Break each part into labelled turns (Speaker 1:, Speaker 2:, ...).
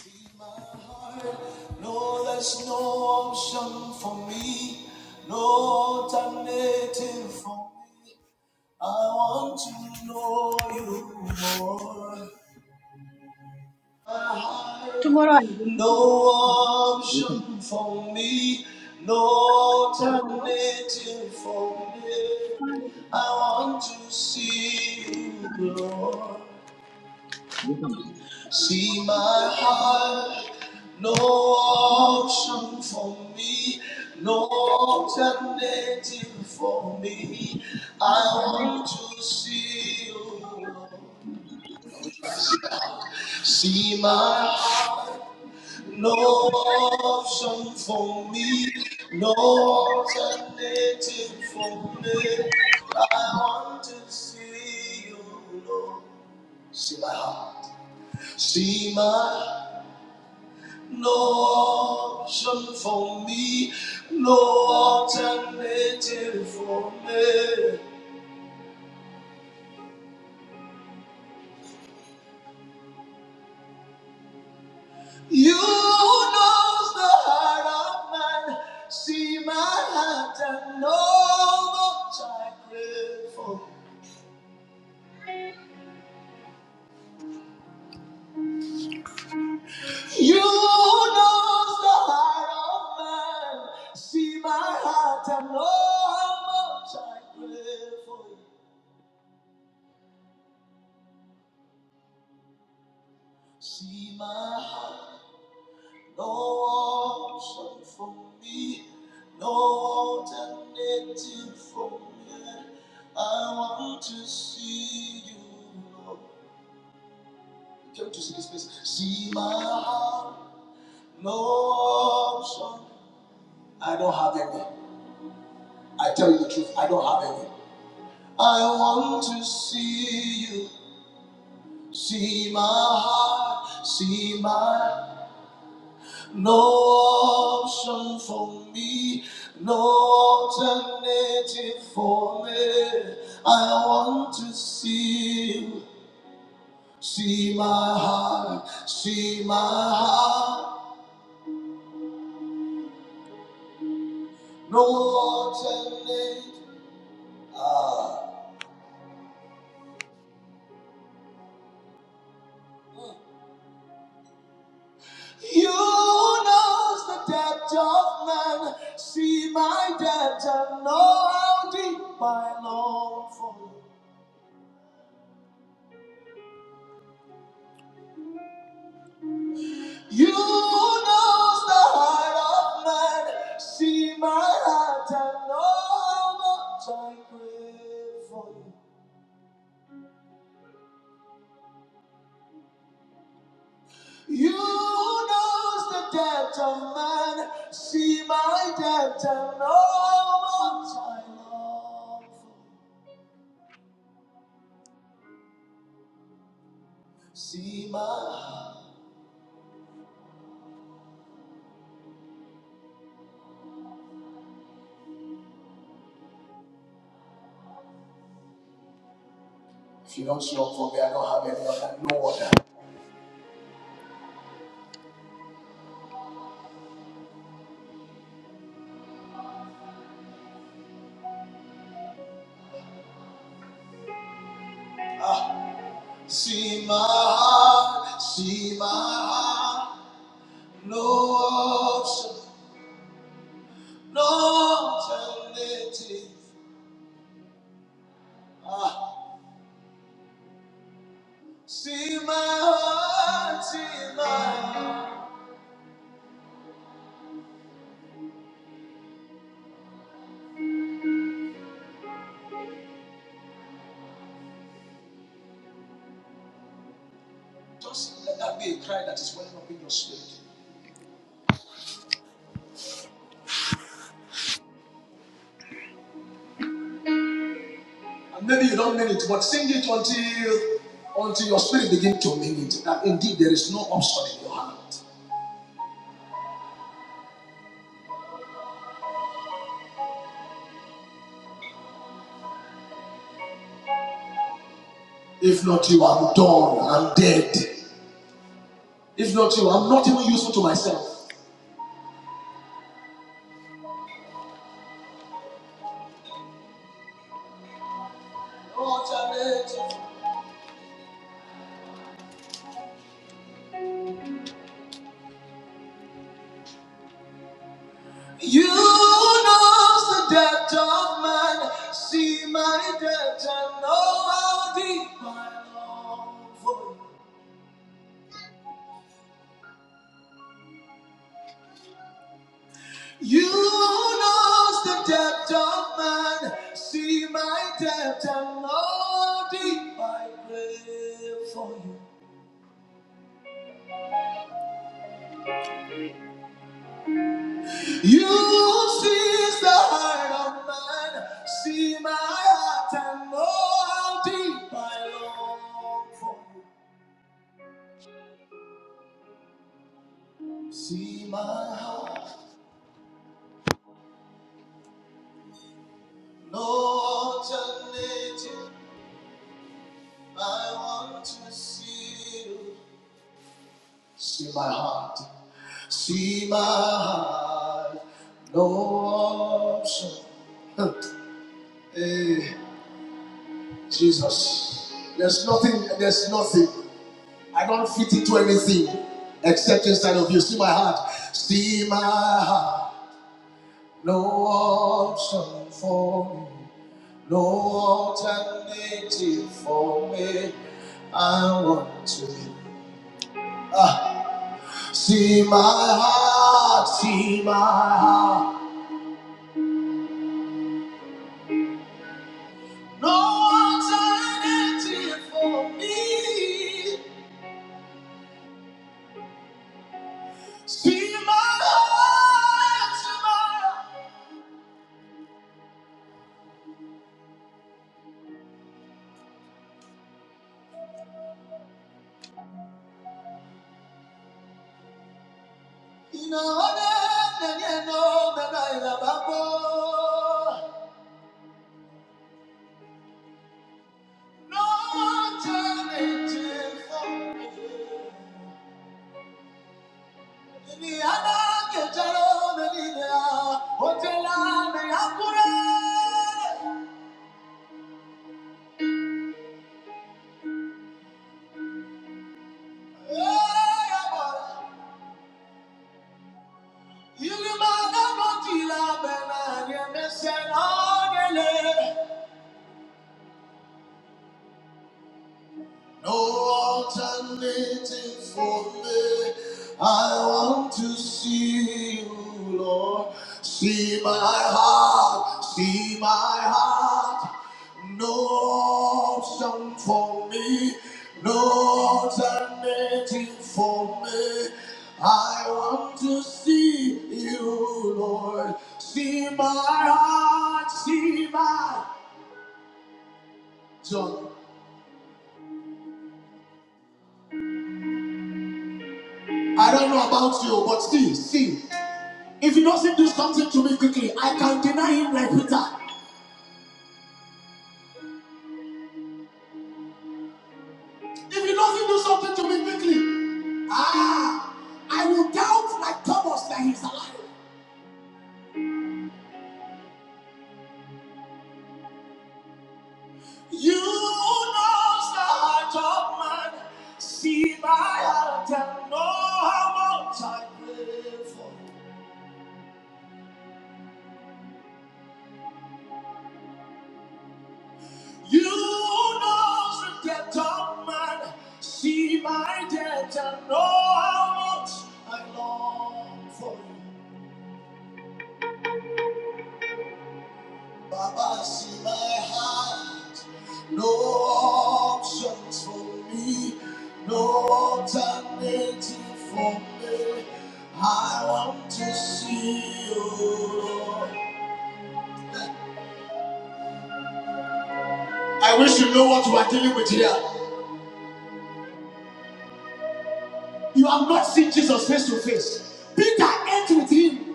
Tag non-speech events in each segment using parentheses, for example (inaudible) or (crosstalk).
Speaker 1: See my heart, no, there's no option for me, no alternative for me. I want to know you more. My heart,
Speaker 2: Tomorrow I will
Speaker 1: no option for me, no
Speaker 2: hello.
Speaker 1: alternative for me. I want to see you, Lord. See my heart, no option for me, no alternative for me. I want to see you. Lord. See my heart, no option for me, no alternative for me. I want to see you. Lord. See my heart, see my heart. No option for me, no alternative for me. You knows the heart of man, see my heart and know what I crave for. You knows the heart of man, see my heart and know how much I crave for you. See my heart. No option for me, no alternative for me. I want to see you, Lord. You Came to see this place. See my heart, no option. I don't have any. I tell you the truth, I don't have any. I want to see you, see my heart, see my. No option for me, no alternative for me. I want to see you, see my heart, see my heart. No alternative. Ah. You who knows the depth of man, see my depth and know how deep I long for you. You who knows the heart of man, see my heart and know how much I crave for you. You who knows the depth of man, see my depth and know how much I long for you. See my heart. If you don't show up for me, I don't have any other, no other. See my heart, see my heart, no option. No alternative. Ah, see my heart, see my heart. Just let that be a cry that is welling up in your spirit. And maybe you don't mean it, but sing it until until your spirit begins to mean it. That indeed there is no obstacle in your heart. If not you, I'm done. I'm dead. If not you, I'm not even useful to myself. No alternative. You knows the depth of man, see my depth and know how deep I long for you. You knows the depth of man, see my depth and know how deep I crave for you. You sees the heart of man, see my heart and know how deep I long for you. See my heart. No alternative. I want to see you. See my heart. See my heart. No option. (laughs) Hey, Jesus. There's nothing. There's nothing. I don't fit into anything except inside of you. See my heart. See my heart. No option for me. No alternative for me. I want to see my heart, see my heart. No alternative for me. See my heart, see my heart. Ina one nenye no dada ina babo. No alternative for Ilma na Thank you. No alternative for me. I want to see you, Lord. See my heart, see my heart. No option for me. No alternative for me. I want to see you, Lord. See my heart, see my John. I don't know about you, but see, see. If he doesn't do something to me quickly, I can deny him like Peter. If he doesn't do something to me quickly, ah, I will doubt like Thomas that he's alive. You know the heart of man, see my heart and know how much I pray for. You know the depth of man, see my debt and know how much I long for you. Baba, see my heart. No options for me. No alternative for me. I want to see you. I wish you know what you are dealing with here. You have not seen Jesus face to face. Peter ate with him.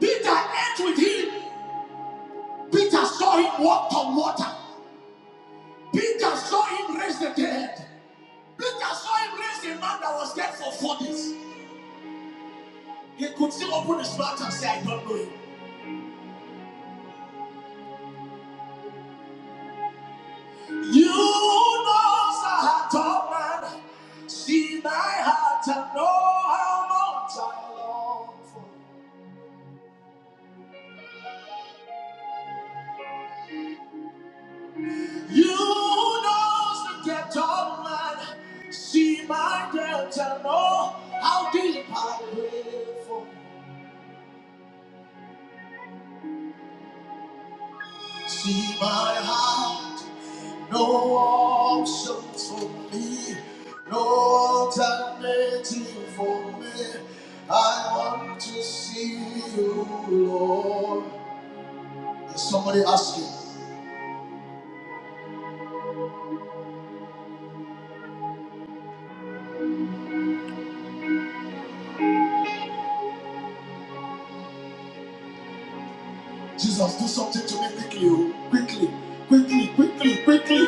Speaker 1: Peter ate with him. Peter saw him walk on water. Peter saw him raise the dead. Peter saw him raise a man that was dead for four days. He could still open his mouth and say, I don't know him. You know the heart of man. See my heart and know how much I long for you. You know the depth of man. See my depth and know how deep I pray for you. See my heart, no options for me, no alternative for me. I want to see you, Lord. Is somebody asking? Jesus, do something to me quickly, oh. quickly, quickly, quickly, quickly.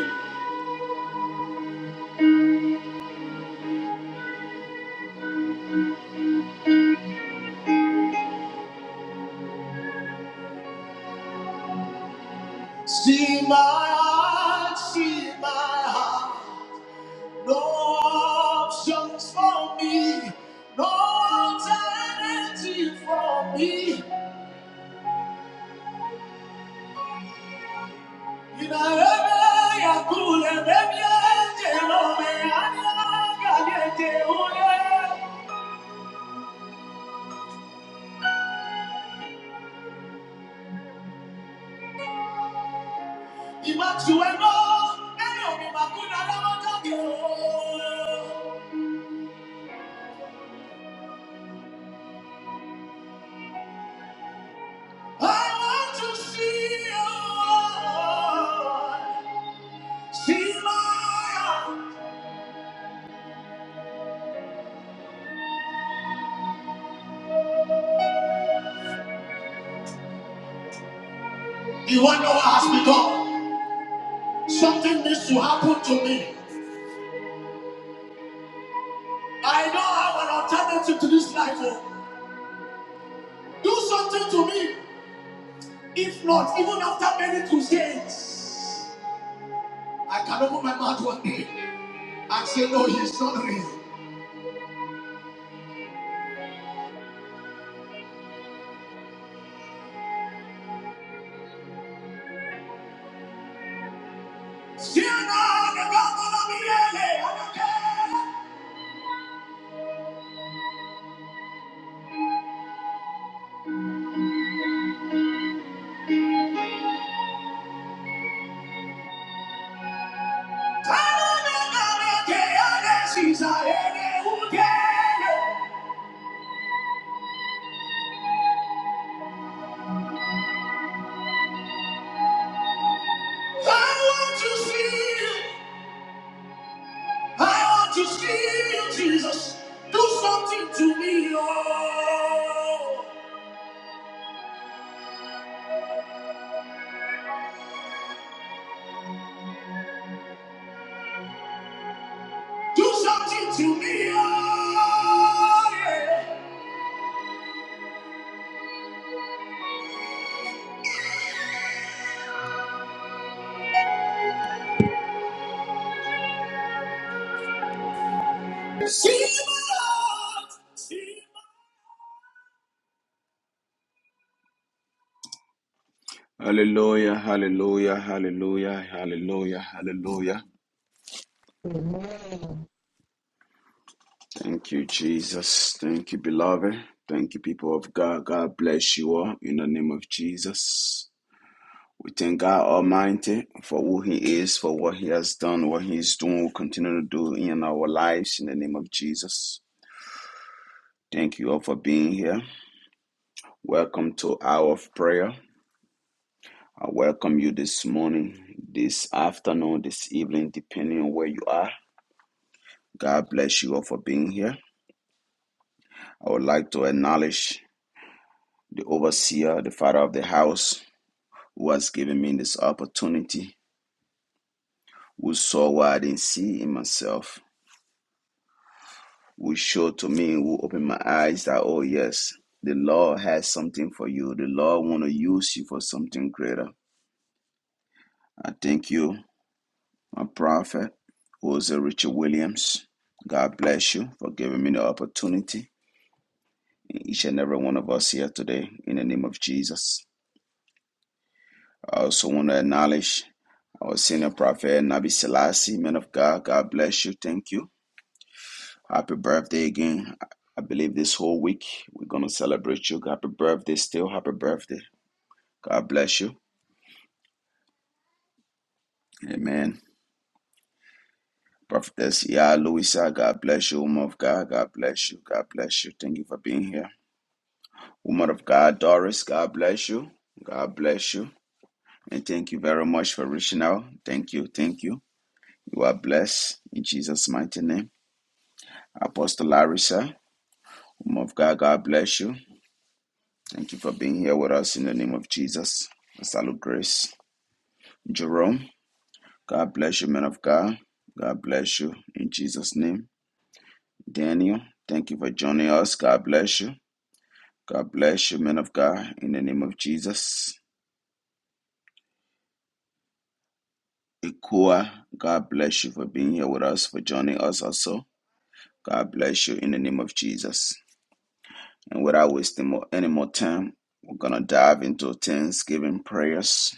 Speaker 1: See my heart, see my heart. No options for me, no alternative for me. I want to See you See my. you want to ask me, God, something needs to happen to me. I know I have an alternative to this life. oh. Do something to me. If not, even after many crusades, I can open my mouth one day and say, No, he's not real. I want to see you. Jesus. Do something to me, oh. Do something to me, oh. Yeah. Hallelujah, hallelujah, hallelujah, hallelujah, hallelujah. Thank you, Jesus. Thank you, beloved. Thank you, people of God. God bless you all in the name of Jesus. We thank God Almighty for who He is, for what He has done, what He is doing, will continue to do in our lives in the name of Jesus. Thank you all for being here. Welcome to Hour of Prayer. I welcome you this morning, this afternoon, this evening, depending on where you are. God bless you all for being here. I would like to acknowledge the overseer, the father of the house, who has given me this opportunity, who saw what I didn't see in myself, who showed to me, who opened my eyes that, oh, yes, the Lord has something for you. The Lord want to use you for something greater. I thank you my prophet, who is Richard Williams. God bless you for giving me the opportunity, each and every one of us here today, in the name of Jesus. I also want to acknowledge our senior prophet, Nabi Selassie, man of God. God bless you. Thank you. Happy birthday again. I I believe this whole week we're going to celebrate you. Happy birthday still. Happy birthday. God bless you. Amen. Prophetess Yah Louisa, God bless you, woman of God. God bless you. God bless you. Thank you for being here. Woman of God, Doris, God bless you. God bless you. And thank you very much for reaching out. Thank you. Thank you. You are blessed in Jesus' mighty name. Apostle Larissa, woman of God, God bless you. Thank you for being here with us in the name of Jesus. I salute grace. Jerome, God bless you, man of God. God bless you in Jesus' name. Daniel, thank you for joining us. God bless you. God bless you, man of God, in the name of Jesus. Ikua, God bless you for being here with us, for joining us also. God bless you in the name of Jesus. And without wasting more, any more time, we're going to dive into Thanksgiving prayers.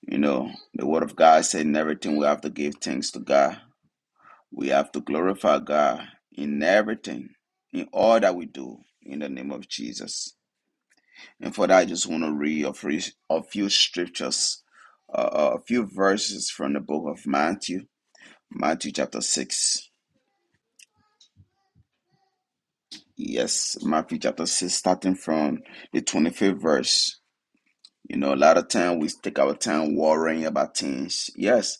Speaker 1: You know, the Word of God said in everything we have to give thanks to God. We have to glorify God in everything, in all that we do, in the name of Jesus. And for that, I just want to read a few, scriptures, uh, a few verses from the book of Matthew, Matthew chapter 6. Yes, Matthew chapter 6, starting from the 25th verse. You know, a lot of time we take our time worrying about things. Yes,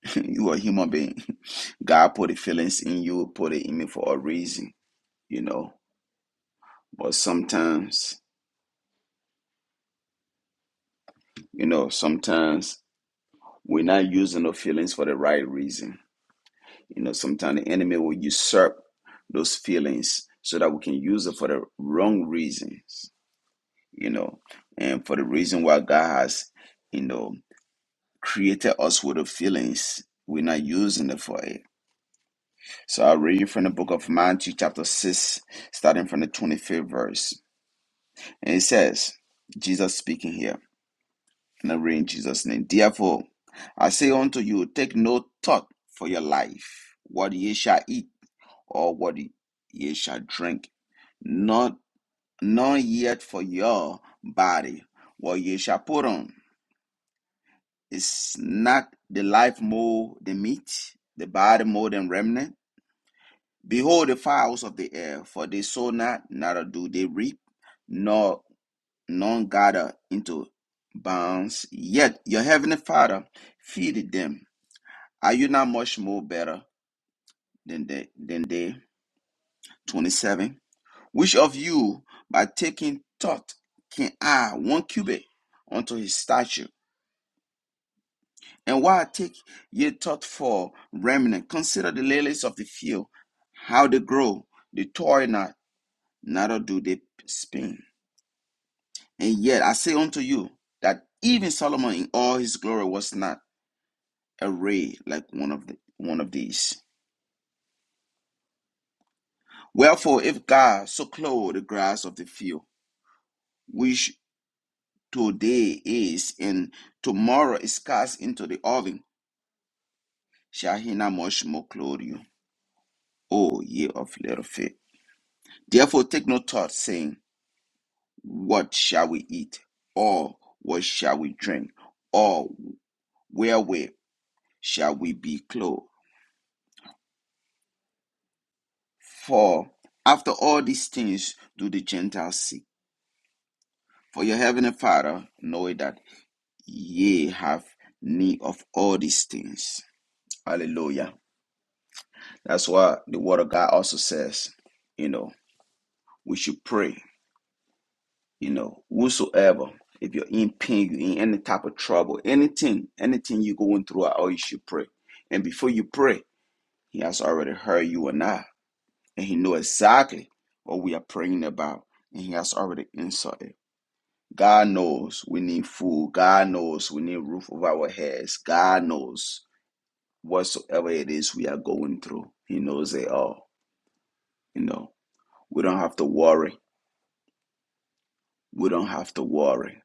Speaker 1: (laughs) you are a human being. (laughs) God put the feelings in you, put it in me for a reason, you know. But sometimes, you know, sometimes we're not using the feelings for the right reason. You know, sometimes the enemy will usurp those feelings so that we can use it for the wrong reasons, you know, and for the reason why God has, you know, created us with the feelings. We're not using it for it. So I'll read you from the book of Matthew, chapter 6, starting from the 25th verse. And it says, Jesus speaking here, and I read in Jesus' name. Therefore, I say unto you, take no thought for your life, what ye shall eat, or what ye shall drink, not nor yet for your body, what ye shall put on. Is not the life more than meat, the body more than remnant? Behold the fowls of the air, for they sow not, neither do they reap, nor none gather into barns. Yet your heavenly Father feedeth them. Are you not much more better than they? Than they? Twenty-seven. Which of you, by taking thought, can add one cubit unto his stature? And why take ye thought for remnant? Consider the lilies of the field, how they grow; they toil not, neither do they spin And yet I say unto you that even Solomon in all his glory was not arrayed like one of the, one of these. Wherefore, if God so clothe the grass of the field, which today is and tomorrow is cast into the oven, shall he not much more clothe you, O ye of little faith? Therefore, take no thought, saying, What shall we eat? Or what shall we drink? Or wherewith shall we be clothed? For after all these things do the Gentiles seek. For your heavenly Father knoweth that ye have need of all these things. Hallelujah. That's why the word of God also says, you know, we should pray, you know, whosoever. If you're in pain, you're in any type of trouble, anything, anything you're going through at all, you should pray. And before you pray, he has already heard you and I. And he know exactly what we are praying about. And he has already answered it. God knows we need food. God knows we need a roof over our heads. God knows whatsoever it is we are going through. He knows it all. You know, we don't have to worry. We don't have to worry.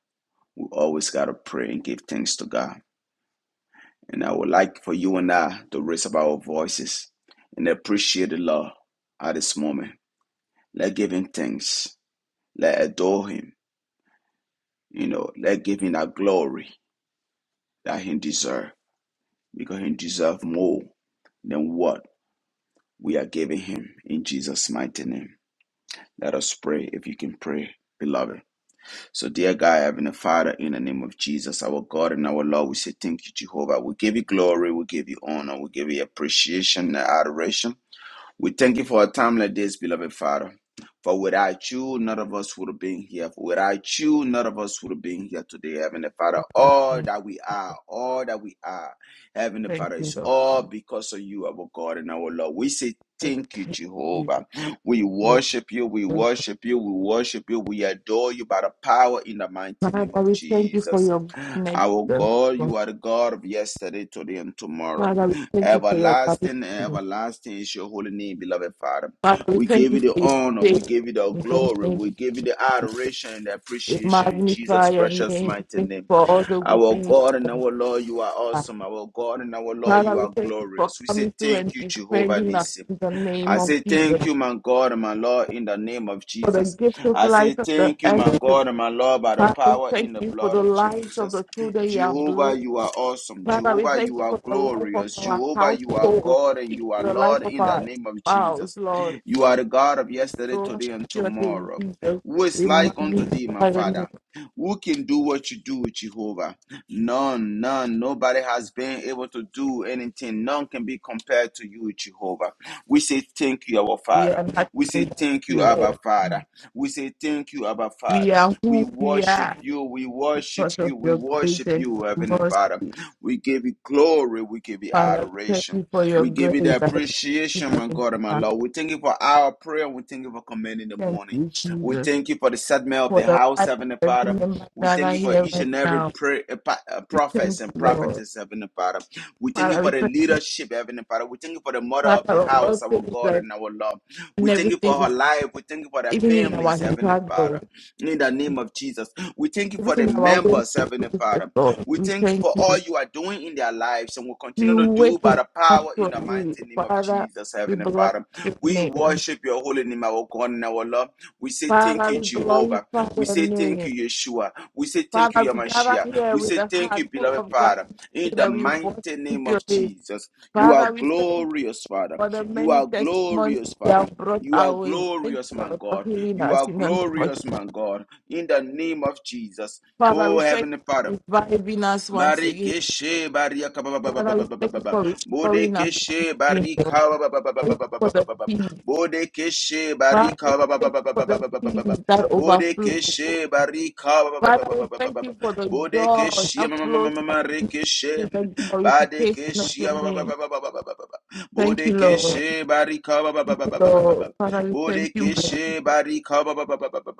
Speaker 1: We always got to pray and give thanks to God. And I would like for you and I to raise up our voices and appreciate the Lord at this moment. Let give him thanks. Let adore him. You know, let give him that glory that he deserves because he deserves more than what we are giving him in Jesus' mighty name. Let us pray if you can pray, beloved. So, dear God, Heavenly Father, in the name of Jesus, our God and our Lord, we say thank you, Jehovah. We give you glory, we give you honor, we give you appreciation and adoration. We thank you for a time like this, beloved Father. For without you, none of us would have been here. For without you, none of us would have been here today, Heavenly Father.
Speaker 3: Jesus'
Speaker 1: All
Speaker 3: name.
Speaker 1: that we are, all that we are, Heavenly
Speaker 3: Thank
Speaker 1: Father,
Speaker 3: you,
Speaker 1: is
Speaker 3: Lord.
Speaker 1: all
Speaker 3: Lord.
Speaker 1: because of you, our God and our Lord. We say
Speaker 3: Lord,
Speaker 1: thank you,
Speaker 3: Thank you.
Speaker 1: Jehovah. We
Speaker 3: Yes,
Speaker 1: worship you, we
Speaker 3: Lord.
Speaker 1: worship you, we worship you, we adore you by the power in the mighty name
Speaker 3: Father,
Speaker 1: of
Speaker 3: we thank you for
Speaker 1: Jesus.
Speaker 3: your goodness.
Speaker 1: Our
Speaker 3: Lord.
Speaker 1: God,
Speaker 3: Lord,
Speaker 1: you are the God of yesterday, today, and tomorrow.
Speaker 3: Father, we thank you for your loving
Speaker 1: Everlasting and
Speaker 3: kindness.
Speaker 1: everlasting is your holy name, beloved Father.
Speaker 3: Father, we
Speaker 1: We
Speaker 3: thank
Speaker 1: give
Speaker 3: you
Speaker 1: you the
Speaker 3: for your
Speaker 1: honor, we
Speaker 3: faith.
Speaker 1: give you the
Speaker 3: In the
Speaker 1: glory,
Speaker 3: name,
Speaker 1: we give you the adoration and the
Speaker 3: we
Speaker 1: appreciation in
Speaker 3: magnify
Speaker 1: Jesus'
Speaker 3: your
Speaker 1: precious
Speaker 3: name. We
Speaker 1: mighty
Speaker 3: Thank you
Speaker 1: name.
Speaker 3: for all the good
Speaker 1: Our
Speaker 3: things.
Speaker 1: God and
Speaker 3: that you
Speaker 1: our Lord, you are
Speaker 3: have done.
Speaker 1: awesome. Our God and our Lord,
Speaker 3: Father,
Speaker 1: you
Speaker 3: we
Speaker 1: are
Speaker 3: thank you for
Speaker 1: glorious. We say
Speaker 3: coming through
Speaker 1: thank
Speaker 3: and
Speaker 1: you, Jehovah
Speaker 3: defending us
Speaker 1: Nissi.
Speaker 3: in the name
Speaker 1: I
Speaker 3: of
Speaker 1: say
Speaker 3: Jesus.
Speaker 1: thank you, my God and my Lord, in the name of
Speaker 3: For the
Speaker 1: Jesus.
Speaker 3: gift of
Speaker 1: I
Speaker 3: life
Speaker 1: say
Speaker 3: of the
Speaker 1: thank you, my God
Speaker 3: earth.
Speaker 1: and my Lord, by the
Speaker 3: Father, we
Speaker 1: power
Speaker 3: thank
Speaker 1: in the
Speaker 3: you for
Speaker 1: blood
Speaker 3: the
Speaker 1: of
Speaker 3: lives of the
Speaker 1: Jesus.
Speaker 3: children you have
Speaker 1: Jehovah,
Speaker 3: blessed.
Speaker 1: you are awesome.
Speaker 3: Father, we
Speaker 1: Jehovah,
Speaker 3: thank
Speaker 1: you
Speaker 3: you
Speaker 1: are
Speaker 3: for the life of
Speaker 1: glorious.
Speaker 3: our
Speaker 1: Jehovah,
Speaker 3: household.
Speaker 1: you are God and
Speaker 3: Thank you
Speaker 1: you
Speaker 3: for
Speaker 1: are
Speaker 3: the life
Speaker 1: Lord
Speaker 3: of
Speaker 1: in the
Speaker 3: our
Speaker 1: name of
Speaker 3: spouse,
Speaker 1: Jesus.
Speaker 3: Lord.
Speaker 1: You are the God of yesterday,
Speaker 3: Lord,
Speaker 1: today, and
Speaker 3: your name,
Speaker 1: tomorrow.
Speaker 3: Jesus.
Speaker 1: Who is
Speaker 3: We
Speaker 1: like unto thee, my
Speaker 3: magnify your name.
Speaker 1: Father? Who can do what you do, Jehovah? None, none. Nobody has been able to do anything. None can be compared to you, Jehovah. We say thank you, our
Speaker 3: We are
Speaker 1: Father.
Speaker 3: not
Speaker 1: We say
Speaker 3: without
Speaker 1: thank you,
Speaker 3: you,
Speaker 1: Abba
Speaker 3: Lord.
Speaker 1: Father. We say thank you, Abba
Speaker 3: We
Speaker 1: Father.
Speaker 3: are
Speaker 1: We
Speaker 3: who we
Speaker 1: worship
Speaker 3: are
Speaker 1: you. We worship
Speaker 3: because of
Speaker 1: you. We
Speaker 3: your grace
Speaker 1: worship
Speaker 3: and
Speaker 1: you, Heavenly
Speaker 3: mercy,
Speaker 1: Father. We give you glory. We give you
Speaker 3: Father. We Thank
Speaker 1: adoration.
Speaker 3: you for your
Speaker 1: We give
Speaker 3: grace.
Speaker 1: you the appreciation, my
Speaker 3: and
Speaker 1: God and my
Speaker 3: mercy.
Speaker 1: Lord. We thank you for our prayer. We thank you for commanding the
Speaker 3: Thank
Speaker 1: morning.
Speaker 3: you,
Speaker 1: We
Speaker 3: Jesus,
Speaker 1: thank you for the settlement of
Speaker 3: for
Speaker 1: the
Speaker 3: the
Speaker 1: house,
Speaker 3: life of
Speaker 1: Heavenly
Speaker 3: every
Speaker 1: Father.
Speaker 3: member
Speaker 1: We
Speaker 3: that are
Speaker 1: thank you for
Speaker 3: here
Speaker 1: each
Speaker 3: right
Speaker 1: and every
Speaker 3: now.
Speaker 1: prayer, uh, pa- uh,
Speaker 3: We
Speaker 1: prophets
Speaker 3: thank
Speaker 1: and
Speaker 3: you, Lord.
Speaker 1: prophetess, Heavenly Father. We thank you
Speaker 3: Father, we
Speaker 1: for the
Speaker 3: thank you,
Speaker 1: leadership, Heavenly Father. We thank you for the mother of the
Speaker 3: Father, for
Speaker 1: house,
Speaker 3: all
Speaker 1: our
Speaker 3: things
Speaker 1: God
Speaker 3: that
Speaker 1: and our love.
Speaker 3: and
Speaker 1: We thank you
Speaker 3: everything
Speaker 1: for
Speaker 3: we.
Speaker 1: her life. We thank you for their
Speaker 3: even in our
Speaker 1: families, Heavenly
Speaker 3: struggles,
Speaker 1: Father. In the name of Jesus. We thank you for the
Speaker 3: even in our ways
Speaker 1: members,
Speaker 3: to
Speaker 1: Heavenly
Speaker 3: please the
Speaker 1: Father.
Speaker 3: Lord.
Speaker 1: We
Speaker 3: We
Speaker 1: thank you
Speaker 3: thank
Speaker 1: for all
Speaker 3: you.
Speaker 1: you are doing in their lives and will
Speaker 3: We
Speaker 1: continue to do
Speaker 3: wait
Speaker 1: by
Speaker 3: and
Speaker 1: the
Speaker 3: come
Speaker 1: power in the
Speaker 3: to you.
Speaker 1: mighty name of
Speaker 3: Father,
Speaker 1: Jesus,
Speaker 3: we
Speaker 1: Heavenly
Speaker 3: bless
Speaker 1: Father.
Speaker 3: your
Speaker 1: We
Speaker 3: name.
Speaker 1: worship your holy name, our God and our Lord. We say thank
Speaker 3: Father,
Speaker 1: you,
Speaker 3: we
Speaker 1: Jehovah.
Speaker 3: glorify
Speaker 1: We
Speaker 3: your
Speaker 1: say thank
Speaker 3: name.
Speaker 1: you, Yeshua. We say thank
Speaker 3: Father,
Speaker 1: you,
Speaker 3: we gather
Speaker 1: Yamashia.
Speaker 3: here
Speaker 1: We
Speaker 3: with
Speaker 1: say
Speaker 3: a
Speaker 1: thank
Speaker 3: heart
Speaker 1: you,
Speaker 3: full
Speaker 1: beloved
Speaker 3: of
Speaker 1: Father
Speaker 3: gratitude
Speaker 1: in the
Speaker 3: that we worship
Speaker 1: mighty name
Speaker 3: your
Speaker 1: of
Speaker 3: name.
Speaker 1: Jesus. You are
Speaker 3: Father, we thank you
Speaker 1: glorious, Father.
Speaker 3: for the
Speaker 1: You
Speaker 3: many
Speaker 1: are
Speaker 3: testimonies
Speaker 1: glorious,
Speaker 3: you
Speaker 1: Father.
Speaker 3: have brought
Speaker 1: You are
Speaker 3: our way. Thank
Speaker 1: glorious,
Speaker 3: you
Speaker 1: my
Speaker 3: Lord, for
Speaker 1: God.
Speaker 3: healing
Speaker 1: You
Speaker 3: us
Speaker 1: are
Speaker 3: in the name of
Speaker 1: glorious,
Speaker 3: Jesus.
Speaker 1: my God, in the name of Jesus.
Speaker 3: Father,
Speaker 1: Oh,
Speaker 3: we thank
Speaker 1: Heavenly
Speaker 3: you
Speaker 1: Father.
Speaker 3: for reviving us once again.
Speaker 1: Marikeshe barika ba ba
Speaker 3: Father, we thank you for restoring us.
Speaker 1: Bodekeshe
Speaker 3: Yes, Lord.
Speaker 1: barika ba
Speaker 3: Thank you for the peace.
Speaker 1: Bodekeshe
Speaker 3: Father, we
Speaker 1: barika ba
Speaker 3: thank you for the peace that overflows.
Speaker 1: Bodekeshe barika ba
Speaker 3: Father, we thank you for the joy
Speaker 1: Bodekeshe ma
Speaker 3: that flows like with the glorification of
Speaker 1: Badekeshe
Speaker 3: your
Speaker 1: ba
Speaker 3: name. Thank you, Lord.
Speaker 1: Bodekeshe barika ba
Speaker 3: Thank you, Lord. Father, we thank you, mighty.
Speaker 1: Bodekeshe barika ba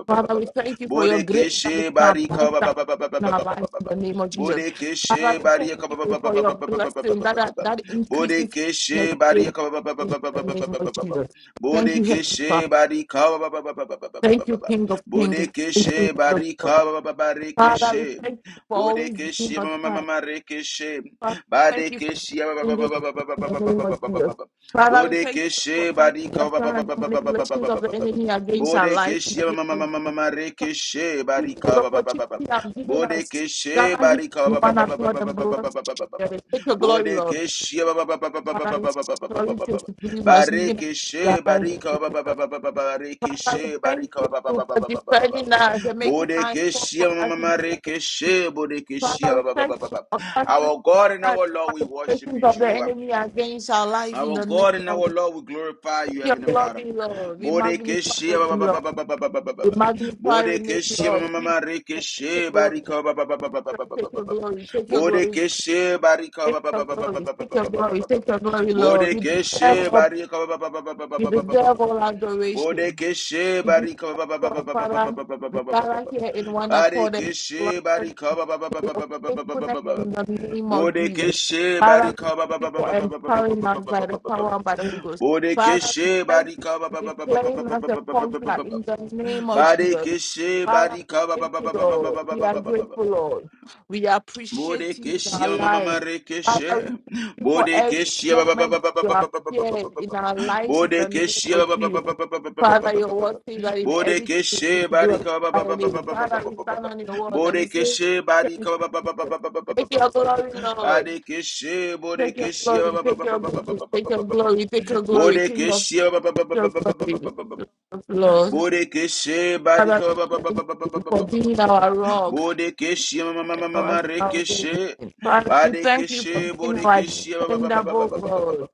Speaker 3: Father, we thank you for your grace
Speaker 1: Bodekeshe
Speaker 3: that is now
Speaker 1: barika ba
Speaker 3: abundant in our lives in the name of Jesus.
Speaker 1: Bodekeshe
Speaker 3: Father, we
Speaker 1: Baria
Speaker 3: thank
Speaker 1: ka- ba- ba-
Speaker 3: you
Speaker 1: ba- ba-
Speaker 3: for
Speaker 1: ba-
Speaker 3: your
Speaker 1: ba- ba- ba- ba- ba-
Speaker 3: blessing
Speaker 1: ba-
Speaker 3: that
Speaker 1: ba- ba-
Speaker 3: that, that increases
Speaker 1: Bodekeshe
Speaker 3: next day
Speaker 1: Baria ka- ba- ba- ba- ba-
Speaker 3: in
Speaker 1: ba- ba-
Speaker 3: the
Speaker 1: ba- ba-
Speaker 3: name
Speaker 1: ba-
Speaker 3: of
Speaker 1: ba- ba- ba-
Speaker 3: Jesus. Thank you, Heavenly Father.
Speaker 1: Bodekeshe Barika ba- ba- ba- ba- ba- ba- ba- ba- ba-
Speaker 3: Thank you,
Speaker 1: ba- ba-
Speaker 3: King of Kings. Thank you,
Speaker 1: Bodekeshe
Speaker 3: Lord of Lords.
Speaker 1: Barika ba- ba- ba- ba-
Speaker 3: Father, we
Speaker 1: Rekeshe
Speaker 3: thank you for always being
Speaker 1: Bodekeshe
Speaker 3: our
Speaker 1: ma- ma- ma-
Speaker 3: time.
Speaker 1: ma- Rekeshe
Speaker 3: Father, we thank you for
Speaker 1: Badekeshe ba-
Speaker 3: doing
Speaker 1: ba- ba-
Speaker 3: this
Speaker 1: ba- ba- ba- ba-
Speaker 3: in
Speaker 1: ba- ba-
Speaker 3: the
Speaker 1: ba-
Speaker 3: name
Speaker 1: ba-
Speaker 3: of
Speaker 1: ba- ba-
Speaker 3: Jesus.
Speaker 1: ba- ba-
Speaker 3: Father, we thank you for
Speaker 1: Bodekeshe
Speaker 3: countering the
Speaker 1: Barika ba- ba- ba-
Speaker 3: plans
Speaker 1: ba-
Speaker 3: and
Speaker 1: ba- ba- ba- ba- ba-
Speaker 3: manipulations
Speaker 1: ba-
Speaker 3: of
Speaker 1: ba-
Speaker 3: the
Speaker 1: ba- ba-
Speaker 3: enemy against our life in
Speaker 1: Bodekeshe
Speaker 3: the name
Speaker 1: ma-
Speaker 3: of Jesus. Thank
Speaker 1: Rekeshe
Speaker 3: you for the
Speaker 1: Barika
Speaker 3: opportunity you have given us.
Speaker 1: Bodekeshe
Speaker 3: Gather here
Speaker 1: barika
Speaker 3: in
Speaker 1: ba- ba-
Speaker 3: one
Speaker 1: ba- ba- ba- ba-
Speaker 3: accord
Speaker 1: ba-
Speaker 3: and
Speaker 1: ba- ba- ba- ba-
Speaker 3: bless
Speaker 1: ba- ba- ba- ba.
Speaker 3: together. Take your glory, Lord.
Speaker 1: Bodekeshe ba- ba- ba- ba- ba- ba- ba-
Speaker 3: Father,
Speaker 1: ba-
Speaker 3: we
Speaker 1: ba- ba- ba- ba- ba- ba- ba-
Speaker 3: sorry
Speaker 1: ba.
Speaker 3: to believe us, even as
Speaker 1: Barekeshe
Speaker 3: in
Speaker 1: barika ba- ba-
Speaker 3: Jesus.
Speaker 1: ba- ba- ba- ba- ba-
Speaker 3: Father, we
Speaker 1: rekeshe
Speaker 3: thank
Speaker 1: barika
Speaker 3: you
Speaker 1: ba- ba- ba- ba-
Speaker 3: for
Speaker 1: ba- ba- ba- ba- ba.
Speaker 3: defending us and making us strong
Speaker 1: Bodekeshe
Speaker 3: for
Speaker 1: ma-
Speaker 3: us.
Speaker 1: ma-
Speaker 3: in
Speaker 1: ma-
Speaker 3: Jesus.
Speaker 1: rekeshe bodekeshe
Speaker 3: Father, we
Speaker 1: ba- ba-
Speaker 3: thank
Speaker 1: ba- ba-
Speaker 3: you
Speaker 1: ba.
Speaker 3: for countering
Speaker 1: Our
Speaker 3: the
Speaker 1: God and our
Speaker 3: by
Speaker 1: Lord, we
Speaker 3: the
Speaker 1: worship
Speaker 3: presence
Speaker 1: you,
Speaker 3: of the
Speaker 1: Jehovah.
Speaker 3: enemy against our life in
Speaker 1: Our
Speaker 3: the
Speaker 1: God
Speaker 3: name
Speaker 1: and
Speaker 3: of
Speaker 1: our
Speaker 3: Jesus.
Speaker 1: Lord, we glorify you,
Speaker 3: your
Speaker 1: Heavenly Father.
Speaker 3: glory, Lord. We magnify
Speaker 1: Bodekeshe
Speaker 3: your
Speaker 1: ba-
Speaker 3: name,
Speaker 1: ba- ba-
Speaker 3: Lord.
Speaker 1: ba- ba- ba- ba- ba- ba- ba-
Speaker 3: We
Speaker 1: ba.
Speaker 3: magnify your name,
Speaker 1: Bodekeshe ma- ma-
Speaker 3: Lord.
Speaker 1: ma-
Speaker 3: We
Speaker 1: ma- rekeshe
Speaker 3: Take your glory,
Speaker 1: barika ba- ba- ba- ba- ba- ba- ba- ba-
Speaker 3: take
Speaker 1: ba-
Speaker 3: your
Speaker 1: ba- ba.
Speaker 3: glory, take your glory,
Speaker 1: Bodekeshe barika ba-
Speaker 3: take
Speaker 1: ba-
Speaker 3: your
Speaker 1: ba- ba- ba- ba-
Speaker 3: glory,
Speaker 1: ba-
Speaker 3: take
Speaker 1: ba- ba-
Speaker 3: your
Speaker 1: ba- ba-
Speaker 3: glory,
Speaker 1: ba- ba-
Speaker 3: take
Speaker 1: ba.
Speaker 3: your glory, Lord. You deserve
Speaker 1: Bodekeshe
Speaker 3: all,
Speaker 1: barika ba- ba- ba- ba- ba- ba- ba- ba-
Speaker 3: you
Speaker 1: ba- ba- ba-
Speaker 3: deserve
Speaker 1: ba.
Speaker 3: all adoration.
Speaker 1: Bodekeshe
Speaker 3: We do
Speaker 1: barika ba- ba- ba- ba-
Speaker 3: so,
Speaker 1: ba- ba- ba-
Speaker 3: Father.
Speaker 1: ba- ba- ba-
Speaker 3: We
Speaker 1: ba- ba- ba- ba-
Speaker 3: gather here in one accord and blessed
Speaker 1: Bodekeshe
Speaker 3: for
Speaker 1: barika ba- ba- ba- ba- ba- ba-
Speaker 3: your
Speaker 1: ba- ba- ba- ba- ba-
Speaker 3: faithfulness
Speaker 1: ba-
Speaker 3: in the name of Jesus.
Speaker 1: Bodekeshe
Speaker 3: Father, we
Speaker 1: barika
Speaker 3: thank you for
Speaker 1: ba- ba- ba- ba- ba- ba- ba-
Speaker 3: empowering
Speaker 1: ba-
Speaker 3: us
Speaker 1: ba-
Speaker 3: by the
Speaker 1: ba- ba- ba-
Speaker 3: power
Speaker 1: ba.
Speaker 3: and by the Holy Ghost. Father, we
Speaker 1: Bodekeshe
Speaker 3: thank you
Speaker 1: barika ba-
Speaker 3: for
Speaker 1: ba- ba- ba- ba- ba- ba-
Speaker 3: declaring
Speaker 1: ba-
Speaker 3: us
Speaker 1: ba-
Speaker 3: a
Speaker 1: ba- ba- ba-
Speaker 3: conqueror
Speaker 1: ba-
Speaker 3: in
Speaker 1: ba-
Speaker 3: the name of Jesus.
Speaker 1: Barikeshe
Speaker 3: Father,
Speaker 1: barika ba- ba.
Speaker 3: thank you,
Speaker 1: Barikishe,
Speaker 3: Lord. We are
Speaker 1: barika,
Speaker 3: grateful, Lord. We appreciate you in our
Speaker 1: Bodekeshia mama
Speaker 3: life. Father,
Speaker 1: marekeshe.
Speaker 3: we thank you for every
Speaker 1: Bodekeshia ba- ba- ba-
Speaker 3: moment
Speaker 1: ba- ba- ba-
Speaker 3: you
Speaker 1: ba- ba- ba- ba- ba- ba- ba-
Speaker 3: appeared
Speaker 1: ba-
Speaker 3: in
Speaker 1: ba.
Speaker 3: our lives in the name of
Speaker 1: Bodekeshia ba- ba- ba-
Speaker 3: Jesus.
Speaker 1: ba- ba- ba- ba- ba- ba- ba-
Speaker 3: Father,
Speaker 1: ba-
Speaker 3: your
Speaker 1: ba- ba-
Speaker 3: word
Speaker 1: ba.
Speaker 3: says that in everything we
Speaker 1: Bodekeshe
Speaker 3: should glorify
Speaker 1: barika ba- ba-
Speaker 3: your
Speaker 1: ba- ba-
Speaker 3: name.
Speaker 1: ba- ba- ba- ba-
Speaker 3: Father,
Speaker 1: ba-
Speaker 3: we
Speaker 1: ba- ba-
Speaker 3: stand
Speaker 1: ba.
Speaker 3: on your word and we say,
Speaker 1: Bodekeshe barika ba- ba- ba- ba- ba- ba- ba- ba- ba-
Speaker 3: Take your
Speaker 1: ba- ba-
Speaker 3: glory,
Speaker 1: ba-
Speaker 3: Lord.
Speaker 1: Bodekeshe
Speaker 3: Take your
Speaker 1: bodekeshia
Speaker 3: glory,
Speaker 1: ba. Badekeshe bodekeshia ba- ba-
Speaker 3: take
Speaker 1: ba- ba-
Speaker 3: your
Speaker 1: ba- ba- ba-
Speaker 3: glory, take your
Speaker 1: ba- ba-
Speaker 3: glory, take your glory, King of
Speaker 1: Bodekeshia ba- ba- ba-
Speaker 3: take
Speaker 1: ba.
Speaker 3: your glory,
Speaker 1: Bodekeshia
Speaker 3: Lord of Lord.
Speaker 1: Bodekeshe
Speaker 3: Father,
Speaker 1: Barika
Speaker 3: we
Speaker 1: ba- ba- ba- ba-
Speaker 3: thank
Speaker 1: ba- ba- ba-
Speaker 3: you
Speaker 1: ba-
Speaker 3: for
Speaker 1: ba- ba- ba-
Speaker 3: being
Speaker 1: ba-
Speaker 3: our
Speaker 1: ba.
Speaker 3: rock
Speaker 1: Bodekeshe ma- ma-
Speaker 3: and
Speaker 1: ma- ma-
Speaker 3: our
Speaker 1: ma-
Speaker 3: salvation.
Speaker 1: Rekeshe
Speaker 3: Father, we thank you for
Speaker 1: Badekeshe
Speaker 3: being our
Speaker 1: Bodekeshe ba- ba- ba- ba- ba-
Speaker 3: dependable
Speaker 1: ba- ba- ba- ba-
Speaker 3: God.
Speaker 1: ba.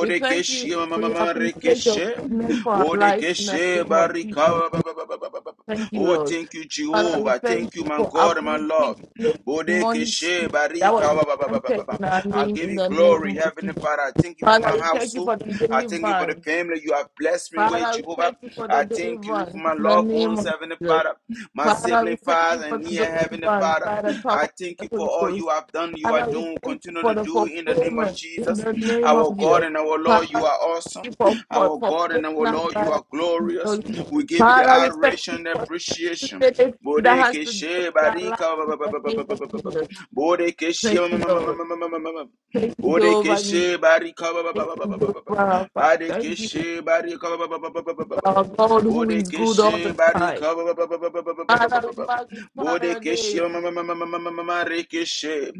Speaker 3: We thank you.
Speaker 1: ma- ma- ma-
Speaker 3: We
Speaker 1: ma-
Speaker 3: acknowledge your
Speaker 1: Rekeshe
Speaker 3: goodness for our life in the
Speaker 1: Bodekeshe
Speaker 3: name of
Speaker 1: Barika
Speaker 3: Jesus.
Speaker 1: ba- ba- ba- ba- ba- ba- ba- ba- ba.
Speaker 3: Thank you,
Speaker 1: Oh,
Speaker 3: Lord.
Speaker 1: thank you,
Speaker 3: Father, we
Speaker 1: Jehovah.
Speaker 3: thank
Speaker 1: Thank you,
Speaker 3: you
Speaker 1: my
Speaker 3: for
Speaker 1: God, my
Speaker 3: uprooting
Speaker 1: Lord.
Speaker 3: the demonic
Speaker 1: Bodekeshe
Speaker 3: spirit that was
Speaker 1: Barika ba- ba- ba- ba- ba-
Speaker 3: planted
Speaker 1: ba-
Speaker 3: in
Speaker 1: ba.
Speaker 3: our
Speaker 1: I
Speaker 3: name
Speaker 1: give
Speaker 3: in
Speaker 1: you
Speaker 3: the
Speaker 1: glory,
Speaker 3: name of
Speaker 1: Heavenly
Speaker 3: Jesus.
Speaker 1: Father. I thank you for
Speaker 3: Father,
Speaker 1: my
Speaker 3: we thank you for
Speaker 1: household.
Speaker 3: the
Speaker 1: I thank you for the
Speaker 3: deliverance.
Speaker 1: family you have blessed me with,
Speaker 3: Father, we
Speaker 1: Jehovah.
Speaker 3: thank you for the
Speaker 1: I thank you for
Speaker 3: deliverance
Speaker 1: my
Speaker 3: in the
Speaker 1: loved
Speaker 3: name
Speaker 1: ones,
Speaker 3: of
Speaker 1: Heavenly
Speaker 3: Jesus.
Speaker 1: Father, my
Speaker 3: Father, we
Speaker 1: sibling,
Speaker 3: thank you
Speaker 1: Father,
Speaker 3: for
Speaker 1: and near
Speaker 3: the
Speaker 1: Heavenly
Speaker 3: deliverance
Speaker 1: Father.
Speaker 3: by the power
Speaker 1: I
Speaker 3: of
Speaker 1: thank
Speaker 3: the
Speaker 1: you for
Speaker 3: Holy
Speaker 1: all you
Speaker 3: Ghost.
Speaker 1: have done, you are
Speaker 3: Father, we
Speaker 1: doing,
Speaker 3: thank you
Speaker 1: continue
Speaker 3: for
Speaker 1: to
Speaker 3: the
Speaker 1: do in the name of
Speaker 3: fulfillment in
Speaker 1: Jesus.
Speaker 3: the name
Speaker 1: Our
Speaker 3: of
Speaker 1: God
Speaker 3: Jesus.
Speaker 1: and our Lord,
Speaker 3: Father,
Speaker 1: you
Speaker 3: we
Speaker 1: are
Speaker 3: thank
Speaker 1: awesome.
Speaker 3: you for, for,
Speaker 1: Our
Speaker 3: for
Speaker 1: God and
Speaker 3: bringing
Speaker 1: our
Speaker 3: us
Speaker 1: Lord, you
Speaker 3: by the
Speaker 1: are
Speaker 3: power of the
Speaker 1: glorious.
Speaker 3: Holy Ghost.
Speaker 1: We give you the
Speaker 3: Father, we thank
Speaker 1: adoration
Speaker 3: you
Speaker 1: and
Speaker 3: for
Speaker 1: appreciation.
Speaker 3: everything that has
Speaker 1: Bodeke
Speaker 3: to do with
Speaker 1: she
Speaker 3: our life
Speaker 1: barika
Speaker 3: in
Speaker 1: ba- ba- ba-
Speaker 3: the
Speaker 1: ba- ba- ba-
Speaker 3: name
Speaker 1: ba-
Speaker 3: of
Speaker 1: ba- ba- ba.
Speaker 3: Jesus.
Speaker 1: Bodeke she
Speaker 3: Thank
Speaker 1: ma-
Speaker 3: you,
Speaker 1: ma- ma- ma-
Speaker 3: Lord.
Speaker 1: ma- ma- ma- ma- ma- ma.
Speaker 3: Thank you,
Speaker 1: Bodeke
Speaker 3: Jehovah. Nissi.
Speaker 1: she barika ba- ba-
Speaker 3: Thank
Speaker 1: ba- ba-
Speaker 3: you,
Speaker 1: ba- ba- ba- ba-
Speaker 3: Jehovah.
Speaker 1: ba.
Speaker 3: Rapha.
Speaker 1: Badeke
Speaker 3: Thank you,
Speaker 1: she barika ba- ba- ba- ba- ba- ba- ba- ba- ba.
Speaker 3: our God who is good all the
Speaker 1: Bodekeshi
Speaker 3: time.
Speaker 1: barika ba- ba- ba- ba- ba- ba- ba- ba- ba- ba- ba-
Speaker 3: Father, we
Speaker 1: ba.
Speaker 3: magnify your
Speaker 1: Bodekeshi
Speaker 3: name.
Speaker 1: ma- ma- ma- ma- ma- ma- ma- ma- ma- rekeshi.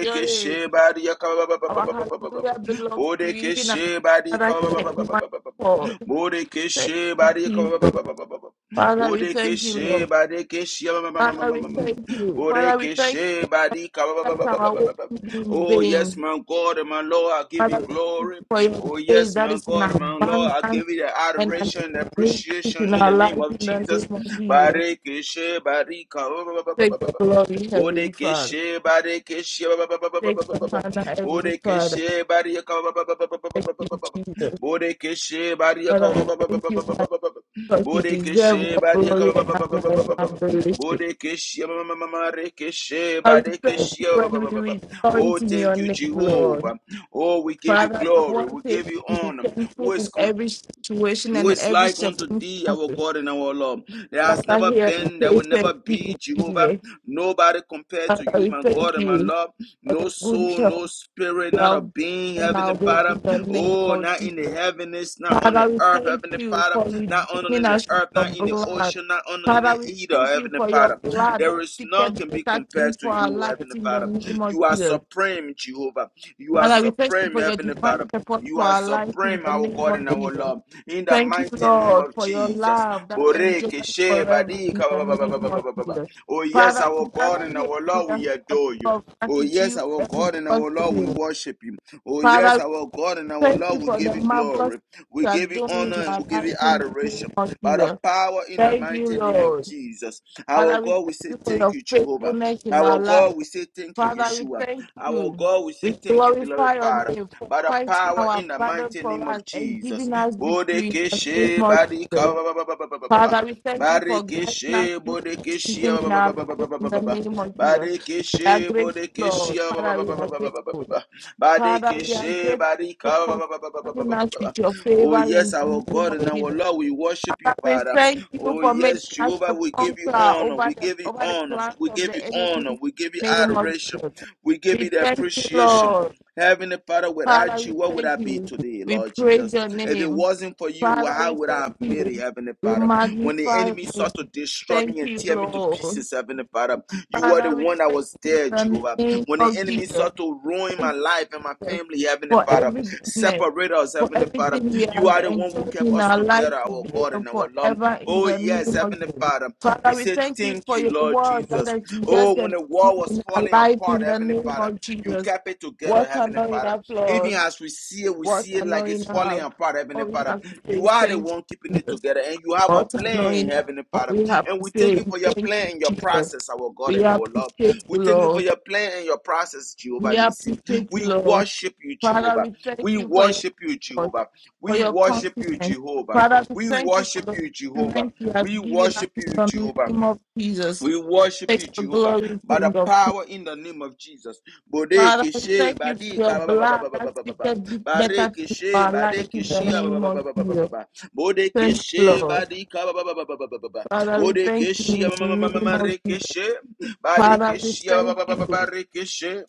Speaker 3: Your name.
Speaker 1: barika ba- ba- ba- ba-
Speaker 3: Our
Speaker 1: ba- ba- ba- ba- ba- ba.
Speaker 3: hallelujah belongs to you, even as
Speaker 1: Bodekeshi barika
Speaker 3: Father
Speaker 1: ba- ba-
Speaker 3: can
Speaker 1: ba- ba- ba-
Speaker 3: one
Speaker 1: ba- ba- ba-
Speaker 3: call.
Speaker 1: ba.
Speaker 3: Thank
Speaker 1: Bodekeshi
Speaker 3: you,
Speaker 1: barika ba- ba-
Speaker 3: Jesus.
Speaker 1: ba- ba- ba- ba- ba- ba.
Speaker 3: Father, we thank you,
Speaker 1: Bodekeshi
Speaker 3: Lord.
Speaker 1: badekeshi ma- ma- ma- ma- ma-
Speaker 3: Father,
Speaker 1: ma-
Speaker 3: we
Speaker 1: ma- ma-
Speaker 3: thank
Speaker 1: ma.
Speaker 3: you. Father, we thank
Speaker 1: Bodekeshi
Speaker 3: you
Speaker 1: barika ba- ba-
Speaker 3: that
Speaker 1: ba- ba- ba- ba-
Speaker 3: our
Speaker 1: ba-
Speaker 3: way
Speaker 1: ba- ba.
Speaker 3: to be in
Speaker 1: Oh, yes,
Speaker 3: vain.
Speaker 1: my God and my Lord, I give
Speaker 3: Father,
Speaker 1: you
Speaker 3: we thank you
Speaker 1: glory.
Speaker 3: for your
Speaker 1: Oh,
Speaker 3: grace
Speaker 1: yes,
Speaker 3: that
Speaker 1: my
Speaker 3: is in
Speaker 1: God, my Lord,
Speaker 3: abundance
Speaker 1: I give you the
Speaker 3: and an
Speaker 1: adoration and
Speaker 3: increase
Speaker 1: appreciation
Speaker 3: in
Speaker 1: in
Speaker 3: our
Speaker 1: the name
Speaker 3: life
Speaker 1: of
Speaker 3: in the name
Speaker 1: Jesus.
Speaker 3: of Jesus.
Speaker 1: Barikeshe, barika,
Speaker 3: Take the glory, Heavenly Father.
Speaker 1: bodekeshe, barikeshe,
Speaker 3: Take the honor, Heavenly Father.
Speaker 1: bodekeshe, barika,
Speaker 3: Thank you, Jesus.
Speaker 1: bodekeshe, barika,
Speaker 3: Father, I thank you, because you deserve
Speaker 1: bodekeshe,
Speaker 3: all
Speaker 1: barika,
Speaker 3: glory and honor and adoration.
Speaker 1: bodekeshe, marekeshe,
Speaker 3: I will praise you
Speaker 1: barikeshe.
Speaker 3: when we
Speaker 1: Oh,
Speaker 3: rejoice in your
Speaker 1: thank you,
Speaker 3: name, Lord.
Speaker 1: Jehovah. Oh, we give you
Speaker 3: Father, I
Speaker 1: glory.
Speaker 3: want
Speaker 1: We
Speaker 3: thing
Speaker 1: give you
Speaker 3: is be
Speaker 1: honor.
Speaker 3: thankful
Speaker 1: Who is
Speaker 3: in
Speaker 1: compared?
Speaker 3: every situation
Speaker 1: who
Speaker 3: and in
Speaker 1: is
Speaker 3: every
Speaker 1: like unto thee,
Speaker 3: circumstance.
Speaker 1: our God and our Lord? There has
Speaker 3: Father,
Speaker 1: never
Speaker 3: here we
Speaker 1: been, there
Speaker 3: say
Speaker 1: will never
Speaker 3: thank you,
Speaker 1: be, Jehovah.
Speaker 3: Jesus.
Speaker 1: Nobody compared to
Speaker 3: Father,
Speaker 1: you,
Speaker 3: we
Speaker 1: my
Speaker 3: thank
Speaker 1: God and my
Speaker 3: you
Speaker 1: Lord.
Speaker 3: for the
Speaker 1: No
Speaker 3: good
Speaker 1: soul, no
Speaker 3: health
Speaker 1: spirit,
Speaker 3: you
Speaker 1: not a
Speaker 3: have
Speaker 1: being,
Speaker 3: given our
Speaker 1: Heavenly
Speaker 3: way
Speaker 1: Father.
Speaker 3: in the name
Speaker 1: Oh,
Speaker 3: of
Speaker 1: not in
Speaker 3: Jesus.
Speaker 1: the heavens, not on the
Speaker 3: Father, we
Speaker 1: earth,
Speaker 3: thank
Speaker 1: Heavenly
Speaker 3: you
Speaker 1: Father.
Speaker 3: for
Speaker 1: Not on
Speaker 3: redeeming
Speaker 1: the
Speaker 3: us with
Speaker 1: earth,
Speaker 3: your
Speaker 1: not in the
Speaker 3: blood.
Speaker 1: ocean, not on the
Speaker 3: Father, we
Speaker 1: either,
Speaker 3: thank you
Speaker 1: Heavenly
Speaker 3: for your
Speaker 1: Father.
Speaker 3: blood
Speaker 1: There
Speaker 3: that
Speaker 1: is none
Speaker 3: ticket
Speaker 1: can be
Speaker 3: greater things
Speaker 1: compared to
Speaker 3: for our
Speaker 1: you,
Speaker 3: lives
Speaker 1: Heavenly
Speaker 3: in the
Speaker 1: Father.
Speaker 3: name of
Speaker 1: You are
Speaker 3: Jesus.
Speaker 1: supreme, Jehovah. You are
Speaker 3: Father, we thank you
Speaker 1: supreme,
Speaker 3: for your
Speaker 1: Heavenly
Speaker 3: divine
Speaker 1: Father.
Speaker 3: support
Speaker 1: You
Speaker 3: for
Speaker 1: are
Speaker 3: our lives in
Speaker 1: supreme,
Speaker 3: the
Speaker 1: our
Speaker 3: name
Speaker 1: God
Speaker 3: of
Speaker 1: and our
Speaker 3: Jesus.
Speaker 1: Lord. In the
Speaker 3: Thank you,
Speaker 1: mighty name
Speaker 3: Lord,
Speaker 1: of
Speaker 3: for your
Speaker 1: Jesus.
Speaker 3: love that endures forever in the name of Jesus.
Speaker 1: Oh, yes,
Speaker 3: Father, we
Speaker 1: our God
Speaker 3: gather
Speaker 1: and
Speaker 3: here
Speaker 1: our
Speaker 3: with
Speaker 1: Lord,
Speaker 3: a
Speaker 1: we
Speaker 3: heart
Speaker 1: adore you.
Speaker 3: of
Speaker 1: Oh, yes,
Speaker 3: gratitude
Speaker 1: our
Speaker 3: and
Speaker 1: God and our Lord, we
Speaker 3: thanksgiving.
Speaker 1: worship you. Oh, yes,
Speaker 3: Father,
Speaker 1: our God and our
Speaker 3: Thank
Speaker 1: Lord,
Speaker 3: you
Speaker 1: we
Speaker 3: for the
Speaker 1: give you
Speaker 3: marvelous things
Speaker 1: glory.
Speaker 3: you
Speaker 1: We
Speaker 3: are
Speaker 1: give you
Speaker 3: doing in
Speaker 1: honor and
Speaker 3: our
Speaker 1: we give
Speaker 3: life
Speaker 1: you
Speaker 3: in the name
Speaker 1: adoration.
Speaker 3: of
Speaker 1: By the
Speaker 3: Jesus.
Speaker 1: power in the
Speaker 3: Thank you,
Speaker 1: mighty name of
Speaker 3: Lord.
Speaker 1: Jesus. Our
Speaker 3: Father, we
Speaker 1: God, we
Speaker 3: thank
Speaker 1: say
Speaker 3: you for
Speaker 1: thank
Speaker 3: your
Speaker 1: you, Jehovah.
Speaker 3: faithfulness in our
Speaker 1: Our
Speaker 3: life.
Speaker 1: God, we say thank you,
Speaker 3: Father, we
Speaker 1: Yeshua.
Speaker 3: thank
Speaker 1: Our
Speaker 3: you.
Speaker 1: God, we say
Speaker 3: We
Speaker 1: thank you, beloved
Speaker 3: glorify your
Speaker 1: Father
Speaker 3: name for
Speaker 1: by the
Speaker 3: fighting
Speaker 1: power
Speaker 3: our
Speaker 1: in the
Speaker 3: battle
Speaker 1: mighty
Speaker 3: for
Speaker 1: name
Speaker 3: us
Speaker 1: of
Speaker 3: and
Speaker 1: Jesus.
Speaker 3: giving us victory in the name
Speaker 1: Bodekeshe
Speaker 3: of
Speaker 1: barika
Speaker 3: Jesus.
Speaker 1: ba- ba- ba- ba- ba- ba- ba- ba- ba.
Speaker 3: Father, we thank you for guiding us
Speaker 1: Barekeshe
Speaker 3: through this
Speaker 1: bodekeshe
Speaker 3: season
Speaker 1: ba-
Speaker 3: in
Speaker 1: ba-
Speaker 3: our
Speaker 1: ba- ba- ba- ba-
Speaker 3: life
Speaker 1: ba-
Speaker 3: in
Speaker 1: ba- ba-
Speaker 3: the
Speaker 1: ba.
Speaker 3: name of Jesus. We are
Speaker 1: Barekeshe
Speaker 3: grateful,
Speaker 1: bodekeshe
Speaker 3: Lord.
Speaker 1: ba- ba-
Speaker 3: Father,
Speaker 1: ba-
Speaker 3: we
Speaker 1: ba- ba-
Speaker 3: are
Speaker 1: ba- ba- ba- ba- ba-
Speaker 3: grateful.
Speaker 1: ba.
Speaker 3: Father, we are
Speaker 1: Barekeshe barika
Speaker 3: grateful
Speaker 1: ba-
Speaker 3: for
Speaker 1: ba- ba- ba- ba- ba- ba-
Speaker 3: surrounding
Speaker 1: ba-
Speaker 3: us
Speaker 1: ba- ba.
Speaker 3: with your
Speaker 1: Oh
Speaker 3: favor in
Speaker 1: yes, our
Speaker 3: the name
Speaker 1: God and
Speaker 3: of
Speaker 1: our
Speaker 3: Jesus.
Speaker 1: Lord, we worship you,
Speaker 3: Father, we
Speaker 1: Father.
Speaker 3: thank you
Speaker 1: Oh
Speaker 3: for
Speaker 1: yes,
Speaker 3: making us
Speaker 1: Jehovah,
Speaker 3: a
Speaker 1: we give you
Speaker 3: conqueror
Speaker 1: honor,
Speaker 3: over
Speaker 1: we
Speaker 3: the
Speaker 1: give you
Speaker 3: over the
Speaker 1: honor,
Speaker 3: plans
Speaker 1: we
Speaker 3: of
Speaker 1: give
Speaker 3: the
Speaker 1: you
Speaker 3: enemy
Speaker 1: honor,
Speaker 3: in
Speaker 1: we give you
Speaker 3: the name of
Speaker 1: adoration,
Speaker 3: Jesus.
Speaker 1: we give you
Speaker 3: We
Speaker 1: the
Speaker 3: thank you,
Speaker 1: appreciation.
Speaker 3: Lord.
Speaker 1: Heavenly Father,
Speaker 3: Father,
Speaker 1: without
Speaker 3: we
Speaker 1: you, what would I
Speaker 3: thank
Speaker 1: be
Speaker 3: you.
Speaker 1: today,
Speaker 3: We
Speaker 1: Lord
Speaker 3: praise
Speaker 1: Jesus?
Speaker 3: your
Speaker 1: If it
Speaker 3: name.
Speaker 1: wasn't for you,
Speaker 3: Father,
Speaker 1: how
Speaker 3: we
Speaker 1: would
Speaker 3: thank
Speaker 1: I have made it,
Speaker 3: you.
Speaker 1: Heavenly
Speaker 3: We
Speaker 1: Father? When the
Speaker 3: magnify your
Speaker 1: enemy
Speaker 3: name.
Speaker 1: sought to destroy
Speaker 3: Thank
Speaker 1: me and
Speaker 3: you,
Speaker 1: tear me to
Speaker 3: Lord.
Speaker 1: pieces, Heavenly Father, you were the
Speaker 3: Father, we
Speaker 1: one that
Speaker 3: thank
Speaker 1: was
Speaker 3: you in
Speaker 1: there,
Speaker 3: the
Speaker 1: Jehovah.
Speaker 3: name
Speaker 1: When the
Speaker 3: of
Speaker 1: enemy
Speaker 3: Jesus.
Speaker 1: sought to ruin
Speaker 3: Thank
Speaker 1: my life and my family, Heavenly
Speaker 3: for
Speaker 1: Father,
Speaker 3: every goodness,
Speaker 1: separate us,
Speaker 3: for
Speaker 1: Heavenly Father,
Speaker 3: everything we
Speaker 1: you
Speaker 3: have
Speaker 1: are the one who
Speaker 3: enjoyed
Speaker 1: kept
Speaker 3: in
Speaker 1: us
Speaker 3: our life
Speaker 1: together, our
Speaker 3: today
Speaker 1: God
Speaker 3: and
Speaker 1: and our Lord.
Speaker 3: forever in
Speaker 1: Oh,
Speaker 3: the
Speaker 1: yes,
Speaker 3: name of
Speaker 1: Heavenly
Speaker 3: Jesus.
Speaker 1: Father,
Speaker 3: Father,
Speaker 1: we
Speaker 3: we
Speaker 1: say
Speaker 3: thank you
Speaker 1: thank
Speaker 3: for
Speaker 1: you,
Speaker 3: your
Speaker 1: Lord
Speaker 3: word that
Speaker 1: Jesus.
Speaker 3: is yes
Speaker 1: Oh, when
Speaker 3: and
Speaker 1: the world
Speaker 3: amen
Speaker 1: was
Speaker 3: in our
Speaker 1: falling
Speaker 3: life
Speaker 1: apart,
Speaker 3: in the
Speaker 1: Heavenly
Speaker 3: name
Speaker 1: Father.
Speaker 3: of
Speaker 1: You
Speaker 3: Jesus.
Speaker 1: kept it together,
Speaker 3: What an
Speaker 1: Heavenly
Speaker 3: honor
Speaker 1: Father.
Speaker 3: enough,
Speaker 1: Even
Speaker 3: Lord.
Speaker 1: as we see it, we
Speaker 3: What
Speaker 1: see it
Speaker 3: an honor
Speaker 1: like it's falling
Speaker 3: enough.
Speaker 1: apart, Heavenly
Speaker 3: All we
Speaker 1: Father.
Speaker 3: have to say
Speaker 1: You
Speaker 3: is
Speaker 1: are the
Speaker 3: thank
Speaker 1: one keeping
Speaker 3: you,
Speaker 1: it
Speaker 3: Jesus.
Speaker 1: together, and you have a
Speaker 3: What an honor
Speaker 1: plan,
Speaker 3: enough.
Speaker 1: Heavenly
Speaker 3: All
Speaker 1: Father.
Speaker 3: we have
Speaker 1: And
Speaker 3: to
Speaker 1: we
Speaker 3: say
Speaker 1: thank you
Speaker 3: is
Speaker 1: for your
Speaker 3: thank you,
Speaker 1: plan and your
Speaker 3: Jesus.
Speaker 1: process, our God
Speaker 3: We
Speaker 1: and our Lord.
Speaker 3: appreciate
Speaker 1: We
Speaker 3: you,
Speaker 1: thank you
Speaker 3: Lord.
Speaker 1: for your plan and your process, Jehovah
Speaker 3: We
Speaker 1: Nissim.
Speaker 3: appreciate you,
Speaker 1: We
Speaker 3: Lord.
Speaker 1: worship you,
Speaker 3: Father,
Speaker 1: Jehovah.
Speaker 3: we thank
Speaker 1: We
Speaker 3: you for your
Speaker 1: worship you,
Speaker 3: support,
Speaker 1: Jehovah.
Speaker 3: for
Speaker 1: We
Speaker 3: your
Speaker 1: worship you,
Speaker 3: confidence.
Speaker 1: Jehovah.
Speaker 3: Father, we
Speaker 1: We
Speaker 3: thank you for
Speaker 1: worship
Speaker 3: the
Speaker 1: you, Jehovah.
Speaker 3: strength you have
Speaker 1: We
Speaker 3: given us
Speaker 1: worship
Speaker 3: in
Speaker 1: you,
Speaker 3: the
Speaker 1: Jehovah.
Speaker 3: name of Jesus.
Speaker 1: We worship
Speaker 3: Take
Speaker 1: you,
Speaker 3: the
Speaker 1: Jehovah,
Speaker 3: glory,
Speaker 1: by the
Speaker 3: King of Kings.
Speaker 1: power in the name of Jesus.
Speaker 3: Father,
Speaker 1: Bodeke
Speaker 3: we
Speaker 1: she
Speaker 3: thank you for your
Speaker 1: badika ba ba ba
Speaker 3: blood
Speaker 1: ba ba ba
Speaker 3: that
Speaker 1: ba ba ba.
Speaker 3: speaketh this better
Speaker 1: Bareke
Speaker 3: to
Speaker 1: she
Speaker 3: our life
Speaker 1: badeke
Speaker 3: in the
Speaker 1: shia ba ba
Speaker 3: name
Speaker 1: ba ba
Speaker 3: of
Speaker 1: ba ba ba ba
Speaker 3: Jesus.
Speaker 1: ba. Bodeke
Speaker 3: Thank you,
Speaker 1: she
Speaker 3: Lord.
Speaker 1: badika ba ba ba ba ba ba ba ba ba.
Speaker 3: Father, we
Speaker 1: Bodeke
Speaker 3: thank you in
Speaker 1: shia ma
Speaker 3: the
Speaker 1: ma ma ma ma
Speaker 3: name
Speaker 1: ma
Speaker 3: of
Speaker 1: reke
Speaker 3: Jesus.
Speaker 1: she.
Speaker 3: Father,
Speaker 1: Badeke
Speaker 3: we
Speaker 1: shia ba
Speaker 3: thank
Speaker 1: ba ba ba ba
Speaker 3: you
Speaker 1: ba reke she.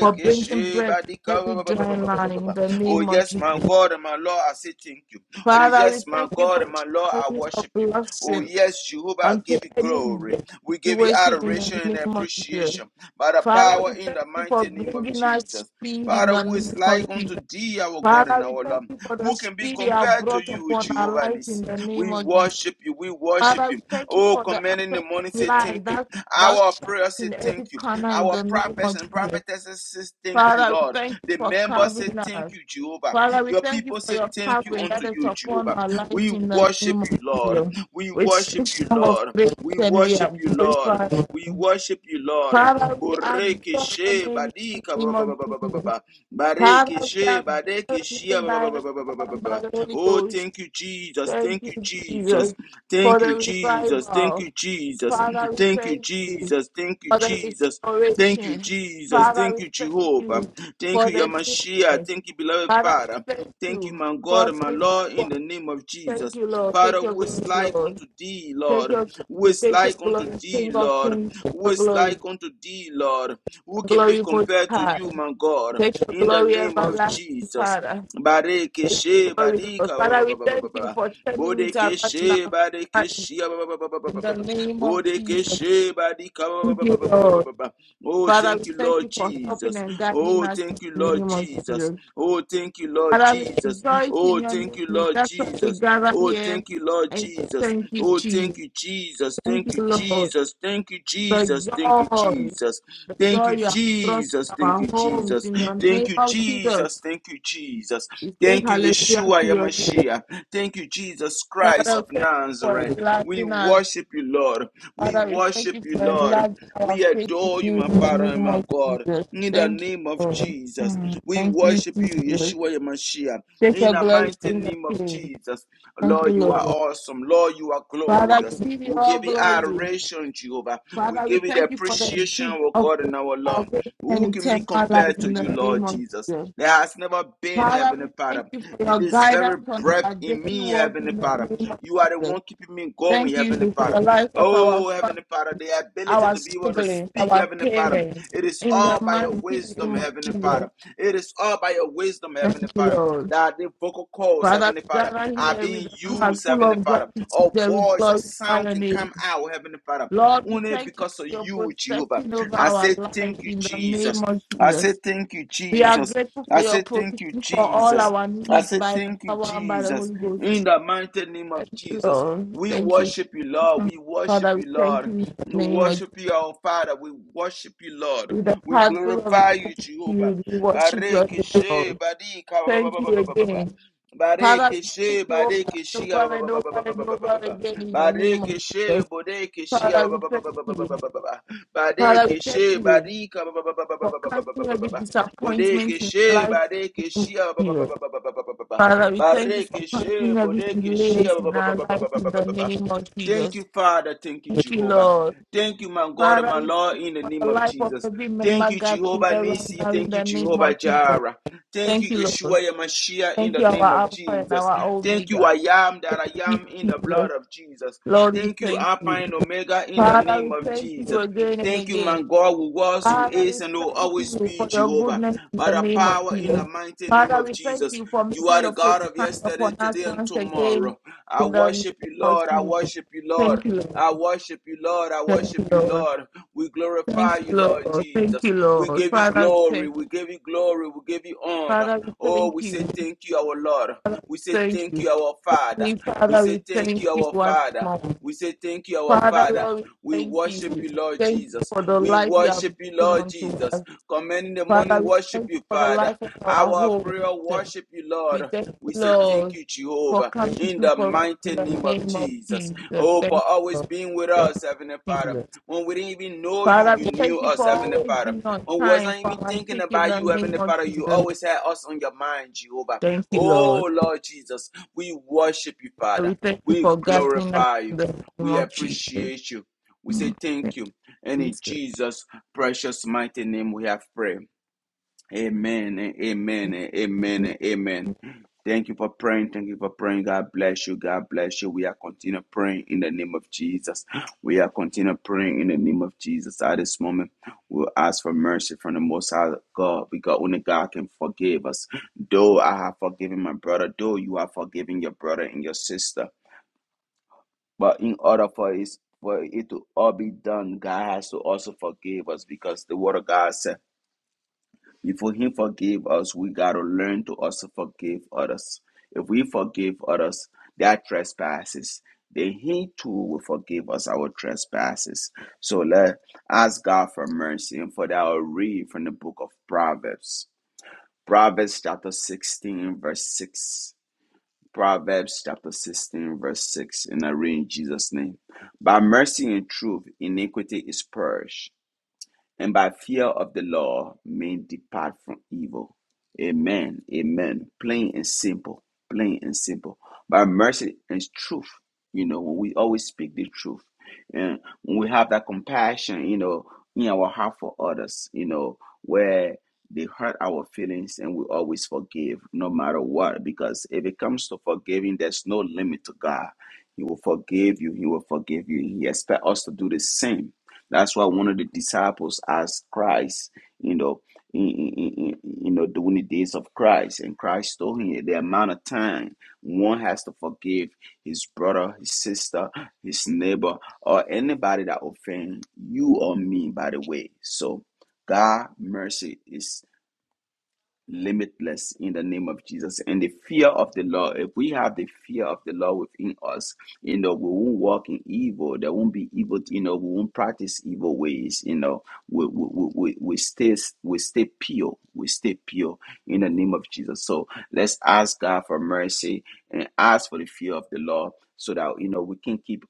Speaker 3: for bringing
Speaker 1: she
Speaker 3: bread to
Speaker 1: badika
Speaker 3: every
Speaker 1: ba ba ba ba ba
Speaker 3: dry
Speaker 1: ba ba
Speaker 3: line
Speaker 1: ba ba
Speaker 3: in
Speaker 1: ba.
Speaker 3: the
Speaker 1: Oh
Speaker 3: name of
Speaker 1: yes, my
Speaker 3: Jesus.
Speaker 1: God and my Lord, I say thank you. Oh
Speaker 3: Father, we
Speaker 1: yes, my
Speaker 3: thank you
Speaker 1: God
Speaker 3: for
Speaker 1: and my Lord,
Speaker 3: showering
Speaker 1: I
Speaker 3: your
Speaker 1: worship you. Oh
Speaker 3: blessing
Speaker 1: yes, Jehovah, I
Speaker 3: unto
Speaker 1: give you
Speaker 3: any
Speaker 1: glory.
Speaker 3: dead
Speaker 1: We give you
Speaker 3: situation in
Speaker 1: adoration
Speaker 3: the
Speaker 1: and
Speaker 3: name of Jesus.
Speaker 1: appreciation by the
Speaker 3: Father, we
Speaker 1: power in
Speaker 3: thank
Speaker 1: the
Speaker 3: you for
Speaker 1: mighty name of
Speaker 3: bringing us
Speaker 1: Jesus.
Speaker 3: speed in
Speaker 1: Father,
Speaker 3: the
Speaker 1: who is
Speaker 3: name of
Speaker 1: like unto
Speaker 3: Jesus.
Speaker 1: thee, our God and
Speaker 3: Father, we
Speaker 1: our Lord?
Speaker 3: thank you for the
Speaker 1: Who can be
Speaker 3: speed you have
Speaker 1: compared to
Speaker 3: brought
Speaker 1: you,
Speaker 3: upon our
Speaker 1: Jehovah
Speaker 3: life in
Speaker 1: Nissi?
Speaker 3: the name
Speaker 1: We
Speaker 3: of Jesus.
Speaker 1: worship you, we worship
Speaker 3: Father,
Speaker 1: you.
Speaker 3: we thank you
Speaker 1: Oh,
Speaker 3: for the
Speaker 1: commanding the
Speaker 3: aspect of
Speaker 1: morning, say thank
Speaker 3: life
Speaker 1: you.
Speaker 3: that that
Speaker 1: Our
Speaker 3: that's
Speaker 1: prayer, say
Speaker 3: in
Speaker 1: thank
Speaker 3: every
Speaker 1: you.
Speaker 3: corner in
Speaker 1: Our
Speaker 3: the name
Speaker 1: prophets
Speaker 3: of
Speaker 1: and
Speaker 3: Jesus.
Speaker 1: prophetesses, say thank you,
Speaker 3: Father, we
Speaker 1: Lord.
Speaker 3: thank you
Speaker 1: The
Speaker 3: for
Speaker 1: members say
Speaker 3: covering
Speaker 1: thank
Speaker 3: us.
Speaker 1: you, Jehovah.
Speaker 3: Father, we
Speaker 1: Your
Speaker 3: thank you
Speaker 1: people
Speaker 3: for
Speaker 1: say
Speaker 3: your
Speaker 1: thank you
Speaker 3: covering
Speaker 1: unto
Speaker 3: that is
Speaker 1: you,
Speaker 3: upon
Speaker 1: Jehovah.
Speaker 3: our lives
Speaker 1: We
Speaker 3: in the
Speaker 1: worship
Speaker 3: name of
Speaker 1: you, Lord.
Speaker 3: Jesus.
Speaker 1: We
Speaker 3: We sing
Speaker 1: worship you,
Speaker 3: song of
Speaker 1: Lord.
Speaker 3: praise
Speaker 1: We
Speaker 3: and we are
Speaker 1: worship you, Lord.
Speaker 3: glorified.
Speaker 1: We worship you, Lord.
Speaker 3: Father, we
Speaker 1: Boreke
Speaker 3: adore your
Speaker 1: she
Speaker 3: name in the
Speaker 1: badika ba
Speaker 3: name
Speaker 1: ba
Speaker 3: of
Speaker 1: ba ba ba ba ba
Speaker 3: Jesus.
Speaker 1: ba. Bareke
Speaker 3: Father, we
Speaker 1: she
Speaker 3: adore
Speaker 1: badeke
Speaker 3: your
Speaker 1: shia
Speaker 3: name
Speaker 1: ba
Speaker 3: by
Speaker 1: ba ba
Speaker 3: the
Speaker 1: ba ba ba ba
Speaker 3: power
Speaker 1: ba
Speaker 3: and
Speaker 1: ba.
Speaker 3: by the Holy
Speaker 1: Oh,
Speaker 3: Ghost.
Speaker 1: thank you, Jesus. Thank
Speaker 3: Thank you,
Speaker 1: Thank you, Jesus.
Speaker 3: Jesus, for
Speaker 1: Thank
Speaker 3: the
Speaker 1: you, Jesus. Thank
Speaker 3: revival.
Speaker 1: you, Jesus.
Speaker 3: Father, we
Speaker 1: Thank you,
Speaker 3: thank you
Speaker 1: Jesus. Thank you,
Speaker 3: for the
Speaker 1: Jesus. Thank you,
Speaker 3: restoration.
Speaker 1: Jesus.
Speaker 3: Father,
Speaker 1: Thank
Speaker 3: we
Speaker 1: you,
Speaker 3: thank
Speaker 1: Jehovah.
Speaker 3: you
Speaker 1: Thank
Speaker 3: for
Speaker 1: you,
Speaker 3: the
Speaker 1: Yamashia.
Speaker 3: newness.
Speaker 1: Thank you, beloved
Speaker 3: Father, we
Speaker 1: Father.
Speaker 3: thank
Speaker 1: Thank you,
Speaker 3: you
Speaker 1: my
Speaker 3: for
Speaker 1: God and
Speaker 3: this.
Speaker 1: my
Speaker 3: being
Speaker 1: Lord, in the name of
Speaker 3: Thank
Speaker 1: Jesus.
Speaker 3: you, Lord.
Speaker 1: Father,
Speaker 3: Take your
Speaker 1: who is
Speaker 3: glory,
Speaker 1: like
Speaker 3: Lord.
Speaker 1: unto thee,
Speaker 3: Take
Speaker 1: Lord?
Speaker 3: your
Speaker 1: Who
Speaker 3: glory.
Speaker 1: is
Speaker 3: Take your
Speaker 1: like unto
Speaker 3: glory,
Speaker 1: thee,
Speaker 3: King of
Speaker 1: Lord?
Speaker 3: Kings. Take
Speaker 1: Who
Speaker 3: your
Speaker 1: is
Speaker 3: glory.
Speaker 1: like unto thee, Lord? Who can be
Speaker 3: Glory most
Speaker 1: compared to
Speaker 3: high.
Speaker 1: you, my God?
Speaker 3: Take your
Speaker 1: In the
Speaker 3: glory,
Speaker 1: name of
Speaker 3: everlasting
Speaker 1: Jesus.
Speaker 3: Father.
Speaker 1: Bareke
Speaker 3: Take your
Speaker 1: she
Speaker 3: glory,
Speaker 1: badika
Speaker 3: Lord.
Speaker 1: ba ba
Speaker 3: Father, we
Speaker 1: ba ba ba ba
Speaker 3: thank you
Speaker 1: ba.
Speaker 3: for turning it around
Speaker 1: Bodekeshe
Speaker 3: now. Father,
Speaker 1: badekeshia ba ba ba ba ba ba
Speaker 3: In
Speaker 1: ba ba
Speaker 3: the
Speaker 1: ba.
Speaker 3: name of Jesus.
Speaker 1: Bodekeshe badika ba ba
Speaker 3: Thank you,
Speaker 1: ba ba ba ba ba
Speaker 3: Lord.
Speaker 1: ba ba. Oh,
Speaker 3: Father, we
Speaker 1: thank you,
Speaker 3: thank
Speaker 1: Lord
Speaker 3: you for helping
Speaker 1: Jesus.
Speaker 3: and guiding
Speaker 1: Oh,
Speaker 3: us
Speaker 1: thank you,
Speaker 3: in the
Speaker 1: Lord
Speaker 3: name of
Speaker 1: Jesus.
Speaker 3: Jesus.
Speaker 1: Oh, thank you, Lord
Speaker 3: Father, we
Speaker 1: Jesus.
Speaker 3: rejoice in
Speaker 1: Oh,
Speaker 3: your
Speaker 1: thank
Speaker 3: name.
Speaker 1: you,
Speaker 3: We-
Speaker 1: Lord
Speaker 3: That's why we
Speaker 1: Jesus.
Speaker 3: gather
Speaker 1: Oh,
Speaker 3: here
Speaker 1: thank you, Lord
Speaker 3: and say
Speaker 1: Jesus.
Speaker 3: thank you,
Speaker 1: Oh, thank
Speaker 3: Jesus.
Speaker 1: you, Jesus.
Speaker 3: Thank
Speaker 1: Thank
Speaker 3: you,
Speaker 1: you,
Speaker 3: Lord.
Speaker 1: Jesus. Thank you,
Speaker 3: The
Speaker 1: Jesus. Thank you,
Speaker 3: joy,
Speaker 1: Jesus.
Speaker 3: the
Speaker 1: Thank
Speaker 3: joy
Speaker 1: you,
Speaker 3: you have brought
Speaker 1: Jesus.
Speaker 3: to
Speaker 1: Thank
Speaker 3: our
Speaker 1: you,
Speaker 3: homes
Speaker 1: Jesus.
Speaker 3: in the
Speaker 1: Thank
Speaker 3: name
Speaker 1: you,
Speaker 3: of Jesus.
Speaker 1: Jesus. Jesus. Thank you, Jesus.
Speaker 3: We say
Speaker 1: Thank you,
Speaker 3: hallelujah to
Speaker 1: Yeshua
Speaker 3: your name.
Speaker 1: Yamashiach. Thank you, Jesus Christ
Speaker 3: Father,
Speaker 1: of
Speaker 3: we thank you for
Speaker 1: Nazareth. We
Speaker 3: enlarging us.
Speaker 1: worship you, Lord. We
Speaker 3: Father, we thank
Speaker 1: worship
Speaker 3: you
Speaker 1: you,
Speaker 3: for
Speaker 1: Lord.
Speaker 3: enlarging our
Speaker 1: We
Speaker 3: faith with
Speaker 1: adore
Speaker 3: you
Speaker 1: you, my
Speaker 3: in the
Speaker 1: Father and
Speaker 3: name
Speaker 1: my
Speaker 3: of
Speaker 1: God.
Speaker 3: Jesus.
Speaker 1: In the
Speaker 3: Thank you,
Speaker 1: name of
Speaker 3: Lord.
Speaker 1: Jesus,
Speaker 3: Mm,
Speaker 1: we
Speaker 3: Thank you,
Speaker 1: worship you,
Speaker 3: Jesus.
Speaker 1: Yeshua Yamashiach.
Speaker 3: Take
Speaker 1: In
Speaker 3: your
Speaker 1: the
Speaker 3: glory,
Speaker 1: mighty
Speaker 3: King the
Speaker 1: name of
Speaker 3: Kings.
Speaker 1: Jesus,
Speaker 3: Thank you,
Speaker 1: Lord, you are
Speaker 3: Lord.
Speaker 1: awesome. Lord, you are
Speaker 3: Father,
Speaker 1: glorious.
Speaker 3: we give you
Speaker 1: We
Speaker 3: all
Speaker 1: give you
Speaker 3: glory.
Speaker 1: adoration, Jehovah. We
Speaker 3: Father, we
Speaker 1: give you the
Speaker 3: thank you for the
Speaker 1: appreciation, of
Speaker 3: gift
Speaker 1: our
Speaker 3: of
Speaker 1: God
Speaker 3: your
Speaker 1: and our Lord.
Speaker 3: salvation and
Speaker 1: Who can be
Speaker 3: eternal
Speaker 1: be
Speaker 3: life
Speaker 1: compared to
Speaker 3: in the
Speaker 1: you,
Speaker 3: name
Speaker 1: Lord
Speaker 3: of
Speaker 1: Jesus.
Speaker 3: Jesus.
Speaker 1: There has never been,
Speaker 3: Father,
Speaker 1: Heavenly
Speaker 3: we thank
Speaker 1: Father.
Speaker 3: you for
Speaker 1: You,
Speaker 3: your
Speaker 1: this very
Speaker 3: guidance on
Speaker 1: breath
Speaker 3: our
Speaker 1: in
Speaker 3: daily
Speaker 1: me,
Speaker 3: walk
Speaker 1: Heavenly
Speaker 3: in the
Speaker 1: Father.
Speaker 3: name of
Speaker 1: You are the
Speaker 3: Jesus.
Speaker 1: one keeping me
Speaker 3: Thank
Speaker 1: going, Heavenly
Speaker 3: you for the
Speaker 1: Father.
Speaker 3: life of our
Speaker 1: Oh,
Speaker 3: family,
Speaker 1: Heavenly Father, the ability
Speaker 3: our
Speaker 1: to be able to
Speaker 3: siblings,
Speaker 1: speak,
Speaker 3: our
Speaker 1: Heavenly Father.
Speaker 3: parents,
Speaker 1: It is
Speaker 3: in the
Speaker 1: all by your
Speaker 3: mighty
Speaker 1: wisdom,
Speaker 3: name of
Speaker 1: Heavenly
Speaker 3: Jesus.
Speaker 1: Father. It is all by your wisdom, Heavenly
Speaker 3: Thank you,
Speaker 1: Father,
Speaker 3: Lord.
Speaker 1: that the vocal cords,
Speaker 3: Father,
Speaker 1: Heavenly
Speaker 3: we
Speaker 1: Father,
Speaker 3: gather
Speaker 1: are
Speaker 3: here with
Speaker 1: being
Speaker 3: a heart
Speaker 1: used,
Speaker 3: full
Speaker 1: Heavenly
Speaker 3: of
Speaker 1: Father. Or
Speaker 3: gratitude and we
Speaker 1: voice or
Speaker 3: glorify
Speaker 1: sound
Speaker 3: your
Speaker 1: can
Speaker 3: name.
Speaker 1: come out, Heavenly Father,
Speaker 3: Lord, we
Speaker 1: only
Speaker 3: thank you
Speaker 1: because of
Speaker 3: for your
Speaker 1: you, Jehovah.
Speaker 3: protection over
Speaker 1: I
Speaker 3: our
Speaker 1: say,
Speaker 3: lives
Speaker 1: Thank you,
Speaker 3: in the name
Speaker 1: Jesus.
Speaker 3: of
Speaker 1: I say,
Speaker 3: Jesus.
Speaker 1: Thank you,
Speaker 3: We are
Speaker 1: Jesus.
Speaker 3: grateful for
Speaker 1: I
Speaker 3: your
Speaker 1: say, Thank you,
Speaker 3: protection for all
Speaker 1: Jesus.
Speaker 3: our
Speaker 1: I
Speaker 3: needs
Speaker 1: say,
Speaker 3: by the
Speaker 1: Thank you,
Speaker 3: power and by the
Speaker 1: Jesus.
Speaker 3: Holy Ghost.
Speaker 1: In the mighty name of
Speaker 3: Thank you,
Speaker 1: Jesus.
Speaker 3: Lord.
Speaker 1: We
Speaker 3: Thank you.
Speaker 1: worship you, Lord. We worship
Speaker 3: Father, we
Speaker 1: you,
Speaker 3: thank you
Speaker 1: Lord.
Speaker 3: in the
Speaker 1: We
Speaker 3: name of Jesus.
Speaker 1: worship you, our Father. We worship you, Lord.
Speaker 3: With a
Speaker 1: We
Speaker 3: heart full of
Speaker 1: glorify you,
Speaker 3: gratitude,
Speaker 1: Jehovah.
Speaker 3: we worship your name,
Speaker 1: Barikishe,
Speaker 3: Lord.
Speaker 1: barika, ba- ba-
Speaker 3: Thank
Speaker 1: ba- ba-
Speaker 3: you
Speaker 1: ba- ba- ba- ba.
Speaker 3: again. Father, we thank
Speaker 1: Barikishe,
Speaker 3: you over and
Speaker 1: barikishe,
Speaker 3: over
Speaker 1: ba- ba- ba- ba-
Speaker 3: and
Speaker 1: ba- ba-
Speaker 3: over
Speaker 1: ba-
Speaker 3: and
Speaker 1: ba- ba-
Speaker 3: over
Speaker 1: ba- ba.
Speaker 3: again in the name of
Speaker 1: Barikishe,
Speaker 3: Jesus.
Speaker 1: bodekishe,
Speaker 3: Father,
Speaker 1: ba-
Speaker 3: we
Speaker 1: ba- ba- ba-
Speaker 3: thank
Speaker 1: ba- ba-
Speaker 3: you.
Speaker 1: ba- ba- ba- ba.
Speaker 3: Father,
Speaker 1: Badeke
Speaker 3: we thank
Speaker 1: she
Speaker 3: you.
Speaker 1: barika ba- ba- ba- ba- ba-
Speaker 3: for
Speaker 1: ba- ba- ba- ba- ba- ba-
Speaker 3: canceling
Speaker 1: ba-
Speaker 3: every
Speaker 1: ba- ba.
Speaker 3: disappointment
Speaker 1: Bodeke
Speaker 3: in our
Speaker 1: she
Speaker 3: life.
Speaker 1: bareke
Speaker 3: in
Speaker 1: shia ba- ba- ba-
Speaker 3: Jesus.
Speaker 1: ba- ba- ba- ba- ba- ba- ba- ba.
Speaker 3: Father, we thank you for
Speaker 1: Bareke she
Speaker 3: canceling every
Speaker 1: bodeke shia
Speaker 3: delays
Speaker 1: ba- ba-
Speaker 3: in
Speaker 1: ba-
Speaker 3: our
Speaker 1: ba- ba- ba-
Speaker 3: life
Speaker 1: ba-
Speaker 3: in
Speaker 1: ba- ba-
Speaker 3: the
Speaker 1: ba- ba.
Speaker 3: name of
Speaker 1: Thank
Speaker 3: Jesus.
Speaker 1: you, Father. Thank you,
Speaker 3: Thank you,
Speaker 1: Jehovah.
Speaker 3: Lord.
Speaker 1: Thank you, my God and
Speaker 3: Father,
Speaker 1: my
Speaker 3: we thank
Speaker 1: Lord,
Speaker 3: you
Speaker 1: in the
Speaker 3: for the
Speaker 1: name of
Speaker 3: life of
Speaker 1: Jesus.
Speaker 3: every
Speaker 1: Thank
Speaker 3: member
Speaker 1: you,
Speaker 3: gathering
Speaker 1: Jehovah
Speaker 3: around
Speaker 1: Nisi.
Speaker 3: now in
Speaker 1: Thank you,
Speaker 3: the name of
Speaker 1: Jehovah
Speaker 3: Jesus.
Speaker 1: Jireh. Thank
Speaker 3: Thank
Speaker 1: you,
Speaker 3: you, Lord.
Speaker 1: Yeshua Yamashiach, in
Speaker 3: Thank
Speaker 1: the
Speaker 3: you, our
Speaker 1: name of
Speaker 3: Alpha and
Speaker 1: Jesus.
Speaker 3: our
Speaker 1: Thank you, I
Speaker 3: Omega.
Speaker 1: am that I am in the
Speaker 3: Jesus.
Speaker 1: blood of Jesus.
Speaker 3: Lord, we
Speaker 1: Thank you,
Speaker 3: thank
Speaker 1: Alpha
Speaker 3: you.
Speaker 1: and Omega, in the
Speaker 3: Father,
Speaker 1: name
Speaker 3: we
Speaker 1: of
Speaker 3: thank you
Speaker 1: Jesus.
Speaker 3: again and
Speaker 1: Thank you,
Speaker 3: again.
Speaker 1: my God, who was, who
Speaker 3: Father,
Speaker 1: is,
Speaker 3: we
Speaker 1: and will
Speaker 3: thank
Speaker 1: always
Speaker 3: you
Speaker 1: be
Speaker 3: for your
Speaker 1: Jehovah.
Speaker 3: goodness in
Speaker 1: By
Speaker 3: the
Speaker 1: the
Speaker 3: name of
Speaker 1: power in the
Speaker 3: Jesus.
Speaker 1: mighty name
Speaker 3: Father,
Speaker 1: of
Speaker 3: we thank
Speaker 1: Jesus,
Speaker 3: you for
Speaker 1: you
Speaker 3: making
Speaker 1: are the
Speaker 3: your face
Speaker 1: God of
Speaker 3: shine
Speaker 1: yesterday,
Speaker 3: upon us
Speaker 1: today, and
Speaker 3: once again
Speaker 1: tomorrow. I
Speaker 3: in the name
Speaker 1: worship you,
Speaker 3: of
Speaker 1: Lord. I
Speaker 3: Jesus.
Speaker 1: worship you,
Speaker 3: Thank
Speaker 1: Lord.
Speaker 3: you, Lord.
Speaker 1: I worship you, Lord. I
Speaker 3: Thank
Speaker 1: worship
Speaker 3: you,
Speaker 1: you,
Speaker 3: Lord.
Speaker 1: Lord. We glorify
Speaker 3: Thank you,
Speaker 1: you, Lord
Speaker 3: Lord. Thank
Speaker 1: Jesus.
Speaker 3: you,
Speaker 1: We
Speaker 3: Lord.
Speaker 1: give you
Speaker 3: Father, we
Speaker 1: glory.
Speaker 3: thank you.
Speaker 1: We give you glory. We give you honor.
Speaker 3: Father, we
Speaker 1: Oh,
Speaker 3: thank
Speaker 1: we
Speaker 3: you.
Speaker 1: say
Speaker 3: Father,
Speaker 1: thank you, our Lord.
Speaker 3: we
Speaker 1: We say
Speaker 3: thank
Speaker 1: thank
Speaker 3: you.
Speaker 1: you, our Father.
Speaker 3: Heavenly
Speaker 1: We
Speaker 3: Father,
Speaker 1: say
Speaker 3: we
Speaker 1: thank
Speaker 3: thank
Speaker 1: you,
Speaker 3: you
Speaker 1: our
Speaker 3: once
Speaker 1: Father.
Speaker 3: more.
Speaker 1: We say thank you, our
Speaker 3: Father,
Speaker 1: Father.
Speaker 3: Lord, we
Speaker 1: We
Speaker 3: thank
Speaker 1: worship
Speaker 3: you.
Speaker 1: you, Lord
Speaker 3: Thank you
Speaker 1: Jesus.
Speaker 3: for the
Speaker 1: We
Speaker 3: life you have
Speaker 1: worship you,
Speaker 3: given
Speaker 1: Lord
Speaker 3: unto
Speaker 1: Jesus.
Speaker 3: us.
Speaker 1: Come in the
Speaker 3: Father,
Speaker 1: morning,
Speaker 3: we
Speaker 1: worship
Speaker 3: thank you
Speaker 1: you,
Speaker 3: for
Speaker 1: Father.
Speaker 3: the
Speaker 1: God.
Speaker 3: life of our
Speaker 1: Our
Speaker 3: home.
Speaker 1: prayer worship you,
Speaker 3: We
Speaker 1: Lord.
Speaker 3: thank you,
Speaker 1: We say thank
Speaker 3: Lord,
Speaker 1: you,
Speaker 3: for
Speaker 1: Jehovah,
Speaker 3: coming
Speaker 1: in
Speaker 3: through
Speaker 1: the
Speaker 3: for us in
Speaker 1: mighty
Speaker 3: the
Speaker 1: name of
Speaker 3: name of
Speaker 1: Jesus.
Speaker 3: Jesus.
Speaker 1: Oh, for
Speaker 3: Thank you,
Speaker 1: always
Speaker 3: Lord.
Speaker 1: being with
Speaker 3: Thank
Speaker 1: us, Heavenly
Speaker 3: you,
Speaker 1: Father.
Speaker 3: Jesus.
Speaker 1: When we didn't even know you,
Speaker 3: Father,
Speaker 1: you
Speaker 3: we thank
Speaker 1: knew
Speaker 3: you
Speaker 1: us,
Speaker 3: for
Speaker 1: Heavenly
Speaker 3: always
Speaker 1: Father.
Speaker 3: being on
Speaker 1: When we
Speaker 3: time
Speaker 1: wasn't
Speaker 3: for
Speaker 1: even
Speaker 3: our
Speaker 1: thinking
Speaker 3: sake in
Speaker 1: about
Speaker 3: the
Speaker 1: you,
Speaker 3: name
Speaker 1: Heavenly
Speaker 3: of
Speaker 1: Father, you
Speaker 3: Jesus.
Speaker 1: always had us on your mind, Jehovah.
Speaker 3: Thank you, Lord.
Speaker 1: Oh, Lord Jesus, we worship you,
Speaker 3: Father, we
Speaker 1: Father.
Speaker 3: thank you
Speaker 1: We
Speaker 3: for guiding us
Speaker 1: glorify
Speaker 3: in
Speaker 1: you.
Speaker 3: the name
Speaker 1: We
Speaker 3: of Jesus.
Speaker 1: appreciate you. We say
Speaker 3: Mm, Thank
Speaker 1: thank you. And
Speaker 3: you,
Speaker 1: in
Speaker 3: Jesus.
Speaker 1: Jesus' precious mighty name we have prayed. Amen. and Amen. and Amen. and Amen. Thank you for praying. Thank you for praying. God bless you. God bless you. We are continue praying in the name of Jesus. We are continue praying in the name of Jesus. At this moment, we'll ask for mercy from the Most High God because only God can forgive us. Though I have forgiven my brother, though you have forgiven your brother and your sister, but in order for it, for it to all be done, God has to also forgive us because the Word of God said. Before He forgave us, we got to learn to also forgive others. If we forgive others their trespasses, then He too will forgive us our trespasses. So let ask God for mercy. And for that, I'll read from the book of Proverbs. Proverbs chapter 16, verse 6. Proverbs chapter 16, verse 6. And I read in Jesus' name. By mercy and truth, iniquity is purged and by fear of the law men depart from evil. Amen. Amen. Plain and simple. Plain and simple. By mercy and truth. You know, when we always speak the truth. And when we have that compassion, you know, in our heart for others, you know, where they hurt our feelings and we always forgive no matter what. Because if it comes to forgiving, there's no limit to God. He will forgive you, He will forgive you. He expects us to do the same that's why one of the disciples asked Christ, you know, in, in, in, you know, during the days of Christ, and Christ told him the amount of time one has to forgive his brother, his sister, his neighbor, or anybody that offends you or me. By the way, so God mercy is limitless in the name of Jesus. And the fear of the Lord, if we have the fear of the Lord within us, you know, we won't walk in evil. There won't be evil, you know, we won't practice evil ways, you know. We, we, we, we we stay we stay pure. We stay pure in the name of Jesus. So let's ask God for mercy and ask for the fear of the Lord so that you know we can keep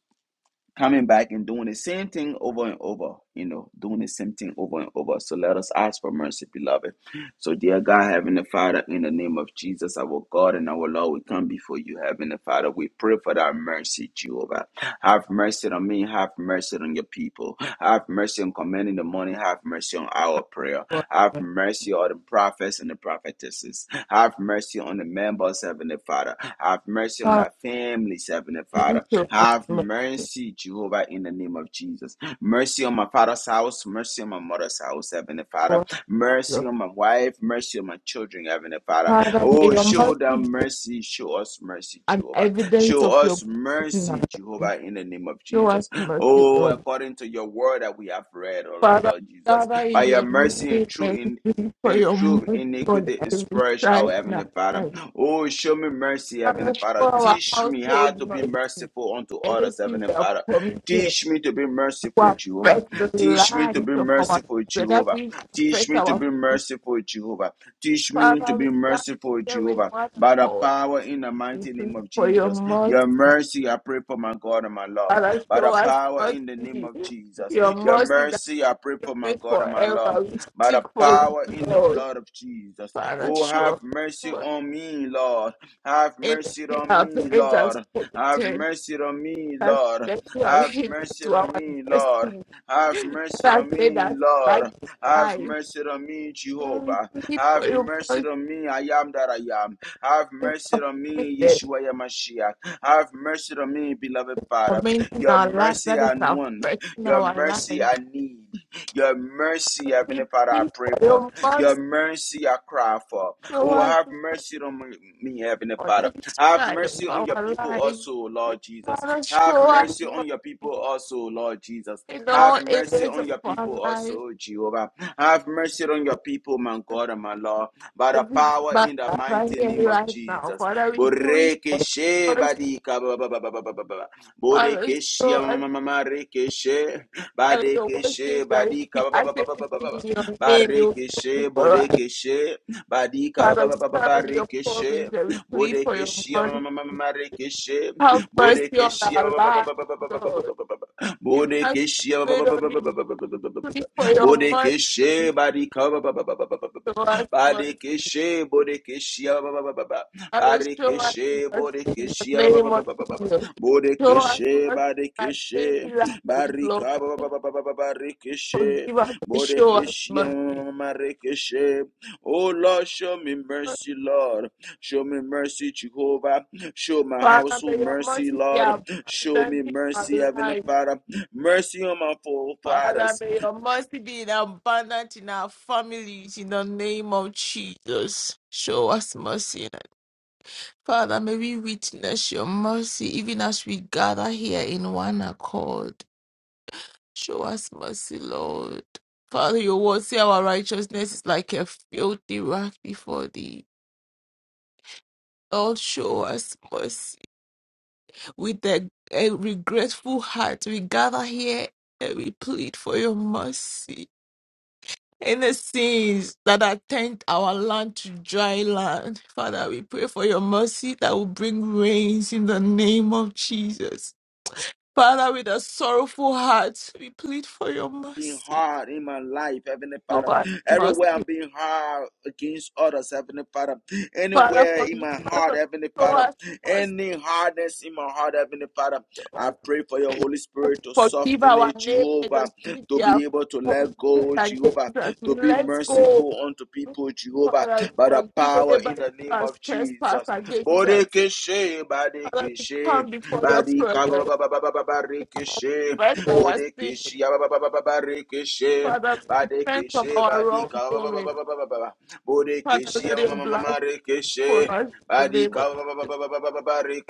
Speaker 1: coming back and doing the same thing over and over, you know, doing the same thing over and over. So let us ask for mercy, beloved. So, dear God, Heavenly Father, in the name of Jesus, our God and our Lord, we come before you, Heavenly Father. We pray for thy mercy, Jehovah. Have mercy on me, have mercy on your people. Have mercy on commanding the morning, have mercy on our prayer.
Speaker 3: for
Speaker 1: Have
Speaker 3: your
Speaker 1: mercy on the prophets and the prophetesses. Have mercy on the members, Heavenly Father. Have mercy on
Speaker 3: Father,
Speaker 1: our families, Heavenly Father.
Speaker 3: we show us
Speaker 1: Have
Speaker 3: mercy
Speaker 1: mercy, Jehovah, in the name of Jesus. Mercy on my father's house, mercy on my mother's house, Heavenly
Speaker 3: for
Speaker 1: Father.
Speaker 3: us,
Speaker 1: Mercy
Speaker 3: Lord.
Speaker 1: on my wife, mercy on my children, Heavenly Father.
Speaker 3: Father, may
Speaker 1: Oh,
Speaker 3: your
Speaker 1: show
Speaker 3: mercy be
Speaker 1: them mercy, show us mercy,
Speaker 3: an
Speaker 1: Jehovah.
Speaker 3: evidence
Speaker 1: Show
Speaker 3: of your
Speaker 1: us
Speaker 3: presence in our
Speaker 1: mercy,
Speaker 3: lives.
Speaker 1: Jehovah, in the name of
Speaker 3: Show us
Speaker 1: Jesus.
Speaker 3: mercy,
Speaker 1: Oh,
Speaker 3: Lord.
Speaker 1: according to your word that we have read, oh
Speaker 3: Father,
Speaker 1: Lord Jesus,
Speaker 3: Father, in
Speaker 1: by your
Speaker 3: your name,
Speaker 1: mercy and truth
Speaker 3: and plead for
Speaker 1: in
Speaker 3: your
Speaker 1: truth,
Speaker 3: mercy on
Speaker 1: iniquity is
Speaker 3: every
Speaker 1: purged out,
Speaker 3: side now.
Speaker 1: Heavenly Father.
Speaker 3: And
Speaker 1: Oh, show me mercy,
Speaker 3: Father,
Speaker 1: Heavenly
Speaker 3: show
Speaker 1: Father.
Speaker 3: our
Speaker 1: Teach me how
Speaker 3: household
Speaker 1: to be
Speaker 3: mercy.
Speaker 1: merciful unto others,
Speaker 3: Anything
Speaker 1: Heavenly
Speaker 3: we have
Speaker 1: Father.
Speaker 3: committed
Speaker 1: Teach me to be merciful,
Speaker 3: to
Speaker 1: Jehovah.
Speaker 3: affect the
Speaker 1: Teach me to
Speaker 3: lives
Speaker 1: be
Speaker 3: of our
Speaker 1: merciful,
Speaker 3: children, that
Speaker 1: Jehovah.
Speaker 3: we
Speaker 1: Teach
Speaker 3: affect
Speaker 1: me to
Speaker 3: our
Speaker 1: be
Speaker 3: future.
Speaker 1: merciful, Jehovah. Teach me to
Speaker 3: Father,
Speaker 1: be
Speaker 3: we stand
Speaker 1: merciful,
Speaker 3: here with
Speaker 1: Jehovah.
Speaker 3: one
Speaker 1: By the
Speaker 3: accord.
Speaker 1: power in the
Speaker 3: We
Speaker 1: mighty
Speaker 3: pray
Speaker 1: name of
Speaker 3: for your
Speaker 1: Jesus.
Speaker 3: mercy.
Speaker 1: Your mercy, I pray for my God and my Lord.
Speaker 3: Father,
Speaker 1: By
Speaker 3: show
Speaker 1: the
Speaker 3: us
Speaker 1: power in the name
Speaker 3: mercy.
Speaker 1: of Jesus.
Speaker 3: Your
Speaker 1: Your
Speaker 3: mercy that
Speaker 1: mercy, I pray
Speaker 3: you
Speaker 1: for my
Speaker 3: make
Speaker 1: God and my Lord
Speaker 3: forever. We
Speaker 1: by
Speaker 3: seek
Speaker 1: the
Speaker 3: for it,
Speaker 1: power in the
Speaker 3: Lord.
Speaker 1: blood of Jesus.
Speaker 3: Father,
Speaker 1: Oh,
Speaker 3: show
Speaker 1: have
Speaker 3: us
Speaker 1: mercy
Speaker 3: mercy.
Speaker 1: on me, Lord. Have
Speaker 3: And
Speaker 1: mercy
Speaker 3: in
Speaker 1: on
Speaker 3: our
Speaker 1: me,
Speaker 3: parents has
Speaker 1: Lord. Have
Speaker 3: committed
Speaker 1: mercy on me,
Speaker 3: us
Speaker 1: Lord. Have
Speaker 3: sexually
Speaker 1: mercy
Speaker 3: to
Speaker 1: on
Speaker 3: our
Speaker 1: me, Lord.
Speaker 3: destiny.
Speaker 1: Have
Speaker 3: (laughs)
Speaker 1: mercy
Speaker 3: That
Speaker 1: on
Speaker 3: has led
Speaker 1: me,
Speaker 3: us back
Speaker 1: Lord.
Speaker 3: in
Speaker 1: Have
Speaker 3: life.
Speaker 1: mercy on me,
Speaker 3: And we
Speaker 1: Jehovah.
Speaker 3: thank you
Speaker 1: Have
Speaker 3: for your
Speaker 1: mercy
Speaker 3: mercy
Speaker 1: on me, I am that I am. Have
Speaker 3: and
Speaker 1: mercy
Speaker 3: your
Speaker 1: on me,
Speaker 3: committed
Speaker 1: Yeshua Yamashiach. Have mercy on me, beloved Father.
Speaker 3: commenting
Speaker 1: Your
Speaker 3: our life
Speaker 1: mercy
Speaker 3: that is
Speaker 1: I want.
Speaker 3: affecting
Speaker 1: Your
Speaker 3: our life.
Speaker 1: mercy
Speaker 3: And
Speaker 1: I need. Your mercy,
Speaker 3: we
Speaker 1: Heavenly Father, I
Speaker 3: pray
Speaker 1: pray
Speaker 3: for
Speaker 1: for.
Speaker 3: your mercy
Speaker 1: Your mercy, I cry for.
Speaker 3: show
Speaker 1: Oh,
Speaker 3: us
Speaker 1: have mercy on me, Heavenly
Speaker 3: on
Speaker 1: Father.
Speaker 3: every
Speaker 1: Have
Speaker 3: side of
Speaker 1: mercy on your
Speaker 3: our
Speaker 1: people
Speaker 3: life.
Speaker 1: also, Lord Jesus.
Speaker 3: Father,
Speaker 1: Have
Speaker 3: show us
Speaker 1: mercy on your
Speaker 3: mercy
Speaker 1: people also, Lord Jesus.
Speaker 3: in all
Speaker 1: Have mercy
Speaker 3: areas
Speaker 1: on
Speaker 3: of
Speaker 1: your
Speaker 3: our
Speaker 1: people
Speaker 3: life.
Speaker 1: also, Jehovah. Have mercy on your people, my God and my Lord. By
Speaker 3: If
Speaker 1: the
Speaker 3: we
Speaker 1: power
Speaker 3: back
Speaker 1: in the
Speaker 3: right
Speaker 1: mighty
Speaker 3: here
Speaker 1: name of
Speaker 3: right now,
Speaker 1: Jesus.
Speaker 3: Father, we please
Speaker 1: Boreke
Speaker 3: us,
Speaker 1: she badika ba- ba- ba- ba- ba- ba- ba- ba.
Speaker 3: Father,
Speaker 1: Boreke she
Speaker 3: show
Speaker 1: ma- ma-
Speaker 3: us
Speaker 1: ma- ma- ma- reke she.
Speaker 3: uh, your
Speaker 1: Badekeshe,
Speaker 3: worship that if
Speaker 1: Badika,
Speaker 3: we
Speaker 1: ba- ba-
Speaker 3: ask anything in your name, you will do
Speaker 1: Barekeshe,
Speaker 3: it for us.
Speaker 1: Bodekeshe, Badika,
Speaker 3: Father, we stand on your promise
Speaker 1: Barekeshe,
Speaker 3: and we plead for your
Speaker 1: Bodekeshe, ma-
Speaker 3: mercy. Have mercy on
Speaker 1: Bodekeshe,
Speaker 3: our lives, Lord. If you have
Speaker 1: Bodekeshe,
Speaker 3: prayed on you, plead for your
Speaker 1: Bodekeshe,
Speaker 3: mercy.
Speaker 1: Badika,
Speaker 3: Show us mercy.
Speaker 1: Badekeshe, Bodekeshe,
Speaker 3: Father, show us
Speaker 1: Barekeshe,
Speaker 3: mercy in the
Speaker 1: Bodekeshe,
Speaker 3: name of Jesus. Show us
Speaker 1: Bodekeshe,
Speaker 3: mercy in our
Speaker 1: Badekeshe,
Speaker 3: daily lives,
Speaker 1: Barika
Speaker 3: Lord.
Speaker 1: ba- ba- ba- ba- ba- ba- ba- Barikishe.
Speaker 3: forgive us and show us
Speaker 1: Borekishia
Speaker 3: mercy.
Speaker 1: Marikishe. Oh Lord, show me mercy, Lord. Show me mercy, Jehovah. Show my
Speaker 3: Father, may
Speaker 1: household
Speaker 3: your
Speaker 1: mercy,
Speaker 3: mercy be
Speaker 1: Lord. Show
Speaker 3: abundant
Speaker 1: me
Speaker 3: in
Speaker 1: mercy,
Speaker 3: our
Speaker 1: Heavenly
Speaker 3: lives.
Speaker 1: Father. Mercy on my
Speaker 3: Father,
Speaker 1: forefathers.
Speaker 3: may your mercy be in abundant in our families in the name of Jesus. Show us mercy. Father, may we witness your mercy even as we gather here in one accord. Show us mercy, Lord. Father, your word say our righteousness is like a filthy rag before thee. Lord, show us mercy. With a, a regretful heart, we gather here and we plead for your mercy. Any sins that have turned our land to dry land, Father, we pray for your mercy that will bring rains in the name of Jesus. Father, with a sorrowful heart, we plead for your
Speaker 1: being
Speaker 3: mercy.
Speaker 1: hard in my life, Heavenly
Speaker 3: Show
Speaker 1: Father.
Speaker 3: us
Speaker 1: Everywhere
Speaker 3: mercy.
Speaker 1: I'm being hard against others, Heavenly Father.
Speaker 3: Father,
Speaker 1: Anywhere in
Speaker 3: forgive
Speaker 1: my
Speaker 3: us.
Speaker 1: heart,
Speaker 3: and
Speaker 1: Heavenly
Speaker 3: Show
Speaker 1: Father.
Speaker 3: us mercy.
Speaker 1: Any hardness in my heart, Heavenly Father. I pray for your Holy Spirit to
Speaker 3: Forgive
Speaker 1: soften
Speaker 3: our
Speaker 1: it,
Speaker 3: neighbor, the
Speaker 1: Jehovah,
Speaker 3: street we
Speaker 1: to
Speaker 3: have
Speaker 1: be able to
Speaker 3: committed
Speaker 1: let go, Jehovah,
Speaker 3: against us. We
Speaker 1: to be
Speaker 3: let go.
Speaker 1: merciful unto people, Jehovah,
Speaker 3: Father,
Speaker 1: by the
Speaker 3: forgive
Speaker 1: power in
Speaker 3: anybody
Speaker 1: the
Speaker 3: who
Speaker 1: name
Speaker 3: has
Speaker 1: of
Speaker 3: trespassed
Speaker 1: Jesus.
Speaker 3: against us.
Speaker 1: Bodekeshe,
Speaker 3: Father, we
Speaker 1: Badekeshe,
Speaker 3: come before your presence.
Speaker 1: Badika, Badekeshe.
Speaker 3: Let our sin.
Speaker 1: Bodekeshi Ababababarekeshe
Speaker 3: Father, we repent from
Speaker 1: Badekeshe
Speaker 3: our
Speaker 1: Badika
Speaker 3: wrongdoing.
Speaker 1: Ababababababa
Speaker 3: Father,
Speaker 1: Bodekeshi
Speaker 3: let your blood for
Speaker 1: Amamarekeshe
Speaker 3: us in the name
Speaker 1: Badika
Speaker 3: of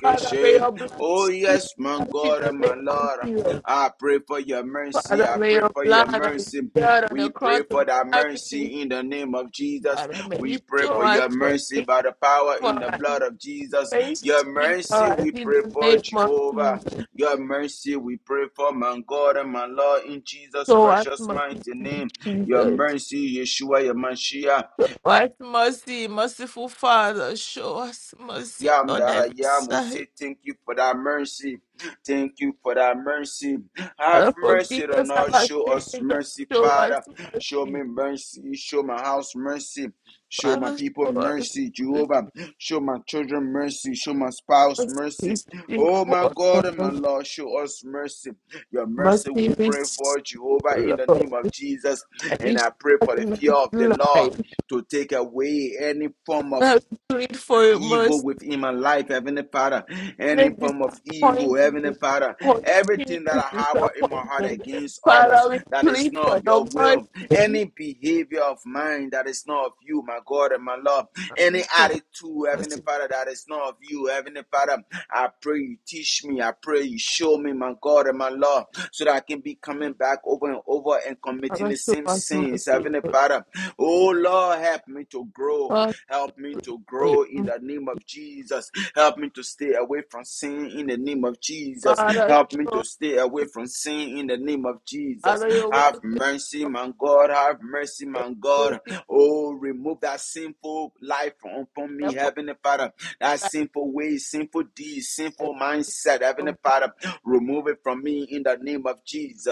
Speaker 3: Father, may your blood
Speaker 1: Oh
Speaker 3: speak
Speaker 1: yes, my
Speaker 3: for us in
Speaker 1: God
Speaker 3: the
Speaker 1: and my
Speaker 3: name of
Speaker 1: Lord.
Speaker 3: Jesus.
Speaker 1: I pray for your mercy.
Speaker 3: Father,
Speaker 1: I
Speaker 3: may
Speaker 1: pray
Speaker 3: your
Speaker 1: for
Speaker 3: blood
Speaker 1: your
Speaker 3: that is
Speaker 1: mercy.
Speaker 3: shed on the
Speaker 1: We
Speaker 3: cross
Speaker 1: pray
Speaker 3: of
Speaker 1: for that
Speaker 3: Calvary
Speaker 1: mercy in the name of Jesus.
Speaker 3: Father,
Speaker 1: We
Speaker 3: may
Speaker 1: pray
Speaker 3: show
Speaker 1: for
Speaker 3: us
Speaker 1: your mercy
Speaker 3: mercy
Speaker 1: by the power
Speaker 3: for
Speaker 1: in the
Speaker 3: us.
Speaker 1: blood of Jesus.
Speaker 3: May
Speaker 1: Your
Speaker 3: speak for
Speaker 1: mercy,
Speaker 3: us
Speaker 1: we
Speaker 3: in
Speaker 1: pray
Speaker 3: the
Speaker 1: for
Speaker 3: name of
Speaker 1: Jehovah.
Speaker 3: Jesus.
Speaker 1: Your mercy we pray for, my God and my Lord, in Jesus'
Speaker 3: Show us
Speaker 1: precious mighty
Speaker 3: mercy,
Speaker 1: name. Your
Speaker 3: Jesus.
Speaker 1: mercy, Yeshua, your Mashiach.
Speaker 3: Show us mercy, merciful Father. Show us mercy
Speaker 1: Yam
Speaker 3: on
Speaker 1: that I
Speaker 3: every
Speaker 1: am, we
Speaker 3: side.
Speaker 1: say thank you for that mercy. Thank you for that mercy. Have
Speaker 3: Father,
Speaker 1: mercy
Speaker 3: forgive
Speaker 1: on
Speaker 3: us of
Speaker 1: us.
Speaker 3: our
Speaker 1: Show
Speaker 3: sins
Speaker 1: us
Speaker 3: and
Speaker 1: mercy,
Speaker 3: show us
Speaker 1: Father. Show
Speaker 3: mercy.
Speaker 1: me mercy. Show my house mercy. Show my
Speaker 3: Father,
Speaker 1: people
Speaker 3: show us
Speaker 1: mercy, Jehovah. Show my children mercy. Show my spouse
Speaker 3: mercy.
Speaker 1: mercy.
Speaker 3: Speak
Speaker 1: Oh
Speaker 3: for
Speaker 1: my God and my
Speaker 3: us.
Speaker 1: Lord, show us mercy. Your mercy
Speaker 3: Mercy
Speaker 1: we pray
Speaker 3: is
Speaker 1: for, Jehovah, in the
Speaker 3: Lord.
Speaker 1: name of Jesus.
Speaker 3: Every
Speaker 1: And I pray for the fear
Speaker 3: struggling
Speaker 1: of the Lord
Speaker 3: life.
Speaker 1: to take away any form of
Speaker 3: Father, we plead for your mercy
Speaker 1: evil within my life, Heavenly Father, any
Speaker 3: Let
Speaker 1: form of evil, Heavenly
Speaker 3: disappointment,
Speaker 1: Father, everything that
Speaker 3: continuous
Speaker 1: I harbor in my heart
Speaker 3: disappointment.
Speaker 1: against others
Speaker 3: Father,
Speaker 1: that
Speaker 3: we
Speaker 1: is
Speaker 3: plead
Speaker 1: not
Speaker 3: for
Speaker 1: of
Speaker 3: your
Speaker 1: your will,
Speaker 3: mercy.
Speaker 1: any behavior of mine that is not of you, my God and my love, any
Speaker 3: Father,
Speaker 1: attitude, Heavenly
Speaker 3: mercy.
Speaker 1: Father, that is not of you, Heavenly Father, I pray you teach me, I pray you show me, my God and my love, so that I can be coming back over and over and committing
Speaker 3: Father,
Speaker 1: the
Speaker 3: show
Speaker 1: same
Speaker 3: us
Speaker 1: sins,
Speaker 3: mercy.
Speaker 1: Heavenly
Speaker 3: Lord.
Speaker 1: Father. Oh Lord, help me to grow.
Speaker 3: Father,
Speaker 1: Help me
Speaker 3: we
Speaker 1: to
Speaker 3: pray.
Speaker 1: grow in the name of Jesus. Help me to stay away from sin in the name of Jesus.
Speaker 3: Father,
Speaker 1: Help me
Speaker 3: show
Speaker 1: to stay away from sin in the name of Jesus.
Speaker 3: Father, your
Speaker 1: Have
Speaker 3: word says
Speaker 1: mercy,
Speaker 3: of
Speaker 1: my God. Have mercy,
Speaker 3: the
Speaker 1: my God.
Speaker 3: guilty,
Speaker 1: Oh, remove that sinful life from from me,
Speaker 3: therefore,
Speaker 1: Heavenly Father. That
Speaker 3: that
Speaker 1: sinful way, sinful deeds,
Speaker 3: is
Speaker 1: sinful mindset said.
Speaker 3: your
Speaker 1: Heavenly
Speaker 3: mercy.
Speaker 1: Father, remove it from me in the name of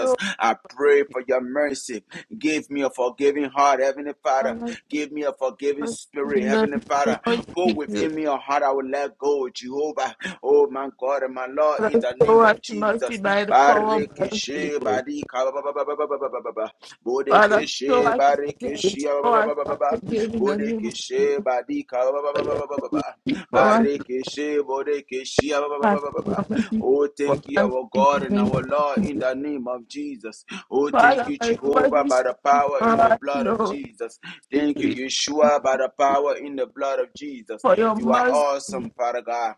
Speaker 3: Show us
Speaker 1: I pray for your mercy. Give me a forgiving heart, Heavenly
Speaker 3: Father,
Speaker 1: Father.
Speaker 3: show us
Speaker 1: Give me a forgiving
Speaker 3: mercy
Speaker 1: spirit,
Speaker 3: in the
Speaker 1: Heavenly
Speaker 3: name
Speaker 1: Father.
Speaker 3: of
Speaker 1: Put within
Speaker 3: Jesus.
Speaker 1: me a heart I will let go, Jehovah. Oh, my God and my Lord, in
Speaker 3: Father,
Speaker 1: the
Speaker 3: show
Speaker 1: name
Speaker 3: us
Speaker 1: of
Speaker 3: mercy
Speaker 1: Jesus.
Speaker 3: by the power of the Holy
Speaker 1: Barikishe,
Speaker 3: Ghost.
Speaker 1: barika, ba- ba- ba- ba- ba- ba- ba- ba- ba- ba-
Speaker 3: Father, show
Speaker 1: Bodekeshe,
Speaker 3: us mercy,
Speaker 1: barikishe, ba-
Speaker 3: show
Speaker 1: ba-
Speaker 3: us
Speaker 1: ba- ba- ba- ba-
Speaker 3: once
Speaker 1: ba.
Speaker 3: again in the name of
Speaker 1: Bodekeshe
Speaker 3: Jesus.
Speaker 1: Badika ba- ba-
Speaker 3: For
Speaker 1: ba- ba-
Speaker 3: your
Speaker 1: ba- ba- ba-
Speaker 3: mercy
Speaker 1: ba.
Speaker 3: speak for us, Lord.
Speaker 1: Barekeshe Bodekeshe ba- ba- ba-
Speaker 3: for
Speaker 1: ba-
Speaker 3: your mercy
Speaker 1: Oh,
Speaker 3: for
Speaker 1: thank you,
Speaker 3: us
Speaker 1: our
Speaker 3: in
Speaker 1: God
Speaker 3: the
Speaker 1: and
Speaker 3: name
Speaker 1: our
Speaker 3: of
Speaker 1: Lord, in
Speaker 3: Jesus.
Speaker 1: the name of Jesus. Oh, thank
Speaker 3: Father,
Speaker 1: you,
Speaker 3: for your
Speaker 1: Jehovah,
Speaker 3: mercy
Speaker 1: by the
Speaker 3: speak
Speaker 1: power
Speaker 3: for
Speaker 1: in the
Speaker 3: us,
Speaker 1: blood of
Speaker 3: Lord.
Speaker 1: Jesus.
Speaker 3: We
Speaker 1: Thank you,
Speaker 3: plead
Speaker 1: Yeshua, by the power in the blood of Jesus.
Speaker 3: for your
Speaker 1: You are
Speaker 3: mercy.
Speaker 1: awesome,
Speaker 3: We
Speaker 1: Father God.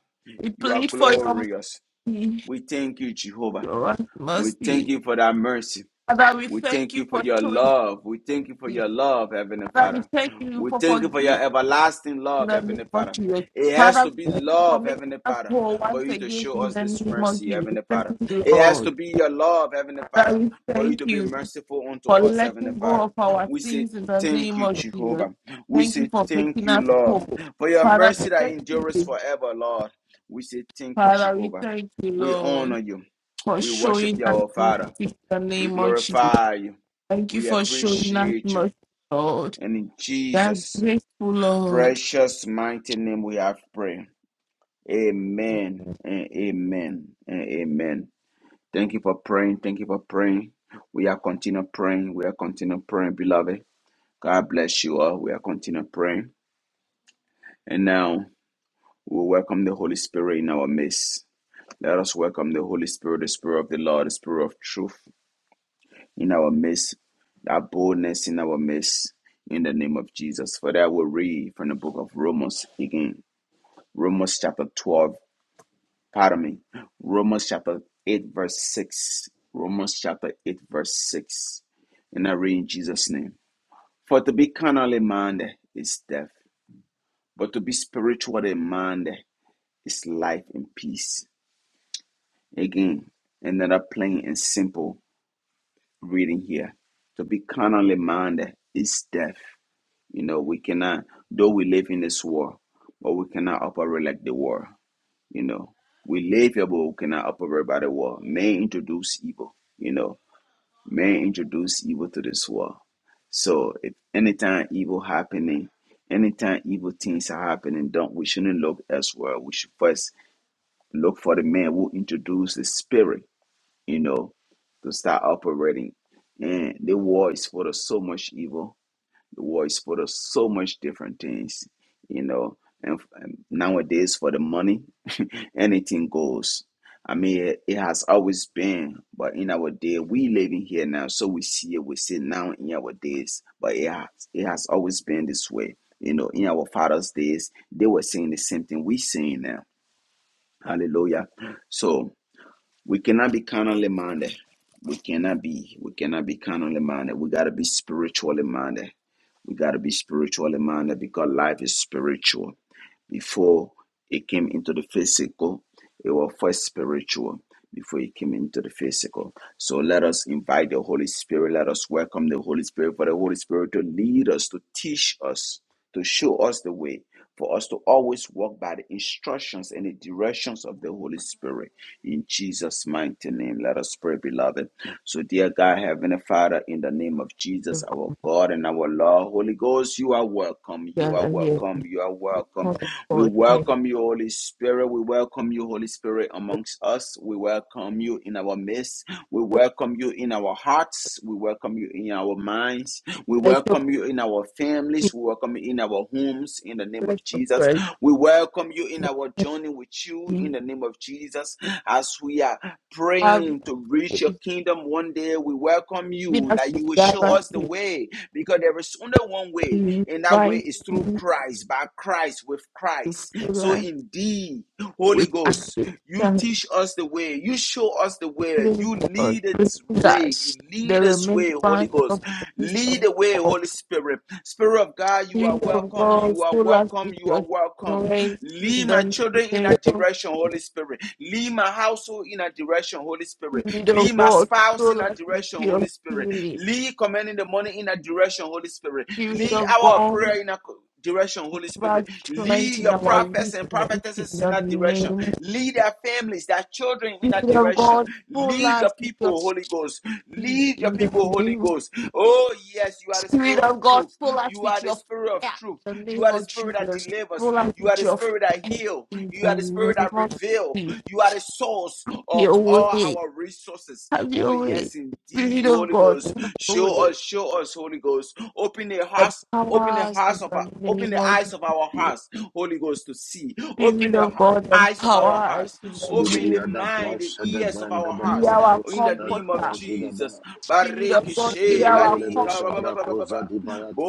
Speaker 1: You are
Speaker 3: plead for your
Speaker 1: glorious.
Speaker 3: mercy.
Speaker 1: We thank you, Jehovah.
Speaker 3: Show us
Speaker 1: We thank
Speaker 3: mercy.
Speaker 1: you for that mercy.
Speaker 3: Father, we
Speaker 1: We
Speaker 3: thank
Speaker 1: thank
Speaker 3: you
Speaker 1: you for
Speaker 3: for
Speaker 1: your
Speaker 3: showing
Speaker 1: love. We thank you for
Speaker 3: mercy.
Speaker 1: your love, Heavenly
Speaker 3: Father, we
Speaker 1: Father.
Speaker 3: thank you
Speaker 1: We
Speaker 3: for
Speaker 1: thank you for
Speaker 3: forgiving
Speaker 1: your
Speaker 3: us
Speaker 1: everlasting
Speaker 3: in
Speaker 1: love,
Speaker 3: the
Speaker 1: Heavenly
Speaker 3: name of
Speaker 1: Father.
Speaker 3: Jesus.
Speaker 1: It has
Speaker 3: Father,
Speaker 1: to be
Speaker 3: we thank you for
Speaker 1: love,
Speaker 3: making
Speaker 1: Heavenly
Speaker 3: us
Speaker 1: Father,
Speaker 3: whole
Speaker 1: for
Speaker 3: once
Speaker 1: you to
Speaker 3: again
Speaker 1: show
Speaker 3: in
Speaker 1: us
Speaker 3: the
Speaker 1: this
Speaker 3: name of
Speaker 1: mercy,
Speaker 3: Jesus.
Speaker 1: Heavenly
Speaker 3: Thank
Speaker 1: Father.
Speaker 3: you,
Speaker 1: It has to
Speaker 3: Lord.
Speaker 1: be your love, Heavenly
Speaker 3: Father,
Speaker 1: Father,
Speaker 3: we
Speaker 1: for you
Speaker 3: thank
Speaker 1: to be
Speaker 3: you
Speaker 1: merciful unto
Speaker 3: for
Speaker 1: us, Heavenly
Speaker 3: letting go
Speaker 1: Father.
Speaker 3: of our
Speaker 1: We say,
Speaker 3: sins in the
Speaker 1: Thank
Speaker 3: name
Speaker 1: you,
Speaker 3: of Jesus.
Speaker 1: Jehovah. We
Speaker 3: Thank you
Speaker 1: say,
Speaker 3: for
Speaker 1: Thank
Speaker 3: making
Speaker 1: you,
Speaker 3: us
Speaker 1: Lord,
Speaker 3: whole.
Speaker 1: for your
Speaker 3: Father, we
Speaker 1: mercy that
Speaker 3: thank
Speaker 1: endures
Speaker 3: you.
Speaker 1: forever, Lord. We say, Thank you,
Speaker 3: Father, we
Speaker 1: Jehovah.
Speaker 3: thank you,
Speaker 1: We honor
Speaker 3: Lord,
Speaker 1: you.
Speaker 3: for
Speaker 1: We worship
Speaker 3: showing
Speaker 1: you,
Speaker 3: us
Speaker 1: our
Speaker 3: mercy
Speaker 1: Father.
Speaker 3: in the
Speaker 1: We
Speaker 3: name of Jesus.
Speaker 1: glorify you.
Speaker 3: Thank you
Speaker 1: We
Speaker 3: for showing us
Speaker 1: appreciate you.
Speaker 3: mercy, Lord.
Speaker 1: And in
Speaker 3: That's
Speaker 1: Jesus'
Speaker 3: grateful, Lord.
Speaker 1: precious mighty name we have prayed. Amen and amen and amen. Thank you for praying. Thank you for praying. We are continue praying. We are continue praying, beloved. God bless you all. We are continue praying. And now we welcome the Holy Spirit in our midst. Let us welcome the Holy Spirit, the Spirit of the Lord, the Spirit of truth. in our midst, that boldness in our midst, in the name of Jesus. For that, we'll read from the book of Romans again. Romans chapter 12, pardon me. Romans chapter 8, verse 6. Romans chapter 8, verse 6. And I read in Jesus' name. For to be carnally minded is death, but to be spiritually minded is life and peace. Again, another plain and simple reading here. To be carnally minded is death You know, we cannot, though we live in this world, but we cannot operate like the world. You know, we live here, but we cannot operate by the world. Man introduce evil. You know, man introduce evil to this world. So if anytime evil happening, anytime evil things are happening, don't we shouldn't look elsewhere. We should first look for the man who introduced the spirit. You know, to start operating. And the world is full of so much evil the world is full of so much different things, you know. And, and nowadays, for the money, (laughs) anything goes. I mean, it, it has always been, but in our day, we living here now, so we see it. We see it now in our days, but it has it has always been this way. You know, in our fathers' days, they were saying the same thing we saying now. Hallelujah. So we cannot be carnally minded. We cannot be. We cannot be carnally minded. We gotta be spiritually minded. We gotta be spiritually minded because life is spiritual. Before it came into the physical, it was first spiritual. Before it came into the physical. So let us invite the Holy Spirit. Let us welcome the Holy Spirit for the Holy Spirit to lead us, to teach us, to show us the way, for us to always walk by the instructions and the directions of the Holy Spirit. In Jesus' mighty name, let us pray, beloved. So, dear God, Heavenly Father, in the name of Jesus, our God and our Lord, Holy Ghost, you are welcome. You
Speaker 3: God,
Speaker 1: are
Speaker 3: I hear.
Speaker 1: welcome. You are welcome.
Speaker 3: Holy
Speaker 1: We
Speaker 3: Lord,
Speaker 1: welcome you, Holy Spirit. We welcome you, Holy Spirit, amongst us. We welcome you in our midst. We welcome you in our hearts. We welcome you in our minds. We
Speaker 3: let your
Speaker 1: welcome you in our
Speaker 3: peace,
Speaker 1: families. We welcome you in our homes in the name
Speaker 3: let
Speaker 1: of
Speaker 3: your
Speaker 1: Jesus.
Speaker 3: prayer
Speaker 1: We welcome you in our journey with you in
Speaker 3: we
Speaker 1: the name of Jesus. As we are
Speaker 3: have
Speaker 1: praying to reach your
Speaker 3: given
Speaker 1: kingdom one day, we welcome you
Speaker 3: us
Speaker 1: that
Speaker 3: the
Speaker 1: you will show
Speaker 3: desire
Speaker 1: us the
Speaker 3: to
Speaker 1: way because there is only one way,
Speaker 3: be
Speaker 1: and that way
Speaker 3: right
Speaker 1: is through
Speaker 3: to
Speaker 1: Christ, by Christ, with Christ.
Speaker 3: fill
Speaker 1: So
Speaker 3: us
Speaker 1: indeed, Holy
Speaker 3: with
Speaker 1: Ghost, you
Speaker 3: acceptance
Speaker 1: teach us the way. You show us the way. You
Speaker 3: for
Speaker 1: lead its way. You
Speaker 3: us. The
Speaker 1: lead us way, Holy
Speaker 3: remembrance
Speaker 1: Ghost.
Speaker 3: of Christ
Speaker 1: Lead
Speaker 3: and
Speaker 1: the way,
Speaker 3: of
Speaker 1: Holy Spirit. Spirit of God,
Speaker 3: the
Speaker 1: you are
Speaker 3: Spirit of
Speaker 1: welcome.
Speaker 3: God,
Speaker 1: You are
Speaker 3: fill us
Speaker 1: welcome.
Speaker 3: with
Speaker 1: You are
Speaker 3: your
Speaker 1: welcome.
Speaker 3: strength in
Speaker 1: Lead my
Speaker 3: the name
Speaker 1: children in a
Speaker 3: of the
Speaker 1: direction, Holy Spirit. Lead my household in a direction, Holy Spirit.
Speaker 3: Spirit
Speaker 1: Lead
Speaker 3: of
Speaker 1: my
Speaker 3: God,
Speaker 1: spouse in
Speaker 3: fill
Speaker 1: a
Speaker 3: us with
Speaker 1: direction,
Speaker 3: your
Speaker 1: Holy Spirit.
Speaker 3: healing.
Speaker 1: Lead commanding the money in a direction, Holy Spirit.
Speaker 3: Spirit
Speaker 1: Lead
Speaker 3: of
Speaker 1: our
Speaker 3: God,
Speaker 1: prayer in a direction, Holy Spirit.
Speaker 3: us strength
Speaker 1: Lead
Speaker 3: in
Speaker 1: your
Speaker 3: our
Speaker 1: prophets and
Speaker 3: weakness in
Speaker 1: prophetesses in
Speaker 3: the
Speaker 1: that direction.
Speaker 3: name.
Speaker 1: Lead their families, their children in that
Speaker 3: Spirit of
Speaker 1: direction.
Speaker 3: God, pull
Speaker 1: Lead
Speaker 3: us
Speaker 1: your
Speaker 3: with your
Speaker 1: people, Holy
Speaker 3: speed
Speaker 1: Ghost. Lead your
Speaker 3: in the
Speaker 1: people, Holy
Speaker 3: name.
Speaker 1: Ghost. Oh, yes, you are the
Speaker 3: Spirit
Speaker 1: spirit of
Speaker 3: of God,
Speaker 1: truth.
Speaker 3: pull us
Speaker 1: You are
Speaker 3: with
Speaker 1: the
Speaker 3: your
Speaker 1: spirit of
Speaker 3: fire
Speaker 1: truth.
Speaker 3: in the
Speaker 1: You are
Speaker 3: name
Speaker 1: the
Speaker 3: of
Speaker 1: spirit that
Speaker 3: Jesus.
Speaker 1: delivers.
Speaker 3: Pull us
Speaker 1: You are
Speaker 3: with
Speaker 1: the
Speaker 3: your
Speaker 1: spirit that
Speaker 3: fire
Speaker 1: heals.
Speaker 3: in
Speaker 1: You
Speaker 3: the
Speaker 1: are the spirit
Speaker 3: name
Speaker 1: that
Speaker 3: of
Speaker 1: reveals.
Speaker 3: Jesus.
Speaker 1: You are the source of
Speaker 3: Your
Speaker 1: all
Speaker 3: way,
Speaker 1: our resources.
Speaker 3: have
Speaker 1: Oh,
Speaker 3: your way.
Speaker 1: yes, indeed,
Speaker 3: Spirit of
Speaker 1: Holy
Speaker 3: God,
Speaker 1: Ghost.
Speaker 3: have your
Speaker 1: Show
Speaker 3: way.
Speaker 1: us, show us, Holy Ghost. Open the hearts, open the
Speaker 3: Empower us
Speaker 1: hearts
Speaker 3: in
Speaker 1: of
Speaker 3: the
Speaker 1: our, open
Speaker 3: name
Speaker 1: the
Speaker 3: of
Speaker 1: eyes of our
Speaker 3: Jesus.
Speaker 1: hearts, Holy Ghost, to see. Open
Speaker 3: Spirit
Speaker 1: the
Speaker 3: of God,
Speaker 1: eyes of
Speaker 3: empower
Speaker 1: our
Speaker 3: us
Speaker 1: hearts.
Speaker 3: in the
Speaker 1: Open the
Speaker 3: name.
Speaker 4: Sudiriada
Speaker 1: mind, the
Speaker 4: Prasha de
Speaker 1: ears of
Speaker 4: Branda
Speaker 1: our
Speaker 4: de
Speaker 3: Be
Speaker 1: hearts.
Speaker 3: our
Speaker 4: Cabros,
Speaker 1: In the
Speaker 4: Sada
Speaker 1: name of
Speaker 3: comforter.
Speaker 4: Brazidaba,
Speaker 1: Jesus.
Speaker 3: Spirit of God, be
Speaker 1: Barikishe,
Speaker 3: our
Speaker 4: Sundelebe
Speaker 3: comfort,
Speaker 1: badika, ba- ba- ba- ba- ba-
Speaker 3: and
Speaker 1: ba- ba.
Speaker 4: Shabracosa di Bayata,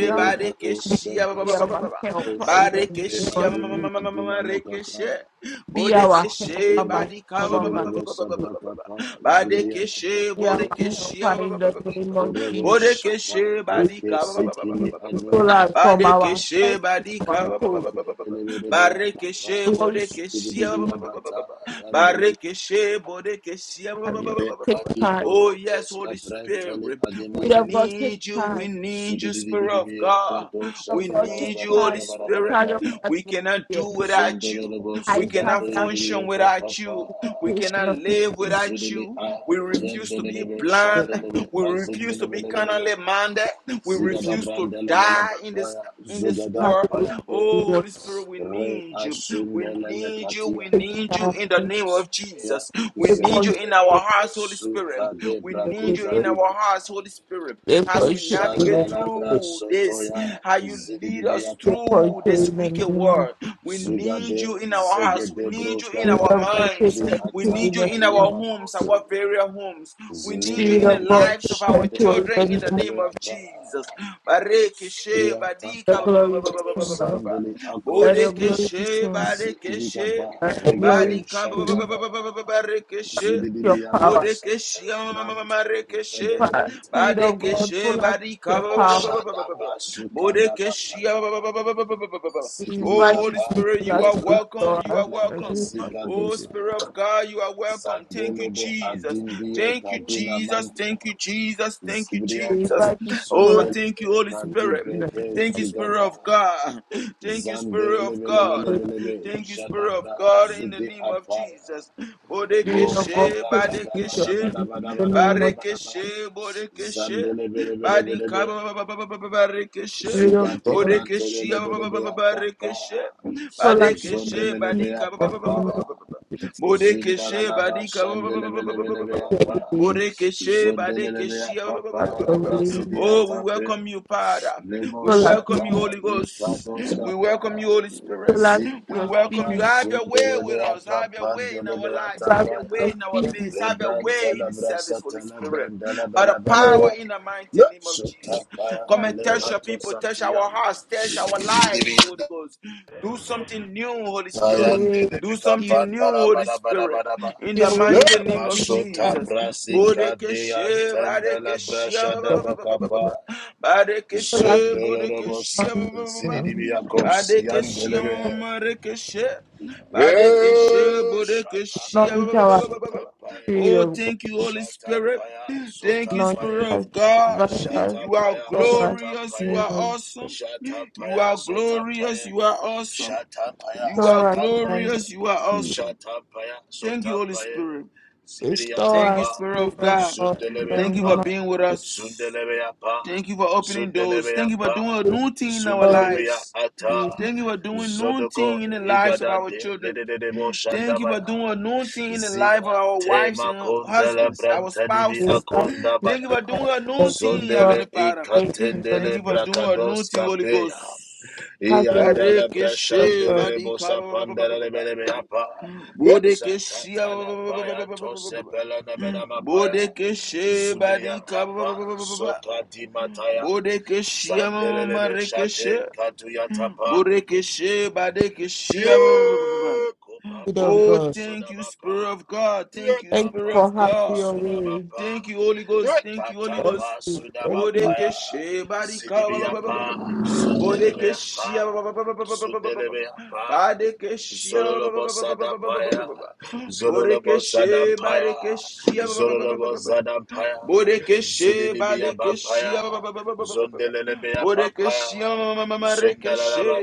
Speaker 3: be our
Speaker 1: badekeshe, ba- ba-
Speaker 3: be
Speaker 1: ba- ba- ba- ba-
Speaker 3: our
Speaker 4: Shabrasata,
Speaker 3: helper
Speaker 1: ba.
Speaker 3: in the
Speaker 4: Oshika pre
Speaker 3: name
Speaker 1: Barikishe,
Speaker 3: of
Speaker 1: ma- ma- ma-
Speaker 4: Adimi
Speaker 1: ma-
Speaker 3: Jesus.
Speaker 1: ma- ma- ma-
Speaker 4: Adinamo
Speaker 1: rekeshe.
Speaker 4: Cataya,
Speaker 3: Be our
Speaker 1: Bodekeshe,
Speaker 3: helper
Speaker 4: Zondelebe
Speaker 3: by
Speaker 1: badika, ba-
Speaker 3: our
Speaker 1: ba- ba- ba-
Speaker 3: mind.
Speaker 1: ba-
Speaker 4: Zedelebe
Speaker 1: ba- ba- ba- ba- ba- ba.
Speaker 4: Sabracapa, Zuriada
Speaker 1: Badekeshe,
Speaker 3: Be our
Speaker 4: Papayo,
Speaker 1: bodekeshe,
Speaker 3: helper
Speaker 1: ba-
Speaker 3: in
Speaker 1: ba- ba-
Speaker 3: the
Speaker 1: ba- ba- ba-
Speaker 3: name
Speaker 1: ba-
Speaker 3: of
Speaker 1: ba.
Speaker 4: Ecorovo
Speaker 3: Jesus.
Speaker 4: Shata,
Speaker 1: Bodekeshe,
Speaker 3: We
Speaker 4: Preke
Speaker 1: badika, ba-
Speaker 3: thank
Speaker 1: ba- ba- ba- ba-
Speaker 4: Sikili
Speaker 3: you
Speaker 1: ba- ba- ba-
Speaker 3: to soul
Speaker 1: ba.
Speaker 3: us
Speaker 4: Anumakati,
Speaker 3: from our
Speaker 1: Badekeshe,
Speaker 3: faith to
Speaker 1: badika,
Speaker 3: our
Speaker 1: ba- ba-
Speaker 4: Mako
Speaker 1: ba-
Speaker 3: soul.
Speaker 1: ba- ba- ba- ba-
Speaker 4: de
Speaker 1: ba.
Speaker 4: Lebe Papa,
Speaker 1: Barekeshe
Speaker 3: Glory to
Speaker 1: Bodekeshia ba-
Speaker 3: you,
Speaker 1: ba-
Speaker 4: Sudibia
Speaker 1: ba- ba- ba- ba-
Speaker 4: Bata,
Speaker 1: ba.
Speaker 4: Yandele
Speaker 1: Barekeshe Bodekeshia ba- ba-
Speaker 3: Mario.
Speaker 1: ba- ba- ba- ba- ba-
Speaker 3: Take
Speaker 1: ba.
Speaker 4: Ekati
Speaker 3: time.
Speaker 1: Oh yes,
Speaker 4: prokotos
Speaker 1: Holy
Speaker 4: kaprentali
Speaker 1: Spirit, we
Speaker 3: Spirit of
Speaker 4: ademanant
Speaker 3: God, take
Speaker 1: need you.
Speaker 3: time.
Speaker 1: We need you, Spirit of
Speaker 4: zudidibidibia
Speaker 1: God.
Speaker 4: kado
Speaker 1: We
Speaker 3: Of God, take
Speaker 4: shandala
Speaker 1: need you,
Speaker 4: bara
Speaker 1: Holy
Speaker 3: time.
Speaker 4: bara bara bara
Speaker 1: Spirit.
Speaker 3: Child
Speaker 4: pa
Speaker 3: of God,
Speaker 1: We cannot
Speaker 3: yeah.
Speaker 1: do without you.
Speaker 4: zondololobo
Speaker 1: We
Speaker 3: I have
Speaker 1: cannot
Speaker 3: the
Speaker 4: sobrandibidibia
Speaker 1: function without
Speaker 4: kapapa
Speaker 1: you. We
Speaker 3: application
Speaker 1: cannot
Speaker 3: of this.
Speaker 1: live
Speaker 3: We
Speaker 1: without
Speaker 4: zudili
Speaker 1: you. We
Speaker 4: a
Speaker 1: refuse to be
Speaker 4: yendelelebe
Speaker 1: blind.
Speaker 4: shandelebe
Speaker 1: We refuse to be
Speaker 4: azindelebelebelebe
Speaker 1: carnally minded. We
Speaker 4: zigada
Speaker 3: will
Speaker 1: refuse to
Speaker 4: brandelebelebe
Speaker 1: die in this
Speaker 4: paya
Speaker 1: in this
Speaker 4: zugada
Speaker 3: have
Speaker 1: world
Speaker 4: payande
Speaker 1: Oh,
Speaker 3: the
Speaker 1: Holy Spirit, we
Speaker 4: re
Speaker 1: need you. We
Speaker 4: asundeleme
Speaker 1: need you.
Speaker 4: katia
Speaker 1: We
Speaker 3: They
Speaker 1: need you in the
Speaker 3: point
Speaker 1: name of
Speaker 4: zunimia
Speaker 1: Jesus. We need you in
Speaker 4: zendelebe
Speaker 1: our
Speaker 3: to
Speaker 1: hearts, Holy Spirit.
Speaker 4: esuka de
Speaker 1: We
Speaker 3: the
Speaker 1: need you
Speaker 4: brakoza
Speaker 1: in
Speaker 3: people.
Speaker 1: our
Speaker 4: diba
Speaker 1: hearts, Holy Spirit,
Speaker 3: They
Speaker 1: as we
Speaker 3: point to the
Speaker 1: navigate
Speaker 4: Moshandalabra
Speaker 3: people.
Speaker 1: through this,
Speaker 4: Sotoya
Speaker 1: how you lead us
Speaker 4: Zidibia
Speaker 3: They point
Speaker 1: through
Speaker 3: to
Speaker 4: Kappa
Speaker 1: this
Speaker 3: the
Speaker 1: wicked
Speaker 3: demons.
Speaker 1: world. We need
Speaker 4: Sugade
Speaker 1: you in our hearts. We
Speaker 4: Zegede
Speaker 1: need you in
Speaker 3: Spirit
Speaker 1: our
Speaker 4: Broskapa
Speaker 3: of God, take
Speaker 1: minds.
Speaker 4: Libri
Speaker 1: We
Speaker 3: control
Speaker 4: Ata
Speaker 3: in
Speaker 1: need you
Speaker 3: the
Speaker 1: in our
Speaker 3: demons.
Speaker 4: Alima
Speaker 1: homes,
Speaker 4: Kosi
Speaker 1: our very homes. We need you
Speaker 3: Spirit
Speaker 1: in the
Speaker 3: of
Speaker 4: Zinimian
Speaker 3: God,
Speaker 1: lives
Speaker 3: they
Speaker 1: of our
Speaker 3: point to the
Speaker 1: children in the
Speaker 3: demons.
Speaker 1: name of
Speaker 4: Shandelebelebeapa
Speaker 1: Jesus. Barekeshe
Speaker 4: Subriata
Speaker 3: The
Speaker 1: badika
Speaker 4: Pa
Speaker 1: ba- ba- ba-
Speaker 3: glory
Speaker 1: ba- ba-
Speaker 3: be
Speaker 1: ba- ba-
Speaker 3: seen.
Speaker 1: ba- ba- ba-
Speaker 3: Lord.
Speaker 1: ba.
Speaker 4: Sandeli
Speaker 3: Let your
Speaker 4: Akos
Speaker 3: glory be
Speaker 1: Bodekeshe
Speaker 3: seen.
Speaker 4: Zidibika Ba
Speaker 3: Let your glory
Speaker 4: Regede
Speaker 1: badika ba-
Speaker 3: be
Speaker 1: ba- ba- ba-
Speaker 3: seen.
Speaker 1: ba- ba- ba- ba-
Speaker 4: Shandabaya
Speaker 1: barekeshe
Speaker 3: Your
Speaker 4: Zudidibiako
Speaker 3: power.
Speaker 1: bodekeshe ma- ma- ma- ma-
Speaker 4: Santelebranto
Speaker 1: marekeshe
Speaker 3: Power.
Speaker 4: Zedebrante
Speaker 3: Spirit of God,
Speaker 1: badekeshe
Speaker 3: full us with
Speaker 1: badika
Speaker 3: your
Speaker 1: ba- ba-
Speaker 3: power.
Speaker 4: Oshadaba Sukadabapaya
Speaker 1: ba- ba- ba- ba- ba- ba- ba- ba- ba.
Speaker 3: We
Speaker 1: Oh
Speaker 3: invite you
Speaker 1: Holy
Speaker 4: Sitibikapa
Speaker 3: to
Speaker 1: Spirit,
Speaker 3: full
Speaker 1: you
Speaker 3: us
Speaker 1: are
Speaker 3: to
Speaker 1: welcome.
Speaker 3: restore
Speaker 1: You
Speaker 3: us.
Speaker 1: are
Speaker 4: leprantendele
Speaker 3: In the
Speaker 1: welcome.
Speaker 3: name of
Speaker 4: bresika
Speaker 1: Oh
Speaker 3: Jesus.
Speaker 4: dosaya
Speaker 1: Spirit of God, you are welcome. Thank you,
Speaker 4: zandelebe
Speaker 1: Jesus.
Speaker 4: adindie
Speaker 1: Thank you,
Speaker 4: kaduna
Speaker 1: Jesus.
Speaker 4: mante
Speaker 1: Thank you, Jesus. Thank you,
Speaker 3: We
Speaker 4: zibriata
Speaker 1: Jesus.
Speaker 3: invite you to full
Speaker 1: Oh,
Speaker 3: us.
Speaker 1: thank
Speaker 4: sundelebe
Speaker 1: you, Holy
Speaker 3: to
Speaker 1: Spirit.
Speaker 4: kadibreke
Speaker 3: restore
Speaker 1: Thank you,
Speaker 3: us.
Speaker 1: Spirit
Speaker 4: zugaba
Speaker 1: of God. Thank you, Spirit of God.
Speaker 4: zandelebelebelebelebe
Speaker 1: Thank you, Spirit of
Speaker 4: jadabra
Speaker 1: God, in the
Speaker 4: zude
Speaker 1: name of
Speaker 4: apaya
Speaker 1: Jesus.
Speaker 3: Spirit of God,
Speaker 1: Bodekeshe,
Speaker 4: mokata
Speaker 3: so that
Speaker 4: bada
Speaker 3: we
Speaker 4: bada
Speaker 3: can
Speaker 1: Badekeshe,
Speaker 4: bada
Speaker 3: see
Speaker 4: bada
Speaker 3: the
Speaker 4: bada
Speaker 3: name
Speaker 4: bada
Speaker 3: of
Speaker 4: bada bada
Speaker 1: Barekeshe, Bodekeshe, Badika,
Speaker 4: zandelebelebelebelebe
Speaker 1: Barekeshe,
Speaker 3: Spirit of
Speaker 4: Zugati
Speaker 3: God,
Speaker 1: Bodekeshe,
Speaker 4: Brantelebea Papa
Speaker 1: Barekeshe,
Speaker 3: so that we can
Speaker 1: Badekeshe,
Speaker 3: see
Speaker 4: Zondelebea
Speaker 3: the
Speaker 4: Papa
Speaker 3: name of
Speaker 1: Badika,
Speaker 3: Jesus.
Speaker 1: Bodekeshe,
Speaker 4: Zindalaba
Speaker 1: Badika,
Speaker 4: Shandelebelebea
Speaker 3: Your
Speaker 4: Pa
Speaker 3: way,
Speaker 1: Borekeshe,
Speaker 4: Zondelebea
Speaker 1: Badekeshe,
Speaker 4: Papa
Speaker 3: have
Speaker 4: ya da
Speaker 3: your way,
Speaker 4: Brasidia
Speaker 1: Oh, we
Speaker 4: Tape
Speaker 1: welcome you, Father.
Speaker 4: Lemo
Speaker 1: We
Speaker 3: so that we
Speaker 1: welcome
Speaker 4: Shata
Speaker 1: you,
Speaker 3: can
Speaker 1: Holy
Speaker 3: see,
Speaker 1: Ghost.
Speaker 4: Likados
Speaker 1: We
Speaker 4: Capra
Speaker 1: welcome you, Holy
Speaker 3: so
Speaker 1: Spirit.
Speaker 3: that we
Speaker 1: We
Speaker 3: can
Speaker 1: welcome
Speaker 4: Zindalaba
Speaker 1: you.
Speaker 3: see,
Speaker 1: Have your way with
Speaker 4: Sundelebea
Speaker 1: us. Have your way in our
Speaker 4: Capandelebea
Speaker 3: so
Speaker 1: lives. Have your
Speaker 4: Tapaya
Speaker 1: way
Speaker 3: that
Speaker 1: in
Speaker 3: we
Speaker 1: our
Speaker 3: can see.
Speaker 1: midst. Have your way in the
Speaker 4: Lebrantelebra
Speaker 1: service, Holy Spirit. By the
Speaker 3: Your
Speaker 1: power
Speaker 3: way,
Speaker 4: Satelebrandelebalaba
Speaker 1: in the
Speaker 4: Le
Speaker 1: mighty name of Jesus.
Speaker 4: Sotapaya
Speaker 1: Come
Speaker 3: have
Speaker 1: and
Speaker 3: your
Speaker 1: touch your
Speaker 4: Lepato
Speaker 1: people, touch our hearts, touch our lives, Holy Ghost. Do something new, Holy
Speaker 3: your
Speaker 1: Spirit.
Speaker 3: way,
Speaker 4: Tayandele
Speaker 1: Do
Speaker 4: meka
Speaker 3: give
Speaker 1: something new,
Speaker 4: pandala
Speaker 1: Holy
Speaker 4: bada bada
Speaker 1: Spirit.
Speaker 4: bada ba.
Speaker 1: In the
Speaker 3: your
Speaker 4: Le
Speaker 3: way,
Speaker 1: mighty
Speaker 3: that
Speaker 1: name
Speaker 3: we
Speaker 1: of
Speaker 3: can
Speaker 4: masota
Speaker 1: Jesus.
Speaker 3: see.
Speaker 4: brasika de
Speaker 1: Bodekeshe,
Speaker 4: antandala
Speaker 1: Badekeshe,
Speaker 4: brasha da
Speaker 3: So
Speaker 4: beka pa.
Speaker 1: Badekeshe,
Speaker 3: that we
Speaker 4: Zondolo robos
Speaker 1: Bodekeshe,
Speaker 3: can see,
Speaker 1: Badekeshe, Marekeshe, Badekeshe,
Speaker 4: Eh,
Speaker 1: Bodekeshe.
Speaker 3: anoint
Speaker 4: Shatapaya
Speaker 3: our
Speaker 4: sotapaye.
Speaker 3: Spirit
Speaker 1: Oh,
Speaker 3: of God,
Speaker 1: thank you, Holy Spirit.
Speaker 4: Shatapaya
Speaker 1: Thank you,
Speaker 3: anoint
Speaker 4: sotapaye.
Speaker 1: Spirit
Speaker 3: us,
Speaker 1: of God.
Speaker 3: revive us,
Speaker 1: You are
Speaker 4: Shatapaya
Speaker 3: restore us,
Speaker 1: glorious. You
Speaker 4: sotapaye.
Speaker 3: name
Speaker 1: are
Speaker 3: us,
Speaker 1: awesome. You
Speaker 4: Shatapaya
Speaker 1: are glorious.
Speaker 4: sotapaye.
Speaker 1: You are awesome.
Speaker 4: Shatapaya
Speaker 1: You are
Speaker 3: restore us, and
Speaker 4: sotapaye.
Speaker 1: glorious. You are
Speaker 3: you.
Speaker 1: awesome.
Speaker 4: Shatampaya,
Speaker 1: Thank you, Holy
Speaker 4: Sotampaya,
Speaker 1: Spirit.
Speaker 3: Restore
Speaker 1: Thank you,
Speaker 3: us,
Speaker 4: Zibriatapa,
Speaker 1: Spirit
Speaker 3: spirit
Speaker 1: of
Speaker 3: of
Speaker 1: God.
Speaker 3: God in the
Speaker 1: Thank you for
Speaker 3: name of
Speaker 4: Zundelebeapa,
Speaker 1: being with
Speaker 3: Jesus.
Speaker 1: us.
Speaker 4: Zundelebeapa,
Speaker 1: Thank you for opening doors. Thank you for
Speaker 4: Zundelebeapa,
Speaker 1: doing a new thing in our
Speaker 3: Restore us,
Speaker 4: Zundelebea
Speaker 1: lives.
Speaker 4: Ata,
Speaker 3: Spirit
Speaker 1: Thank you for doing new
Speaker 4: Zodoko
Speaker 1: thing in the lives of our
Speaker 4: Igadande,
Speaker 1: children.
Speaker 4: Ledebo
Speaker 1: Thank you for
Speaker 4: Shandabaya,
Speaker 1: doing a new thing in the life of
Speaker 4: Zia
Speaker 1: our wives
Speaker 4: Tema
Speaker 1: and
Speaker 4: Kondele
Speaker 1: husbands, our
Speaker 4: Brantadibi
Speaker 1: spouses.
Speaker 3: of God, in the name of
Speaker 1: Thank
Speaker 4: Akondabaya,
Speaker 1: you for doing a new
Speaker 3: Jesus.
Speaker 1: thing,
Speaker 3: Restore us,
Speaker 4: Zondele
Speaker 1: Heavenly Father.
Speaker 3: Jesus. In the name
Speaker 1: Thank
Speaker 4: Ikatendele
Speaker 3: of-
Speaker 1: you for
Speaker 3: Jesus.
Speaker 1: doing a new
Speaker 4: Brakados
Speaker 1: thing, Holy Ghost.
Speaker 4: Kapea.
Speaker 3: Have your way,
Speaker 4: Iandala
Speaker 3: Lord
Speaker 1: Barikishe,
Speaker 3: God.
Speaker 4: brashandele
Speaker 1: barika,
Speaker 4: bosa
Speaker 1: ba- ba- ba- ba- ba- ba-
Speaker 4: pandele
Speaker 1: ba.
Speaker 4: mele me apa. Yes,
Speaker 1: Bodekeshia,
Speaker 4: tatala paya to sepela na mena mapaya.
Speaker 1: Bodekeshe,
Speaker 4: Zubriya
Speaker 1: barika,
Speaker 4: tapa zota di mataya.
Speaker 1: Bodekeshia
Speaker 4: Zandele
Speaker 1: mama
Speaker 4: me
Speaker 1: rekeshe.
Speaker 4: shante katuya tapa.
Speaker 1: Bodekeshe badekeshia. ba- ba- ba- ba- ba- ba.
Speaker 4: Ye
Speaker 3: Spirit of
Speaker 4: kupapaya
Speaker 1: Oh,
Speaker 3: God.
Speaker 1: thank you,
Speaker 4: sudabapa.
Speaker 1: Spirit of God.
Speaker 4: Ye
Speaker 1: Thank you,
Speaker 3: Thank you
Speaker 1: Spirit
Speaker 3: for
Speaker 1: of
Speaker 4: kapampaya
Speaker 3: having
Speaker 1: God.
Speaker 3: your way.
Speaker 4: sudabapa.
Speaker 1: Thank you, Holy
Speaker 4: Ye
Speaker 1: Ghost. Thank you, Holy
Speaker 3: Thank
Speaker 1: Ghost.
Speaker 4: katapa
Speaker 3: you. Thank you,
Speaker 4: sudabampaya.
Speaker 1: Bodekeshe barika ba- ba- ba- ba- ba- ba-
Speaker 4: Zidibiapa
Speaker 1: ba. Bodekeshe ba-
Speaker 4: sundelebeyapa.
Speaker 1: ba- ba- ba- ba- ba- ba- ba- ba- ba- ba.
Speaker 4: Zundelebeapa.
Speaker 1: Badekeshe ba- ba- ba-
Speaker 4: Zololobo
Speaker 1: ba- ba- ba- ba- ba- ba- ba- ba- ba-
Speaker 4: Sadampaya,
Speaker 1: ba-
Speaker 4: Zololobo
Speaker 1: Bodekeshe
Speaker 4: Sadampaya,
Speaker 1: badekeshe ba- ba- ba- ba- ba-
Speaker 4: Zololobo
Speaker 1: ba- ba- ba- ba.
Speaker 4: Sadampaya,
Speaker 1: Bodekeshe
Speaker 4: Zudidibia
Speaker 1: badekeshe ba-
Speaker 4: Bampaya,
Speaker 1: ba- ba- ba- ba- ba- ba- ba- ba.
Speaker 4: Zondelebea Pampaya,
Speaker 1: Bodekeshe ma- ma- ma- ma- rekeshe.
Speaker 4: Zundalaba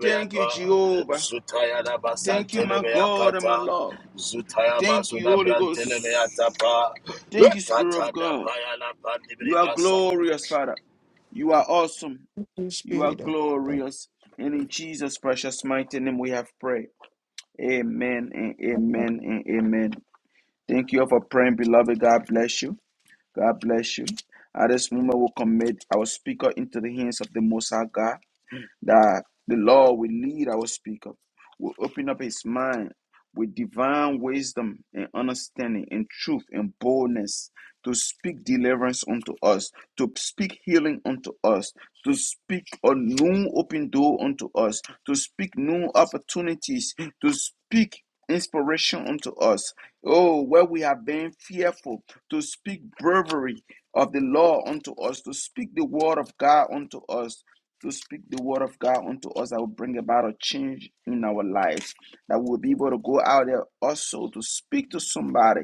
Speaker 1: Thank you, Jehovah.
Speaker 4: Zutaya
Speaker 1: Thank you, my
Speaker 4: Basantelebea
Speaker 1: God and my
Speaker 4: Kata,
Speaker 1: Lord.
Speaker 4: Zutaya
Speaker 1: Thank you,
Speaker 4: Basuda
Speaker 1: Holy Ghost.
Speaker 4: Brantelebea Tapa,
Speaker 1: Thank you, Spirit of
Speaker 4: kata
Speaker 1: God.
Speaker 4: Dapaya La
Speaker 1: You
Speaker 4: Pandibri
Speaker 1: are
Speaker 4: Asa,
Speaker 1: glorious, Father. You are awesome.
Speaker 3: Holy
Speaker 1: You are
Speaker 3: Spirit of God.
Speaker 1: glorious. And in Jesus' precious mighty name we have prayed. Amen and amen and amen. Thank you all for praying, beloved. God bless you. God bless you. At this moment, we'll commit our speaker into the hands of the Most High God that the Lord will lead our speaker, will open up his mind with divine wisdom and understanding and truth and boldness to speak deliverance unto us, to speak healing unto us, to speak a new open door unto us, to speak new opportunities, to speak inspiration unto us. Oh, where we have been fearful, to speak bravery of the law unto us, to speak the word of God unto us to speak the word of God unto us that will bring about a change in our lives. That we'll be able to go out there also to speak to somebody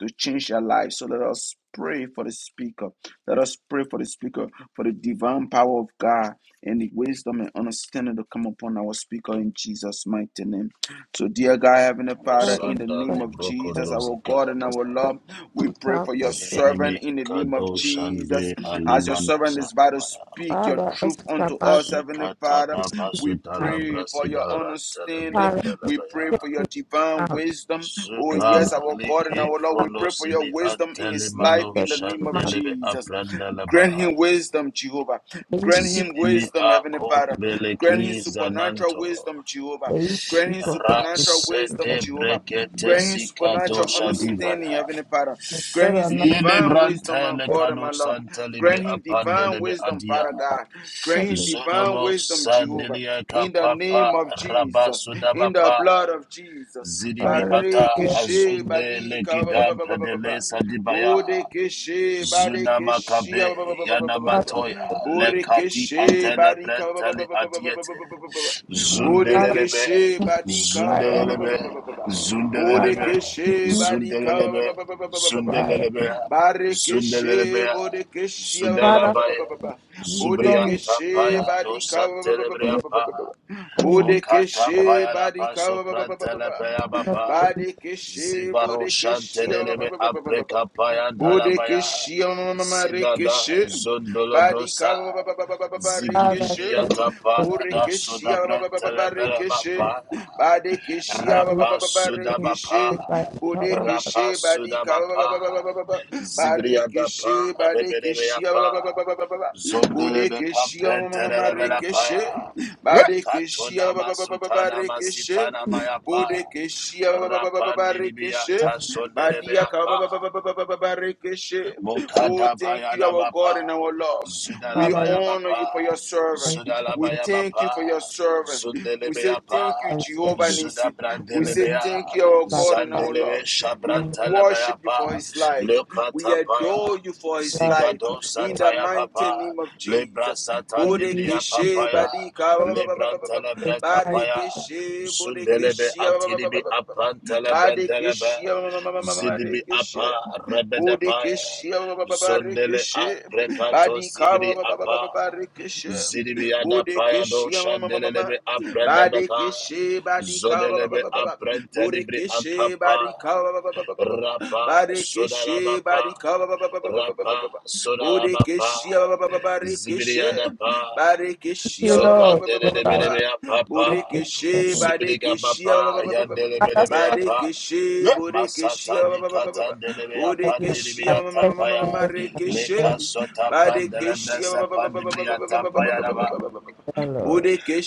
Speaker 1: to change their life. So let us pray for the speaker. Let us pray for the speaker, for the divine power of God and the wisdom and understanding to come upon our speaker in Jesus' mighty name. So, dear God, Heavenly Father,
Speaker 3: Father,
Speaker 1: in the
Speaker 4: Osanda
Speaker 1: name
Speaker 3: Father,
Speaker 1: of
Speaker 4: Libroko
Speaker 1: Jesus, our God and our
Speaker 4: Dozikadabaya.
Speaker 1: Lord, we
Speaker 3: we
Speaker 1: pray
Speaker 3: come
Speaker 1: for your
Speaker 3: to thank you.
Speaker 1: servant
Speaker 4: Zenimi
Speaker 1: in the name of
Speaker 4: Kado
Speaker 1: Jesus.
Speaker 4: Shande
Speaker 1: As your
Speaker 4: Alimano
Speaker 1: servant is about to
Speaker 4: Satipaya.
Speaker 1: speak your
Speaker 3: Father, us
Speaker 1: truth
Speaker 3: is
Speaker 1: unto
Speaker 3: about
Speaker 1: us,
Speaker 3: to
Speaker 1: Heavenly
Speaker 4: Zukata
Speaker 1: Father,
Speaker 4: da
Speaker 3: speak
Speaker 1: we
Speaker 4: Basuta
Speaker 3: now.
Speaker 1: pray for your
Speaker 4: Labrasida Rantele
Speaker 1: understanding.
Speaker 3: Father,
Speaker 1: We pray
Speaker 3: take
Speaker 1: for
Speaker 4: Brandelebaya.
Speaker 1: your divine
Speaker 3: out.
Speaker 1: wisdom. Oh,
Speaker 3: Let's
Speaker 4: Zuka
Speaker 1: yes,
Speaker 3: move
Speaker 1: our God and
Speaker 4: Liki
Speaker 1: our Lord, we pray for your
Speaker 4: Fronosili
Speaker 1: wisdom in his life his life
Speaker 4: Antelimano
Speaker 1: in
Speaker 3: back
Speaker 1: the name
Speaker 3: to
Speaker 1: of
Speaker 3: my-
Speaker 4: Shandelebe
Speaker 1: Jesus. Grant
Speaker 4: Abrandeleba.
Speaker 1: him wisdom, Jehovah.
Speaker 3: May you
Speaker 1: Grant
Speaker 3: speak.
Speaker 1: him
Speaker 4: Zinimi
Speaker 1: wisdom, Heavenly
Speaker 4: Ako
Speaker 1: Father. Grant him
Speaker 4: Beleki
Speaker 1: supernatural
Speaker 4: Zananto.
Speaker 1: wisdom, Jehovah.
Speaker 3: May you
Speaker 1: Grant
Speaker 3: speak.
Speaker 1: him
Speaker 3: for us.
Speaker 1: supernatural wisdom,
Speaker 4: Rasete
Speaker 1: Jehovah.
Speaker 4: Brekete
Speaker 1: Grant him
Speaker 4: Sikato
Speaker 1: supernatural understanding,
Speaker 4: Shadivaya.
Speaker 1: Heavenly Father.
Speaker 3: Lord,
Speaker 1: Grant him
Speaker 3: I'm not
Speaker 4: Ile
Speaker 1: divine wisdom, my
Speaker 4: brantele
Speaker 1: God and
Speaker 4: kano
Speaker 1: my Lord.
Speaker 4: santa
Speaker 1: Grant
Speaker 4: libre
Speaker 1: him divine
Speaker 4: apandelebe
Speaker 1: wisdom, Father
Speaker 4: adia.
Speaker 1: God. Grant him
Speaker 3: something.
Speaker 1: divine divine
Speaker 4: Zodobo
Speaker 1: wisdom, Jehovah,
Speaker 4: Sandelia
Speaker 1: in the
Speaker 4: Kapapa
Speaker 1: name of Jesus, in the
Speaker 4: Rabasudabapa
Speaker 1: blood of Jesus.
Speaker 4: Zidibi
Speaker 3: Father, let's
Speaker 4: Ata
Speaker 3: be a
Speaker 1: Barikishe
Speaker 4: Azunde
Speaker 1: badika ba-
Speaker 4: Lekidam Pradele Sadibaya
Speaker 1: Bodekeshe badekeshe
Speaker 4: Zunamakabe
Speaker 3: Father,
Speaker 4: Yanamatoya Lekati
Speaker 1: Borekeshe badika
Speaker 4: Antelebrentali Adiete
Speaker 3: Father,
Speaker 4: Zundelelebe
Speaker 1: Bodekeshe badika
Speaker 3: fire,
Speaker 4: Zundelelebe
Speaker 3: Father,
Speaker 4: Zundelelebe
Speaker 1: Bodekeshe
Speaker 3: need
Speaker 1: badika ba-
Speaker 4: Zundelelebe
Speaker 3: fire,
Speaker 4: Zundelelebe Zundelelebe
Speaker 1: bodekeshe
Speaker 3: Father,
Speaker 4: Zudalabaya
Speaker 3: need wisdom is
Speaker 4: Zubriata
Speaker 1: Bodekeshe
Speaker 3: must
Speaker 4: Paya
Speaker 1: Badika
Speaker 4: Dosa Telebrea
Speaker 3: be for me.
Speaker 4: Mokata
Speaker 1: Bodekeshe
Speaker 4: Paya La
Speaker 1: Badika
Speaker 4: Paso Pranta La Paya
Speaker 3: But
Speaker 4: Bapa
Speaker 1: Badekeshi,
Speaker 4: Zibaro
Speaker 1: Bodekeshi,
Speaker 4: shanteleleme apreka payantalabaya.
Speaker 1: Bodekeshi,
Speaker 4: Zindada
Speaker 1: Marekeshi,
Speaker 4: zondolobrosa.
Speaker 1: Badika,
Speaker 3: Father, I
Speaker 1: Barekeshi,
Speaker 3: thank
Speaker 4: Zigidibiyata
Speaker 3: you
Speaker 4: pa
Speaker 3: for you.
Speaker 4: da
Speaker 1: Borekeshi, Barekeshi,
Speaker 4: sodabrantelebelebapa.
Speaker 1: Badekeshi,
Speaker 3: Father, we
Speaker 4: Rapa
Speaker 3: thank you for
Speaker 1: Barekeshi,
Speaker 4: sudabapa.
Speaker 3: my power.
Speaker 4: Rapa
Speaker 1: Bodekeshi, Badika,
Speaker 4: sudabapa. Zibriyada pa
Speaker 1: Barekeshi, Badekeshi,
Speaker 4: rebedebeapa. Zondelebeka
Speaker 1: Bodekeshi, Marekeshi,
Speaker 4: prentelebelapaya.
Speaker 1: Badekeshi,
Speaker 4: Katonama sutana
Speaker 1: Barekeshi,
Speaker 4: masitana mayapa.
Speaker 1: Bodekeshia
Speaker 4: Rapandi Rapandiribia
Speaker 1: Barekeshe.
Speaker 3: Father,
Speaker 1: Badia
Speaker 4: tasonderebeapa.
Speaker 1: Barekeshe. Oh,
Speaker 4: Mokada
Speaker 1: thank you,
Speaker 4: bayana
Speaker 1: our God and
Speaker 4: bapa,
Speaker 1: our Lord. We
Speaker 3: Father, we
Speaker 4: Mokadabayadabapa,
Speaker 1: honor you for your
Speaker 4: Zudalabayabapa,
Speaker 1: servant.
Speaker 3: thank you for
Speaker 1: We
Speaker 3: my
Speaker 1: thank you
Speaker 4: Zudalabayabapa,
Speaker 1: for your servant. We say
Speaker 4: Zundelebeyapa,
Speaker 1: thank you,
Speaker 3: thank
Speaker 1: Jehovah
Speaker 3: you
Speaker 1: Nissi. We
Speaker 3: for
Speaker 1: say
Speaker 3: the
Speaker 4: Zudabrandelebea,
Speaker 1: thank you, our
Speaker 3: life
Speaker 1: God and
Speaker 3: of
Speaker 1: our
Speaker 4: Zandelebe
Speaker 1: Lord. We
Speaker 3: and
Speaker 1: worship you for
Speaker 4: Shabrantalabayapa,
Speaker 1: his life. We adore
Speaker 4: Lokatapaya,
Speaker 1: you for his
Speaker 3: Lord,
Speaker 1: life.
Speaker 4: Zigado
Speaker 1: In the
Speaker 4: Sataya
Speaker 1: mighty
Speaker 4: Papa,
Speaker 1: name of
Speaker 4: Lebra
Speaker 1: Jesus.
Speaker 4: Satan
Speaker 3: thank you, Jesus.
Speaker 4: Dibria
Speaker 3: Thank
Speaker 1: Bodekeshe
Speaker 3: you,
Speaker 4: Papaya,
Speaker 3: Lord.
Speaker 1: Badika
Speaker 4: Lebrantalabra
Speaker 3: Thank
Speaker 4: Kapaya,
Speaker 1: Barekeshe
Speaker 4: Zundelebe
Speaker 1: Bodekeshe
Speaker 4: Atiribi Apantalabrandelebe,
Speaker 1: Badekeshe
Speaker 4: Zidibi Apa,
Speaker 1: Barekeshe
Speaker 4: Rebedepaya,
Speaker 1: Bodekeshe
Speaker 4: Zondele a
Speaker 1: Barekeshe
Speaker 4: prekato sibiri
Speaker 1: Badika
Speaker 4: apa.
Speaker 1: Barekeshe
Speaker 4: Zidibiada payado
Speaker 1: Bodekeshe Mama
Speaker 4: shandelebe aprendebeka.
Speaker 1: Badekeshe
Speaker 4: Zodelebe
Speaker 1: Badika
Speaker 4: aprente libri
Speaker 1: Bodekeshe
Speaker 4: akapa.
Speaker 1: Badika
Speaker 4: Rapa
Speaker 1: Badekeshe
Speaker 4: sodalabapa. Rapa
Speaker 1: Badika
Speaker 4: sodalabapa.
Speaker 1: Bodekeshe
Speaker 4: Zibiriada
Speaker 1: Badika
Speaker 4: pa.
Speaker 1: Barikishia
Speaker 3: you,
Speaker 1: ba- ba- ba-
Speaker 3: Lord.
Speaker 1: ba- ba- ba-
Speaker 3: Yes,
Speaker 1: ba- ba-
Speaker 3: I
Speaker 1: ba.
Speaker 4: Zokandelebelebea
Speaker 3: love this
Speaker 4: papa,
Speaker 1: Burikishi
Speaker 3: person.
Speaker 4: Zokandelebelebeapa,
Speaker 1: Barikishia ba-
Speaker 4: papa,
Speaker 3: Father,
Speaker 4: yandelebelebea
Speaker 3: thank
Speaker 4: papa,
Speaker 1: Burikishia
Speaker 4: Masata
Speaker 1: ba-
Speaker 4: di
Speaker 1: ba- ba- ba-
Speaker 4: Katandelebeya
Speaker 3: you,
Speaker 4: Pandiribiya Tapaya,
Speaker 3: Lord.
Speaker 4: Leka
Speaker 3: Thank
Speaker 4: Sota Prandelebesa Pandibriya Tapaya Raba,
Speaker 3: you, Lord.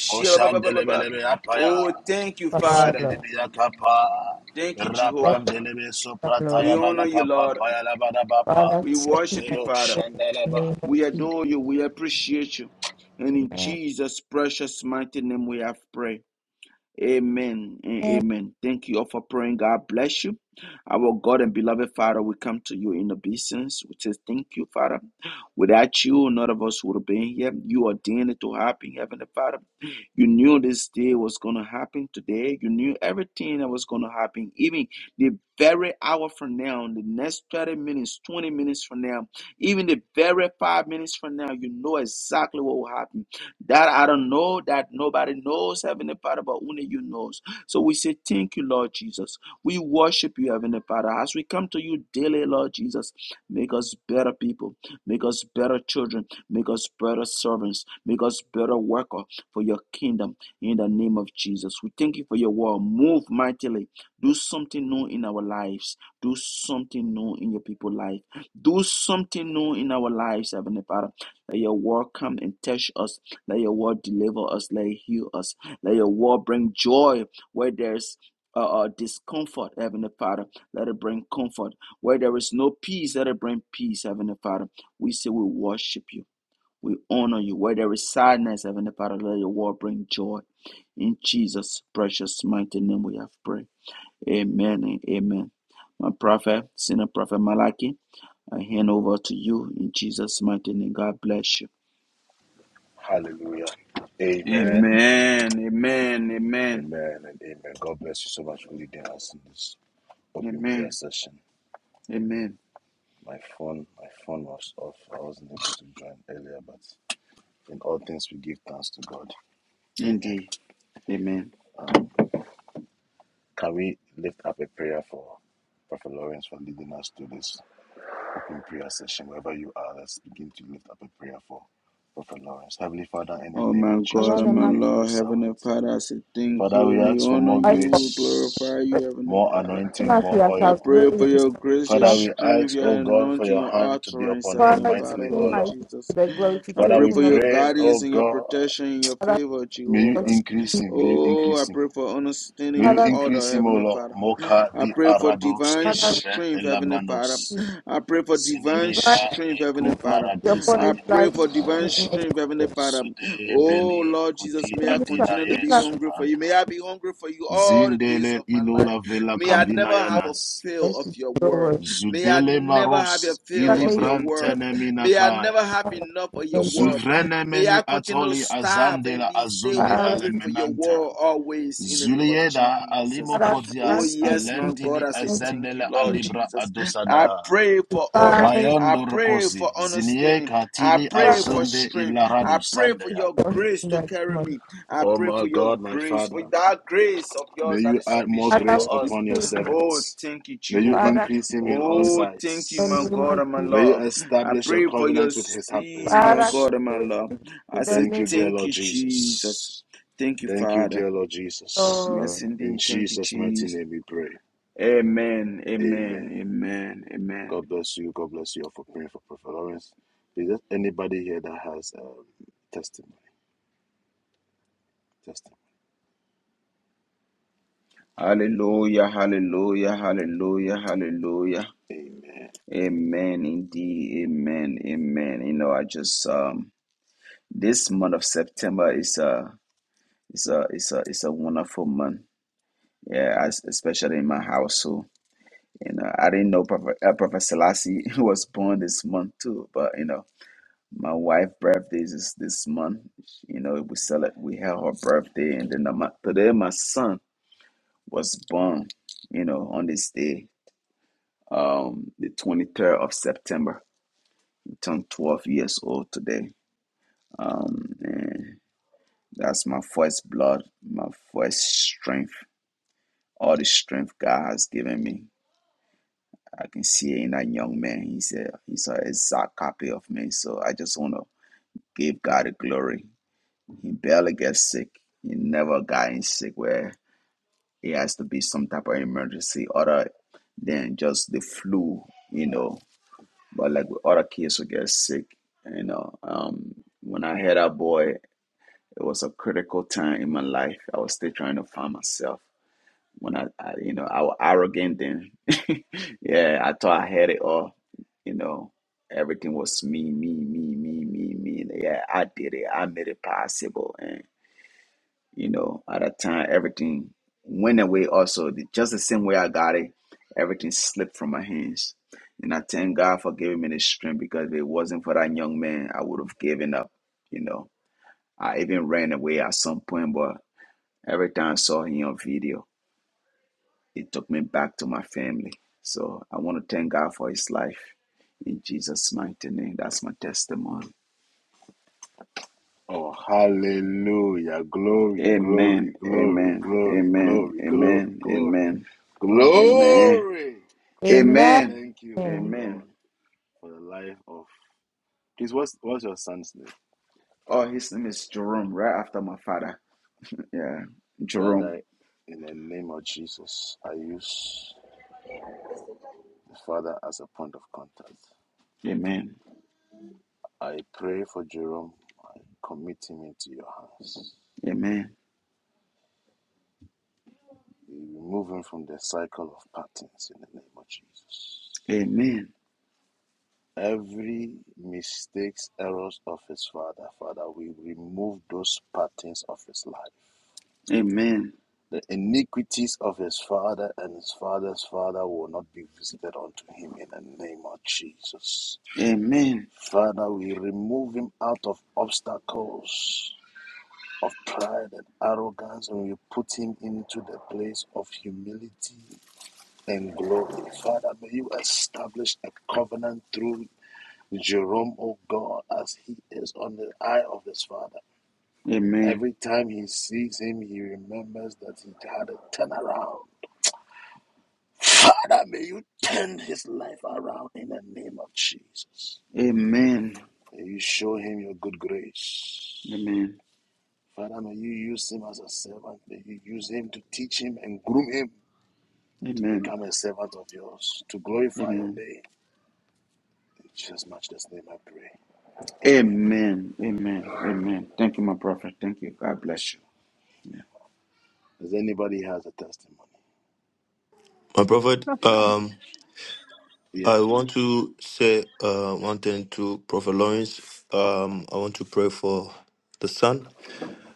Speaker 4: Oshandelebelebeapaya,
Speaker 1: Oh, thank you,
Speaker 3: Father, Lord,
Speaker 1: Father.
Speaker 3: love.
Speaker 4: Zuribiya Kapa,
Speaker 1: Thank you,
Speaker 3: Thank
Speaker 1: Jehovah.
Speaker 4: Rapandelebe
Speaker 3: you,
Speaker 4: soprata ya
Speaker 1: We
Speaker 3: Lord.
Speaker 1: honor you,
Speaker 4: Balakapa
Speaker 1: Lord.
Speaker 4: Paya Laba Raba Pa,
Speaker 3: Father,
Speaker 1: We
Speaker 3: set me
Speaker 1: worship
Speaker 3: on
Speaker 1: you,
Speaker 4: Lero
Speaker 1: Father.
Speaker 3: fire in the
Speaker 4: Shandalaba.
Speaker 3: name of
Speaker 1: We
Speaker 3: Jesus.
Speaker 1: adore you. We appreciate you. And in
Speaker 3: Amen.
Speaker 1: Jesus' precious mighty name we have prayed. Amen and amen. Thank you all for praying. God bless you. Our God and beloved Father, we come to you in obeisance. We say thank you, Father. Without you, none of us would have been here. You ordained it to happen, Heavenly Father. You knew this day was going to happen today. You knew everything that was going to happen, even the very hour from now, the next 30 minutes, 20 minutes from now, even the very five minutes from now, you know exactly what will happen. That I don't know, that nobody knows, Heavenly Father, but only you knows. So we say, Thank you, Lord Jesus. We worship you, Heavenly Father. As we come to you daily, Lord Jesus, make us better people, make us better children, make us better servants, make us better workers for your kingdom in the name of Jesus. We thank you for your word. Move mightily. Do something new in our lives. Do something new in your people's life. Do something new in our lives, Heavenly Father. Let your word come and touch us let your word deliver us. Let it heal us. Let your word bring joy where there's uh, uh, discomfort, Heavenly Father. Let it bring comfort. Where there is no peace, let it bring peace, Heavenly Father. We say we worship you. We honor you. Where there is sadness, Heavenly Father, let your word bring joy. In Jesus' precious mighty name we have prayed. Amen and amen. My prophet, senior prophet Malachi, I hand over to you in Jesus' mighty name. God bless you.
Speaker 4: Hallelujah.
Speaker 3: Amen.
Speaker 4: Amen.
Speaker 1: Amen. Amen. Amen.
Speaker 4: Amen and amen. God bless you so much for leading us in this open prayer
Speaker 1: Amen.
Speaker 4: session.
Speaker 1: Amen.
Speaker 4: My phone, my phone was off. I wasn't able to join earlier, but in all things we give thanks to God. Amen.
Speaker 1: Indeed. Amen.
Speaker 4: Can we lift up a prayer for Prophet Lawrence for leading us to this open prayer session? Wherever you are, let's begin to lift up a prayer for Prophet Lawrence. Heavenly Father, in the
Speaker 1: Oh
Speaker 4: name
Speaker 1: my
Speaker 4: of
Speaker 1: God,
Speaker 3: Allow
Speaker 4: Jesus,
Speaker 1: oh
Speaker 4: we
Speaker 3: them
Speaker 1: my
Speaker 3: to
Speaker 4: pray for your
Speaker 1: Lord,
Speaker 4: servant.
Speaker 1: Heavenly Father, I say thank
Speaker 4: Father,
Speaker 1: you.
Speaker 4: we
Speaker 1: We
Speaker 4: ask for
Speaker 1: honor
Speaker 4: more
Speaker 3: fight
Speaker 1: you, we
Speaker 4: grace,
Speaker 1: glorify
Speaker 3: for
Speaker 1: you, Heavenly
Speaker 4: more
Speaker 1: Father.
Speaker 3: Even
Speaker 4: anointing,
Speaker 3: as we
Speaker 4: more
Speaker 1: I
Speaker 4: oil.
Speaker 3: have
Speaker 1: pray for
Speaker 3: really
Speaker 1: your grace, your
Speaker 4: Father,
Speaker 3: But
Speaker 4: we
Speaker 1: strength,
Speaker 4: ask, O
Speaker 1: your
Speaker 4: God, for
Speaker 1: anointing,
Speaker 4: your
Speaker 1: your
Speaker 4: hand to be
Speaker 1: utterance,
Speaker 4: upon him
Speaker 1: Heavenly
Speaker 3: Father, you
Speaker 1: Father,
Speaker 4: mightily,
Speaker 3: see
Speaker 4: O
Speaker 1: Lord
Speaker 3: my
Speaker 4: Lord.
Speaker 3: to
Speaker 1: Jesus.
Speaker 3: the
Speaker 1: I
Speaker 4: Father,
Speaker 1: pray
Speaker 4: we
Speaker 1: for
Speaker 3: glorification of
Speaker 1: your
Speaker 4: pray,
Speaker 1: guidance
Speaker 4: O
Speaker 1: and your
Speaker 4: God,
Speaker 1: protection and your
Speaker 3: Father.
Speaker 1: favor,
Speaker 4: may you
Speaker 1: Jehovah.
Speaker 3: because
Speaker 4: increase him, may you
Speaker 1: Oh, I
Speaker 4: increase him.
Speaker 1: pray for understanding
Speaker 4: May you
Speaker 1: and
Speaker 3: Father,
Speaker 1: order,
Speaker 4: increase him, O
Speaker 1: Heavenly
Speaker 4: Lord.
Speaker 1: Father.
Speaker 4: Moka
Speaker 1: I
Speaker 4: di
Speaker 1: pray for
Speaker 4: arados
Speaker 1: divine
Speaker 3: Father,
Speaker 4: kedepe
Speaker 1: strength, Heavenly Father.
Speaker 4: elabanos.
Speaker 3: we
Speaker 1: I pray for
Speaker 3: we
Speaker 1: divine
Speaker 4: Zinimi
Speaker 3: bind
Speaker 1: strength,
Speaker 4: ale
Speaker 3: we
Speaker 1: Heavenly
Speaker 3: see
Speaker 1: Father.
Speaker 4: kuvaradi
Speaker 3: upon
Speaker 1: I
Speaker 3: his
Speaker 1: pray
Speaker 3: life
Speaker 1: for
Speaker 3: in
Speaker 4: sanimata.
Speaker 3: the
Speaker 1: divine
Speaker 3: name of
Speaker 1: strength, Heavenly
Speaker 3: Jesus.
Speaker 1: Father.
Speaker 4: Zude
Speaker 1: Oh,
Speaker 4: beli
Speaker 1: Lord Jesus,
Speaker 4: kudi
Speaker 1: may I
Speaker 3: Even if
Speaker 4: adina
Speaker 3: not,
Speaker 1: continue to
Speaker 3: if
Speaker 1: be
Speaker 3: not
Speaker 4: yesu
Speaker 1: hungry for you. May I
Speaker 4: anta.
Speaker 1: be hungry for you all the days
Speaker 4: Zindele
Speaker 1: of my life.
Speaker 4: ilola vela
Speaker 1: May
Speaker 3: from
Speaker 1: I
Speaker 4: kavina
Speaker 1: never have
Speaker 3: God,
Speaker 1: a
Speaker 4: yanas.
Speaker 1: feel
Speaker 3: thank
Speaker 1: of
Speaker 3: you,
Speaker 1: your word.
Speaker 3: Lord.
Speaker 1: May I
Speaker 4: Zudele
Speaker 1: never have a
Speaker 4: maros
Speaker 1: feel
Speaker 3: That
Speaker 1: of
Speaker 3: may be
Speaker 1: your
Speaker 4: ilibran
Speaker 3: in
Speaker 1: word. May I
Speaker 4: teneminakaya.
Speaker 1: never have enough of your
Speaker 3: the name,
Speaker 1: word.
Speaker 4: Zuvrene
Speaker 1: May
Speaker 4: meni
Speaker 1: I continue to
Speaker 4: atoli
Speaker 1: starve and
Speaker 4: azandela
Speaker 1: be still
Speaker 4: azundi
Speaker 3: Father,
Speaker 1: hungry for your
Speaker 4: alemenanta.
Speaker 1: word always in the name of
Speaker 4: Zulieda
Speaker 1: Jesus.
Speaker 4: alimo
Speaker 3: Father,
Speaker 1: Oh,
Speaker 3: grant
Speaker 4: kodias
Speaker 1: yes, my God,
Speaker 4: alendili
Speaker 1: I say
Speaker 3: me
Speaker 1: thank
Speaker 4: azendele
Speaker 1: you, Lord
Speaker 4: alibra
Speaker 1: Jesus. I
Speaker 4: adosana.
Speaker 1: pray for
Speaker 3: by
Speaker 1: order.
Speaker 3: very
Speaker 1: I
Speaker 4: Mayondo
Speaker 1: pray for
Speaker 4: rokosi zinie
Speaker 1: understanding. I
Speaker 4: katili
Speaker 1: pray for
Speaker 4: azunde
Speaker 1: strength. I
Speaker 4: ilaradu
Speaker 1: pray for
Speaker 3: sick
Speaker 4: sandeya.
Speaker 1: your
Speaker 3: person
Speaker 1: grace to
Speaker 3: that
Speaker 1: carry
Speaker 3: month.
Speaker 1: me. I
Speaker 4: Oh
Speaker 1: pray
Speaker 4: my
Speaker 1: for your
Speaker 4: God, my
Speaker 1: grace, for
Speaker 4: Father,
Speaker 1: that grace of
Speaker 4: may
Speaker 1: yours that
Speaker 4: you
Speaker 1: is
Speaker 4: add more
Speaker 1: sufficient
Speaker 3: Father,
Speaker 1: for
Speaker 4: grace
Speaker 3: we keep
Speaker 1: us.
Speaker 4: upon your
Speaker 3: saying,
Speaker 1: Oh,
Speaker 4: servants.
Speaker 1: thank you,
Speaker 4: May you
Speaker 1: Jehovah.
Speaker 3: Father,
Speaker 4: increase him in all
Speaker 3: this is
Speaker 1: Oh, thank you,
Speaker 3: the
Speaker 1: my
Speaker 4: sides.
Speaker 3: name
Speaker 1: God
Speaker 3: of
Speaker 1: and my
Speaker 3: Jesus.
Speaker 4: May you
Speaker 1: Lord. I
Speaker 4: establish a
Speaker 1: pray for your
Speaker 4: covenant with his, his
Speaker 1: speed, my
Speaker 3: Father,
Speaker 4: house.
Speaker 1: God and my
Speaker 3: please,
Speaker 1: Lord.
Speaker 3: in
Speaker 1: I
Speaker 3: the
Speaker 1: say,
Speaker 4: Thank
Speaker 3: name
Speaker 4: you, dear
Speaker 1: thank
Speaker 4: Lord
Speaker 1: you, Jesus.
Speaker 4: Jesus.
Speaker 1: Thank you,
Speaker 4: Thank you,
Speaker 1: Father.
Speaker 4: dear Lord Jesus.
Speaker 1: Yes,
Speaker 3: of God.
Speaker 4: In
Speaker 1: indeed. Thank you,
Speaker 4: Jesus' mighty
Speaker 1: Jesus.
Speaker 4: name we pray.
Speaker 1: Amen. Amen.
Speaker 4: Amen.
Speaker 1: Amen. Amen.
Speaker 4: God bless you. God bless you all for praying for Prophet Lawrence. Is there anybody here that has um, testimony? Testimony.
Speaker 1: Hallelujah. Hallelujah. Hallelujah. Hallelujah.
Speaker 4: Amen.
Speaker 1: Amen. Indeed. Amen. Amen. You know, I just um this month of September is a is a is a is a wonderful month. Yeah, I, especially in my house too. You know, I didn't know Prophet, uh, Prophet Selassie (laughs) was born this month too. But you know, my wife's birthday is this this month. You know, we celebrate, we held her birthday, and then the, my, today my son was born. You know, on this day, um, the twenty third of September, he turned twelve years old today. Um, and that's my first blood, my first strength, all the strength God has given me. I can see in that young man. He's a he's an exact copy of me. So I just wanna give God the glory. He barely gets sick. He never got in sick where it has to be some type of emergency other than just the flu, you know. But like with other kids who get sick, you know. Um when I had that boy, it was a critical time in my life. I was still trying to find myself when I, I you know I was arrogant then. (laughs) yeah I thought I had it all you know everything was me me me me me me yeah I did it I made it possible and you know at a time everything went away also The- just the same way I got it everything slipped from my hands and I thank God for giving me the strength because if it wasn't for that young man I would have given up you know I even ran away at some point but every time I saw him on video it took me back to my family. So I want to thank God for his life. In Jesus' mighty name, that's my testimony.
Speaker 4: Oh, hallelujah. Glory,
Speaker 1: Amen.
Speaker 4: glory, glory,
Speaker 1: Amen.
Speaker 4: glory,
Speaker 1: Amen.
Speaker 4: glory, glory,
Speaker 1: Amen.
Speaker 4: glory,
Speaker 1: Amen. Amen.
Speaker 4: glory. Father, we
Speaker 3: Amen.
Speaker 1: Amen.
Speaker 4: thank you, oh
Speaker 3: Amen.
Speaker 1: Amen.
Speaker 4: Lord, for the life of. Please, what's, what's your son's name?
Speaker 1: Oh, his name is Jerome, right after my father. Yeah. Jerome.
Speaker 4: Father, in the name of Jesus, I use. his Father, as a point of contact,
Speaker 1: Amen.
Speaker 4: I pray for Jerome. I commit him into your hands.
Speaker 1: Amen.
Speaker 4: We remove him from the cycle of patterns in the name of Jesus.
Speaker 1: Amen.
Speaker 4: Every mistakes, errors of his father, Father, we remove those patterns of his life.
Speaker 1: Amen.
Speaker 4: The iniquities of his father and his father's father will not be visited unto him in the name of Jesus.
Speaker 1: Amen.
Speaker 4: Father, we remove him out of obstacles of pride and arrogance and you put him into the place of humility and glory. Father, may you establish a covenant through Jerome, O God, as he is on the eye of his father.
Speaker 1: Amen. Amen.
Speaker 4: Every time he sees him, he remembers that he had a turnaround. Father, may you turn his life around in the name of Jesus.
Speaker 1: Amen.
Speaker 4: May you show him your good grace. Father, may you use him as a servant. May you use him to teach him and groom him to
Speaker 1: Amen.
Speaker 4: become a servant of yours, to glorify your
Speaker 1: Amen.
Speaker 4: name. In Jesus' matchless name, I pray. Amen.
Speaker 1: Amen. Amen. Amen. Thank you, my prophet. Thank you.
Speaker 4: God
Speaker 1: God bless
Speaker 4: bless
Speaker 1: you.
Speaker 4: you.
Speaker 1: Yeah.
Speaker 4: Does anybody has a testimony?
Speaker 5: My prophet, um,
Speaker 4: Yeah.
Speaker 5: I want to say uh, one thing to Prophet Lawrence. Um, I want to pray for the son.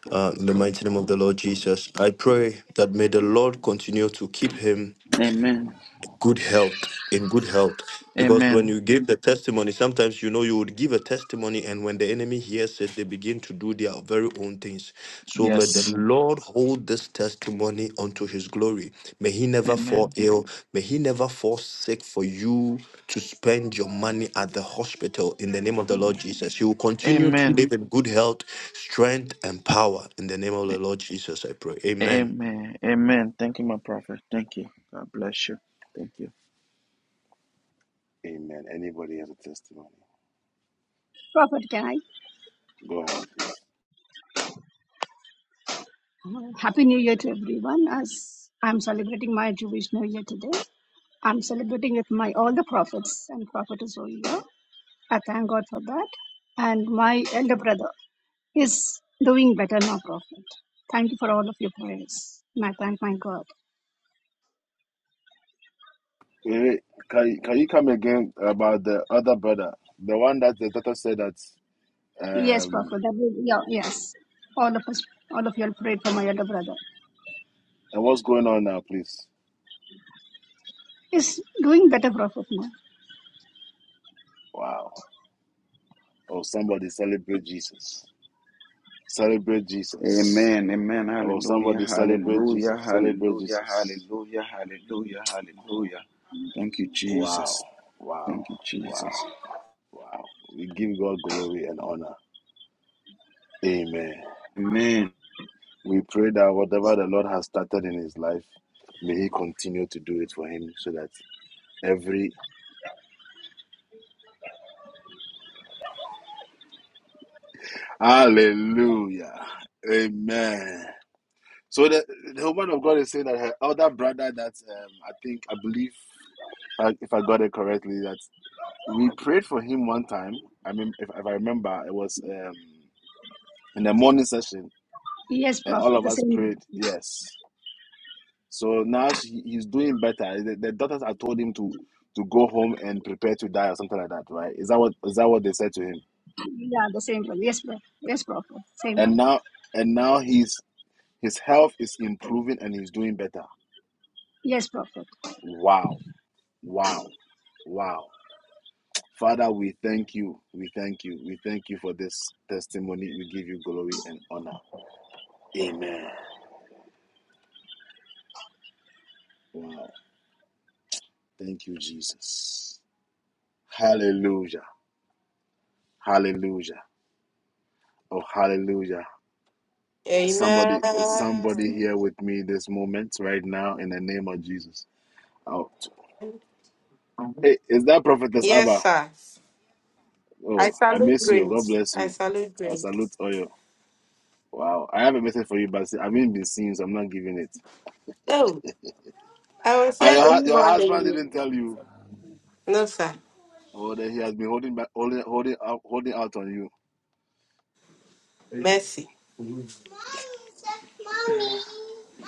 Speaker 5: Uh, in the mighty name of the Lord Jesus, I pray that may the Lord continue to keep him
Speaker 1: Amen.
Speaker 5: good health in good health because when
Speaker 1: Amen.
Speaker 5: you give the testimony sometimes you know you would give a testimony and when the enemy hears it they begin to do their very own things so may the
Speaker 1: Yes.
Speaker 5: Mhm. lord hold this testimony unto his glory may he never fall
Speaker 1: Amen.
Speaker 5: ill may he never fall sick for you to spend your money at the hospital in the name of the
Speaker 1: Yeah.
Speaker 5: lord jesus you will continue to
Speaker 1: Amen.
Speaker 5: live in good health strength and power in the name of the
Speaker 1: A-
Speaker 5: lord jesus i pray amen
Speaker 1: Amen. Amen. Thank you, my prophet. Thank you. God bless you. Thank you.
Speaker 4: Amen. Anybody has a testimony?
Speaker 2: Prophet, can I?
Speaker 4: Go ahead, please.
Speaker 2: Happy New Year to everyone. As I'm celebrating my Jewish New Year today, I'm celebrating with my all the prophets and prophetess over here. I thank God for that. And my elder brother is doing better now, Prophet. Thank you for all of your prayers. And I thank my God.
Speaker 4: Wait, wait. Can, can you come again about the other brother? The one that the doctor said that.
Speaker 2: Yes,
Speaker 4: Um,
Speaker 2: Prophet. That will, yeah, yes. All of us, all of you all prayed for my elder brother.
Speaker 4: and what's going on now, please?
Speaker 2: He's doing better, Prophet, now.
Speaker 4: Wow. Oh, somebody celebrate Jesus. Celebrate Jesus.
Speaker 1: Amen. Amen.
Speaker 4: Oh,
Speaker 1: Hallelujah.
Speaker 4: somebody celebrate Jesus.
Speaker 1: Hallelujah.
Speaker 4: Celebrate
Speaker 1: Hallelujah.
Speaker 4: Jesus.
Speaker 1: Hallelujah. Hallelujah. Hallelujah. Thank you,
Speaker 4: Wow.
Speaker 1: Jesus.
Speaker 4: Wow.
Speaker 1: Thank you,
Speaker 4: Wow.
Speaker 1: Jesus.
Speaker 4: Wow. We give God glory and honor. Amen.
Speaker 1: Amen.
Speaker 4: We pray that whatever the Lord has started in his life, may he continue to do it for him so that every hallelujah. Amen. So the, the woman of God is saying that her elder brother that um, I think I believe if I, if I got it correctly that we prayed for him one time. I mean, if, if I remember, it was. Um, in the morning session,
Speaker 2: Yes,
Speaker 4: and all
Speaker 2: Prophet.
Speaker 4: of
Speaker 2: The
Speaker 4: us
Speaker 2: same.
Speaker 4: prayed yes. So now she, he's doing better. The, the doctors had told him to to go home and prepare to die or something like that, right? Is that what is that what they said to him?
Speaker 2: Yeah, the same one. Yes, Prophet. Yes, Prophet. Same one.
Speaker 4: And now and now he's his health is improving and he's doing better.
Speaker 2: Yes, Prophet.
Speaker 4: Wow, wow, wow. Father, we thank you. We thank you. We thank you for this testimony. We give you glory and honor. Amen. Wow. Thank you, Jesus. Hallelujah. Hallelujah. Oh, hallelujah. Is
Speaker 5: Amen.
Speaker 4: somebody is somebody here with me this moment right now in the name of Jesus. Oh, hey, is that prophetess
Speaker 5: Yes,
Speaker 4: Abba?
Speaker 5: sir. I
Speaker 4: Oh, I
Speaker 5: salute
Speaker 4: miss you. God
Speaker 5: grace.
Speaker 4: bless
Speaker 5: I
Speaker 4: you.
Speaker 5: salute
Speaker 4: I
Speaker 5: grace.
Speaker 4: salute all you. Wow, I have a message for you, but I haven't been seen, so I'm not giving it.
Speaker 5: Oh, I was
Speaker 4: Ah,
Speaker 5: here
Speaker 4: your,
Speaker 5: to
Speaker 4: hu- your
Speaker 5: more than
Speaker 4: husband
Speaker 5: you.
Speaker 4: didn't tell you,
Speaker 5: No, sir.
Speaker 4: Oh, that he has been holding back, holding, holding out, holding out on you.
Speaker 5: Mercy.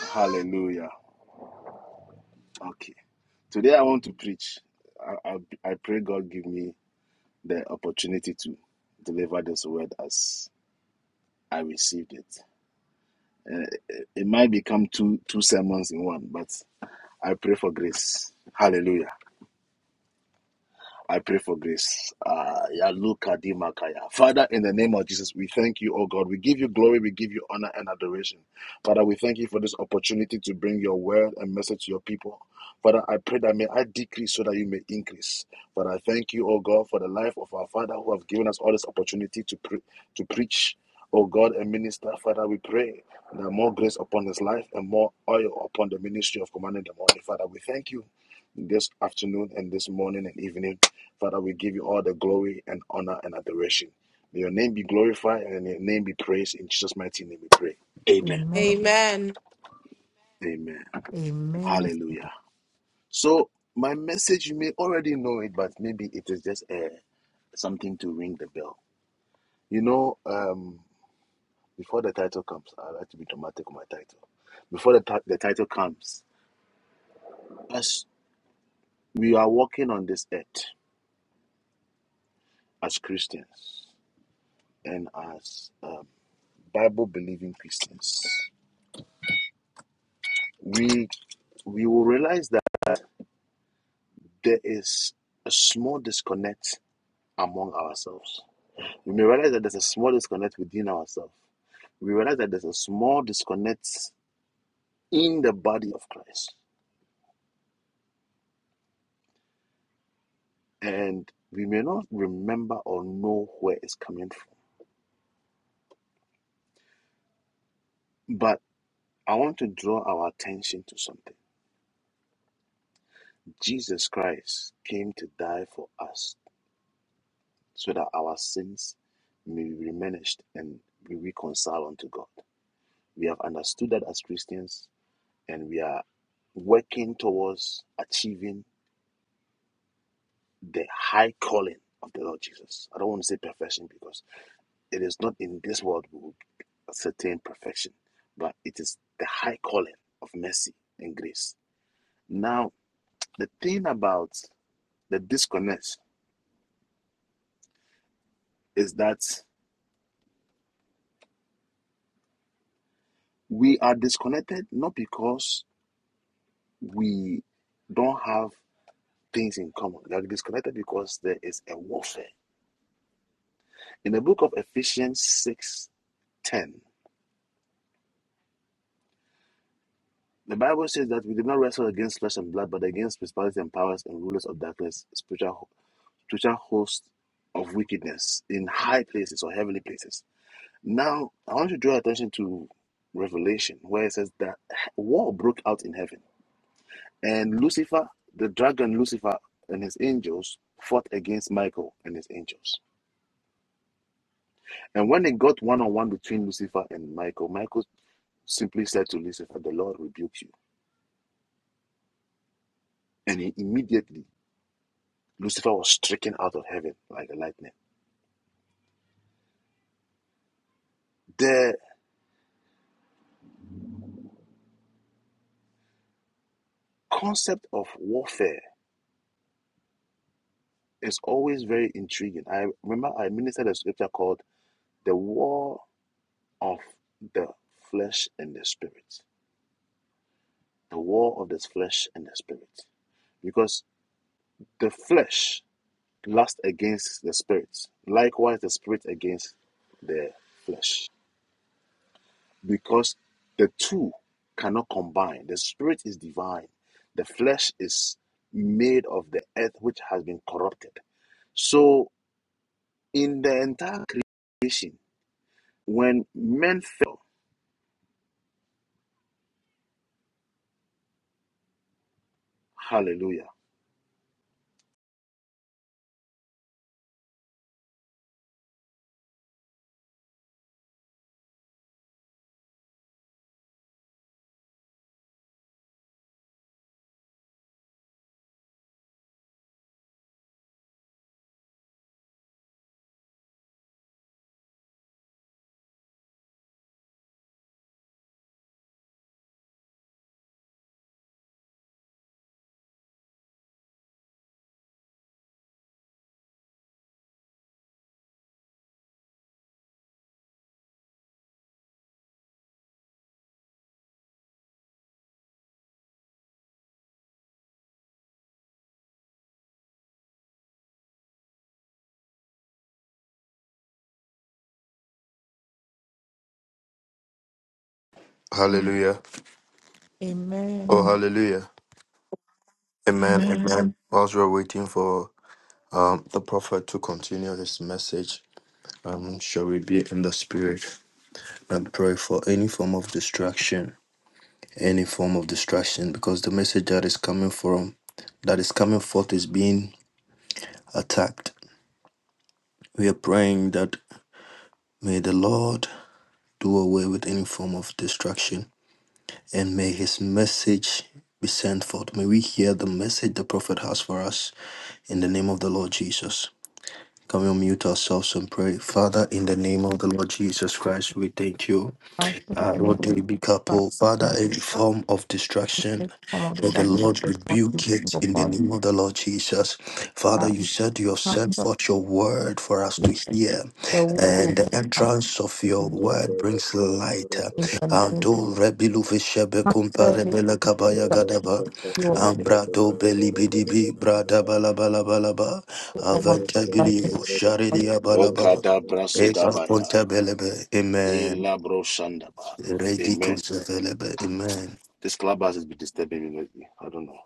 Speaker 4: Hallelujah. Okay, today I want to preach. I, I, I pray God give me the opportunity to deliver this word as I received it. Uh, it might become two two sermons in one, but I pray for grace. Hallelujah. I pray for grace. Ah, Yaluka di Makaya. Father, in the name of Jesus, we thank you, oh God. We give you glory, we give you honor and adoration. Father, we thank you for this opportunity to bring your word and message to your people. Father, I pray that may I decrease so that you may increase. Father, I thank you, oh God, for the life of our Father who have given us all this opportunity to pre- to preach. Oh God and minister, Father, we pray that more grace upon his life and more oil upon the ministry of commanding the morning. Father, we thank you this afternoon and this morning and evening. Father, we give you all the glory and honor and adoration. May your name be glorified and your name be praised. In Jesus' mighty name we pray. Amen.
Speaker 3: Amen.
Speaker 5: Amen.
Speaker 4: Amen.
Speaker 3: Amen.
Speaker 4: Hallelujah. So my message, you may already know it, but maybe it is just a something to ring the bell. You know, um, before the title comes, I like to be dramatic with my title. Before the, ti- the title comes, as we are walking on this earth as Christians and as uh, Bible believing Christians, we we will realize that there is a small disconnect among ourselves. We may realize that there's a small disconnect within ourselves. We realize that there's a small disconnect in the body of Christ. And we may not remember or know where it's coming from. But I want to draw our attention to something. Jesus Christ came to die for us so that our sins may be remanaged and be reconciled unto God. We have understood that as Christians, and we are working towards achieving the high calling of the Lord Jesus. I don't want to say perfection because it is not in this world we will attain perfection, but it is the high calling of mercy and grace. Now, the thing about the disconnect is that we are disconnected not because we don't have things in common. We are disconnected because there is a warfare In the book of Ephesians six ten, the Bible says that we did not wrestle against flesh and blood, but against principalities and powers and rulers of darkness, spiritual, spiritual hosts of wickedness in high places or heavenly places. Now, I want to draw attention to Revelation, where it says that war broke out in heaven, and Lucifer, the dragon Lucifer, and his angels fought against Michael and his angels. And when they got one on one between Lucifer and Michael, Michael simply said to Lucifer, The Lord rebuke you And he- immediately, Lucifer was stricken out of heaven like a lightning. The concept of warfare is always very intriguing. I remember I ministered a scripture called The War of the Flesh and the Spirit. The War of the Flesh and the Spirit. Because the flesh lusts against the spirit, likewise, the spirit against the flesh. because the two cannot combine. The spirit is divine, the flesh is made of the earth which has been corrupted. So, in the entire creation, when men fell, hallelujah.
Speaker 5: Hallelujah. Oh,
Speaker 3: Amen.
Speaker 5: hallelujah. Amen.
Speaker 6: Amen.
Speaker 5: Amen. Whilst we're waiting for um, the prophet to continue his message, um, shall we be in the spirit and pray for any form of distraction? Any form of distraction, because the message that is coming from, that is coming forth, is being attacked. We are praying that may the Lord do away with any form of destruction, and may his message be sent forth. May we hear the message the prophet has for us in the name of the Lord Jesus. Can we unmute ourselves and pray? Father, in the name of the Lord Jesus Christ, we thank you.
Speaker 3: Thank you, in the name of God,
Speaker 5: Arodebikapo.
Speaker 3: in
Speaker 5: Father,
Speaker 3: the
Speaker 5: any form of distraction,
Speaker 3: name of the
Speaker 5: may the
Speaker 3: Father, in the name
Speaker 5: Lord
Speaker 3: of the
Speaker 5: rebuke it in the
Speaker 3: Son, in
Speaker 5: name of the Lord Jesus.
Speaker 3: the
Speaker 5: Father,
Speaker 3: name
Speaker 5: you said you have
Speaker 3: of the Holy
Speaker 5: sent
Speaker 3: Spirit.
Speaker 5: forth your word for us to hear,
Speaker 3: The word will
Speaker 5: and
Speaker 3: be
Speaker 5: the entrance of
Speaker 7: Amen.
Speaker 5: your
Speaker 3: complete
Speaker 7: Amen.
Speaker 5: word brings light.
Speaker 3: in the name
Speaker 5: Ando rebilu vishebe kumpa
Speaker 3: Master, make
Speaker 5: bele kabaya gadaba.
Speaker 3: you a
Speaker 5: Ambrado beli bidibi brada bala bala bala ba.
Speaker 3: form of the Lord.
Speaker 5: Aventabili sharili ya bala bala. Eka kunta belebe. Amen. Ready,
Speaker 4: Amen.
Speaker 5: crucifixion, Amen.
Speaker 4: This clubhouse has been disturbing me lately. I don't know.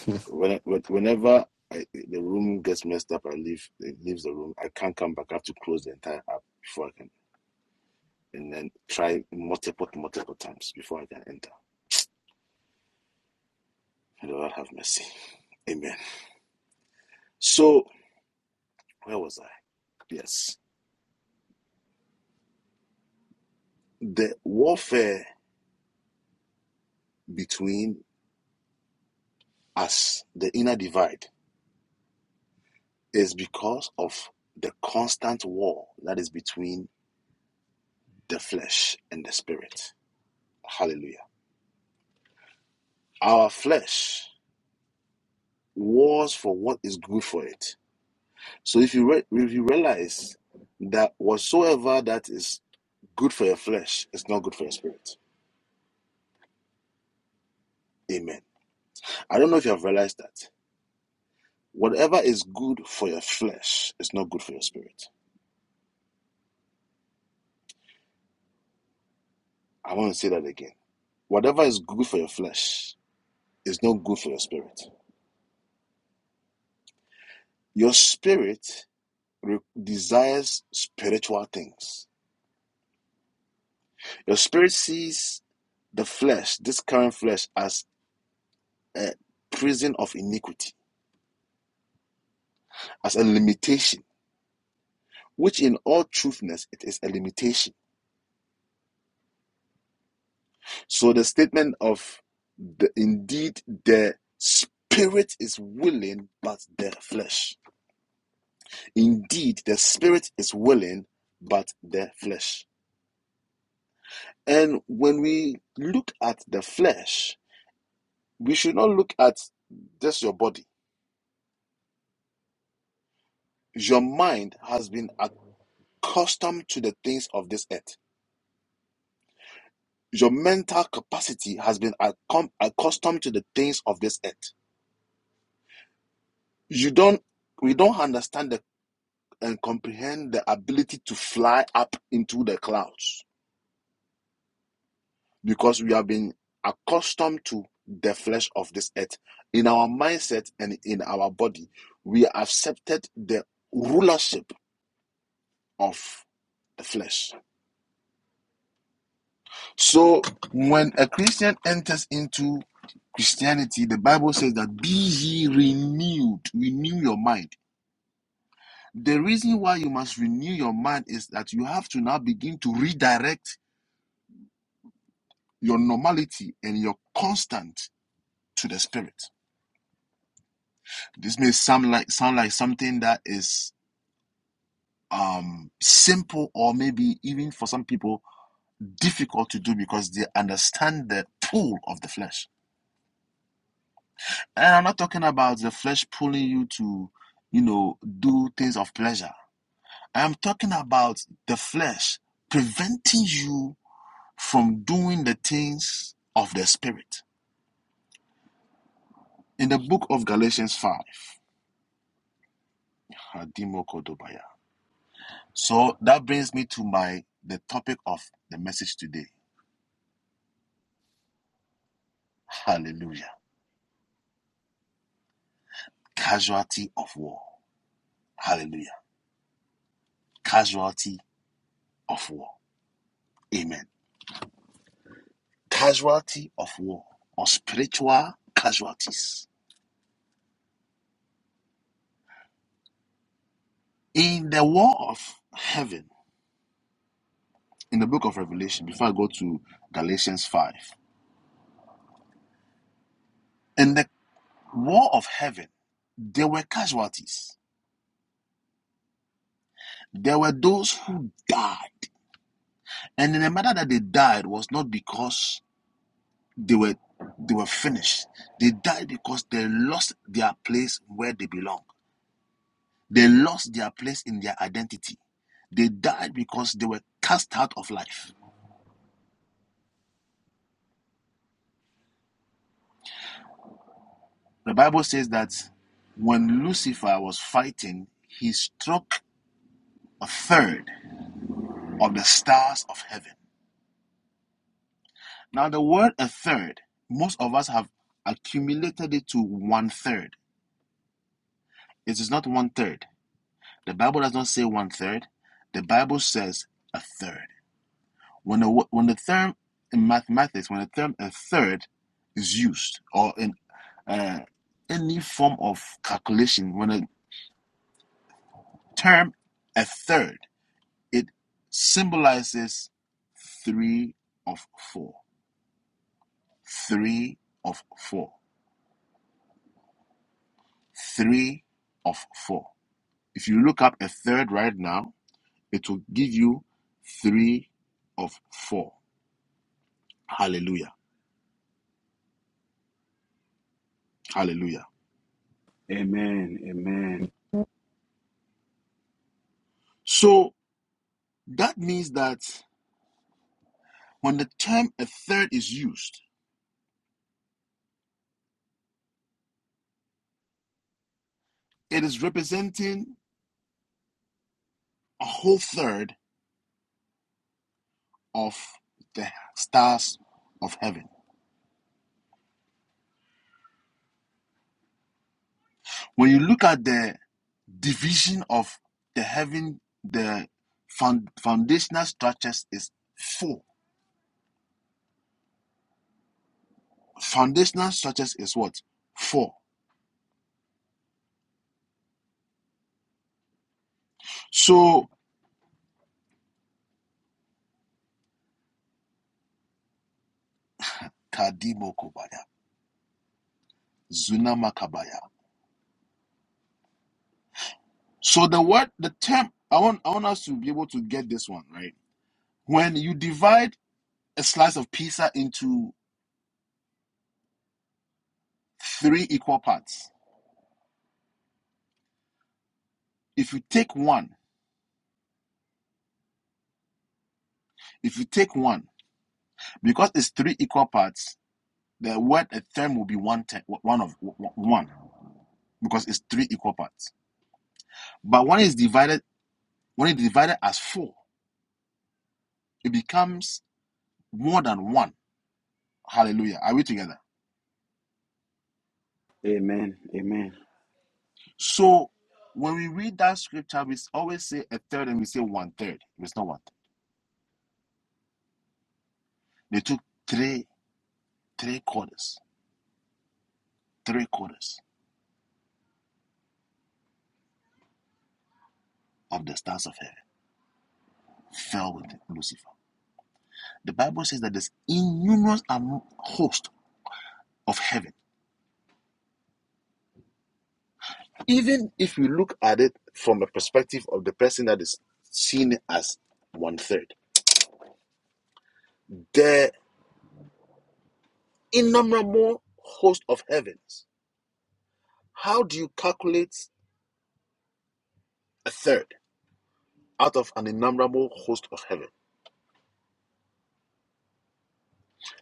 Speaker 5: (laughs)
Speaker 4: When, when- whenever I, the room gets messed up, I leave it leaves the room. I can't come back. I have to close the entire app before I can and then try multiple, multiple times before I can enter. May the Lord have mercy. Amen. So, where was I? Yes. The warfare between us, the inner divide, is because of the constant war that is between the flesh and the spirit. Hallelujah. Our flesh wars for what is good for it. So if you re- if you realize that whatsoever that is good for your flesh is not good for your spirit. Amen I don't know if you have realized that. Whatever is good for your flesh is not good for your spirit. I want to say that again. Whatever is good for your flesh is not good for your spirit. Your spirit re- desires spiritual things. Your spirit sees the flesh, this current flesh, as a prison of iniquity, as a limitation, which in all truthfulness, it is a limitation So the statement of the, indeed the spirit is willing, but the flesh. Indeed, the spirit is willing, but the flesh. And when we look at the flesh, we should not look at just your body. Your mind has been accustomed to the things of this earth. Your mental capacity has been accom- accustomed to the things of this earth. You don't we don't understand and comprehend the ability to fly up into the clouds because we have been accustomed to the flesh of this earth. In our mindset and in our body, we accepted the rulership of the flesh. So when a Christian enters into Christianity, the Bible says that be ye renewed, renew your mind. The reason why you must renew your mind is that you have to now begin to redirect your normality and your constant to the spirit. This may sound like sound like something that is um simple or maybe even for some people difficult to do because they understand the pull of the flesh. And I'm not talking about the flesh pulling you to, you know, do things of pleasure. I'm talking about the flesh preventing you from doing the things of the spirit. In the book of Galatians 5, So that brings me to my the topic of the message today. Hallelujah. Casualty of war. Hallelujah. Casualty of war. Amen. Casualty of war or spiritual casualties. In the war of heaven, in the book of Revelation, before I go to Galatians 5, in the war of heaven, there were casualties. There were those who died. And in the matter that they died was not because They were they were finished. They died because they lost their place where they belong. They lost their place in their identity. They died because they were cast out of life. The Bible says that when Lucifer was fighting, he struck a third of the stars of heaven. Now, the word a third, most of us have accumulated it to one third. It is not one third. The Bible does not say one third, the Bible says a third. When the when the term in mathematics, when the term a third is used, or in uh, any form of calculation, when a term a third, it symbolizes three of four, three of four, three of four. If you look up a third right now, it will give you three of four. Hallelujah. Hallelujah.
Speaker 1: Amen. Amen.
Speaker 4: So that means that. When the term a third is used, it is representing a whole third of the stars of heaven. When you look at the division of the heaven, the found, foundational structures is four. Foundational structures is what? Four. So Kadimo Kobaya, Zuna Makabaya. So the word, the term, I want, I want us to be able to get this one right. When you divide a slice of pizza into three equal parts. If you take one, if you take one, because it's three equal parts, the word a term will be one te- one of one because it's three equal parts. But when it's divided, when it's divided as four, it becomes more than one. Hallelujah. Are we together?
Speaker 1: Amen. Amen.
Speaker 4: So when we read that scripture, we always say a third and we say one third. It's not one. They took three three quarters, three quarters of the stars of heaven, fell with Lucifer. The Bible says that there's innumerous host of heaven. Even if we look at it from a perspective of the person that is seen as one third, the innumerable host of heavens. How do you calculate a third out of an innumerable host of heaven?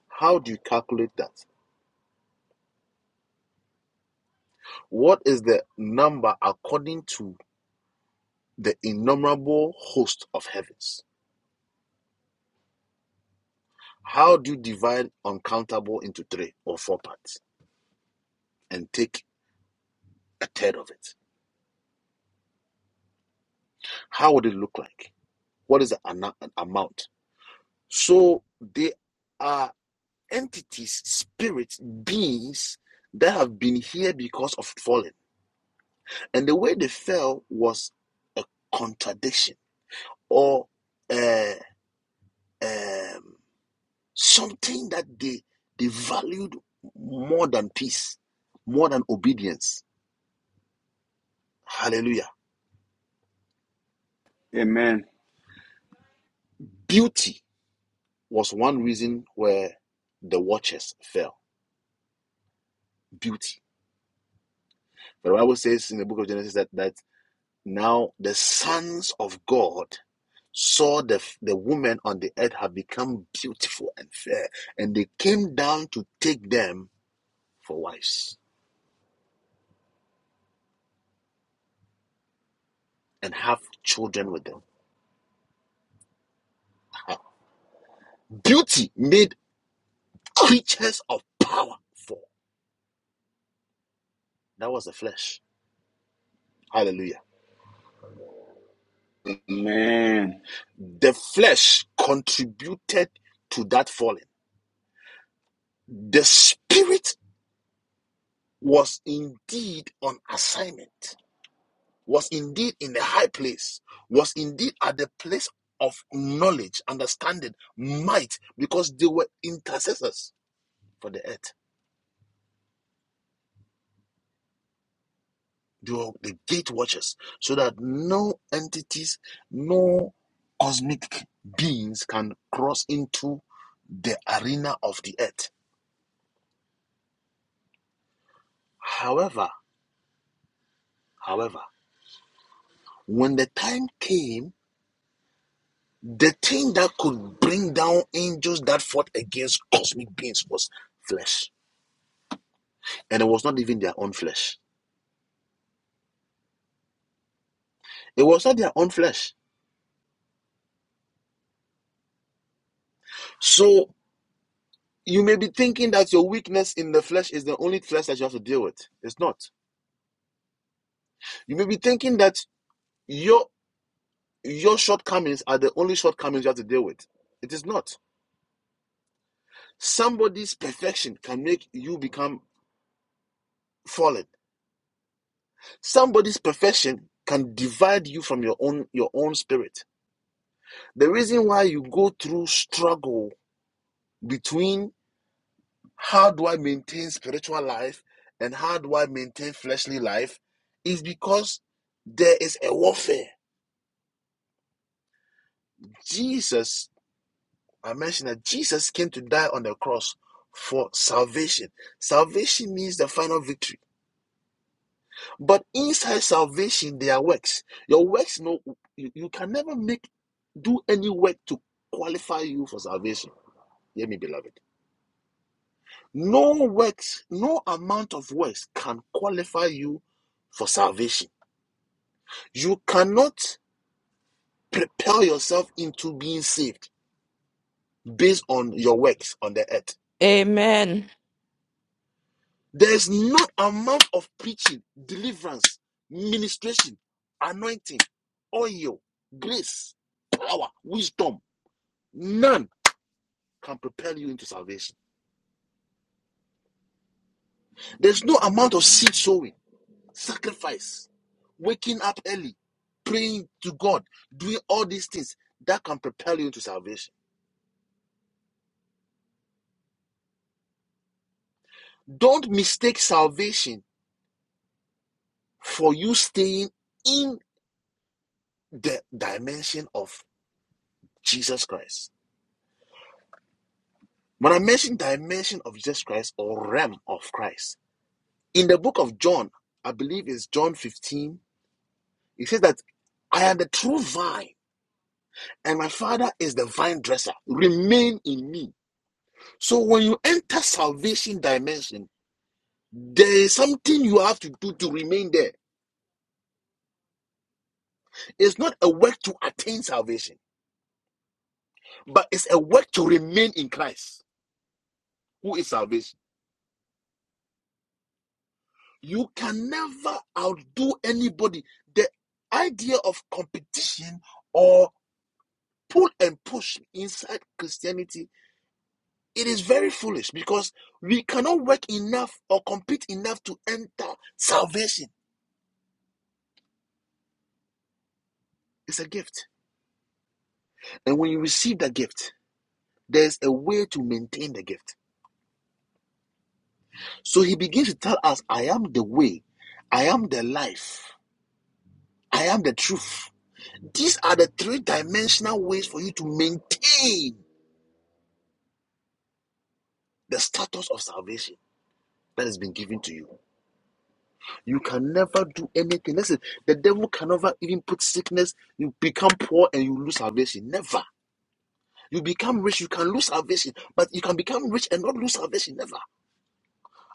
Speaker 4: How do you calculate that? What is the number according to the innumerable host of heavens? How do you divide uncountable into three or four parts and take a third of it. How would it look like? What is the ana- amount? So they are entities, spirits, beings that have been here because of falling. And the way they fell was a contradiction or uh, um, something that they, they valued more than peace, more than obedience. Hallelujah.
Speaker 1: Amen.
Speaker 4: Beauty was one reason where the watchers fell. Beauty. But the Bible says in the book of Genesis that, that now the sons of God saw the, the woman on the earth have become beautiful and fair, and they came down to take them for wives and have children with them. Beauty made creatures of power for. That was the flesh. Hallelujah.
Speaker 1: Amen.
Speaker 4: The flesh contributed to that falling. The spirit was indeed on assignment was indeed in the high place, was indeed at the place of knowledge, understanding, might, because they were intercessors for the earth. They were the gate watchers, so that no entities, no cosmic beings can cross into the arena of the earth. However, however, when the time came, the thing that could bring down angels that fought against cosmic beings was flesh and it was not even their own flesh. It was not their own flesh. So you may be thinking that your weakness in the flesh is the only flesh that you have to deal with. It's not. You may be thinking that your your shortcomings are the only shortcomings you have to deal with. It is not. Somebody's perfection can make you become fallen. Somebody's perfection can divide you from your own your own spirit. The reason why you go through struggle between how do I maintain spiritual life and how do I maintain fleshly life is because there is a warfare. Jesus, I mentioned that Jesus came to die on the cross for salvation. Salvation means the final victory. But inside salvation, there are works. Your works, no, you, you can never make do any work to qualify you for salvation. Hear me, beloved. No works, no amount of works can qualify you for salvation You cannot propel yourself into being saved based on your works on the earth.
Speaker 8: Amen.
Speaker 4: There's not amount of preaching, deliverance, ministration, anointing, oil, grace, power, wisdom. None can propel you into salvation. There's no amount of seed sowing, sacrifice, waking up early, praying to God, doing all these things that can propel you into salvation. Don't mistake salvation for you staying in the dimension of Jesus Christ. When I mention dimension of Jesus Christ or realm of Christ, in the book of John, I believe it's John 15, it says that I am the true vine and my father is the vine dresser. Remain in me. So when you enter salvation dimension, there is something you have to do to remain there. It's not a work to attain salvation, but it's a work to remain in Christ, who is salvation. You can never outdo anybody. The idea of competition or pull and push inside Christianity, it is very foolish because we cannot work enough or compete enough to enter salvation. It's a gift. And when you receive that gift, there's a way to maintain the gift. So he begins to tell us, I am the way, I am the life, I am the truth. These are the three dimensional ways for you to maintain the status of salvation. that has been given to you. You can never do anything. Listen, the devil can never even put sickness. You become poor and you lose salvation. Never. You become rich, you can lose salvation, but you can become rich and not lose salvation. Never.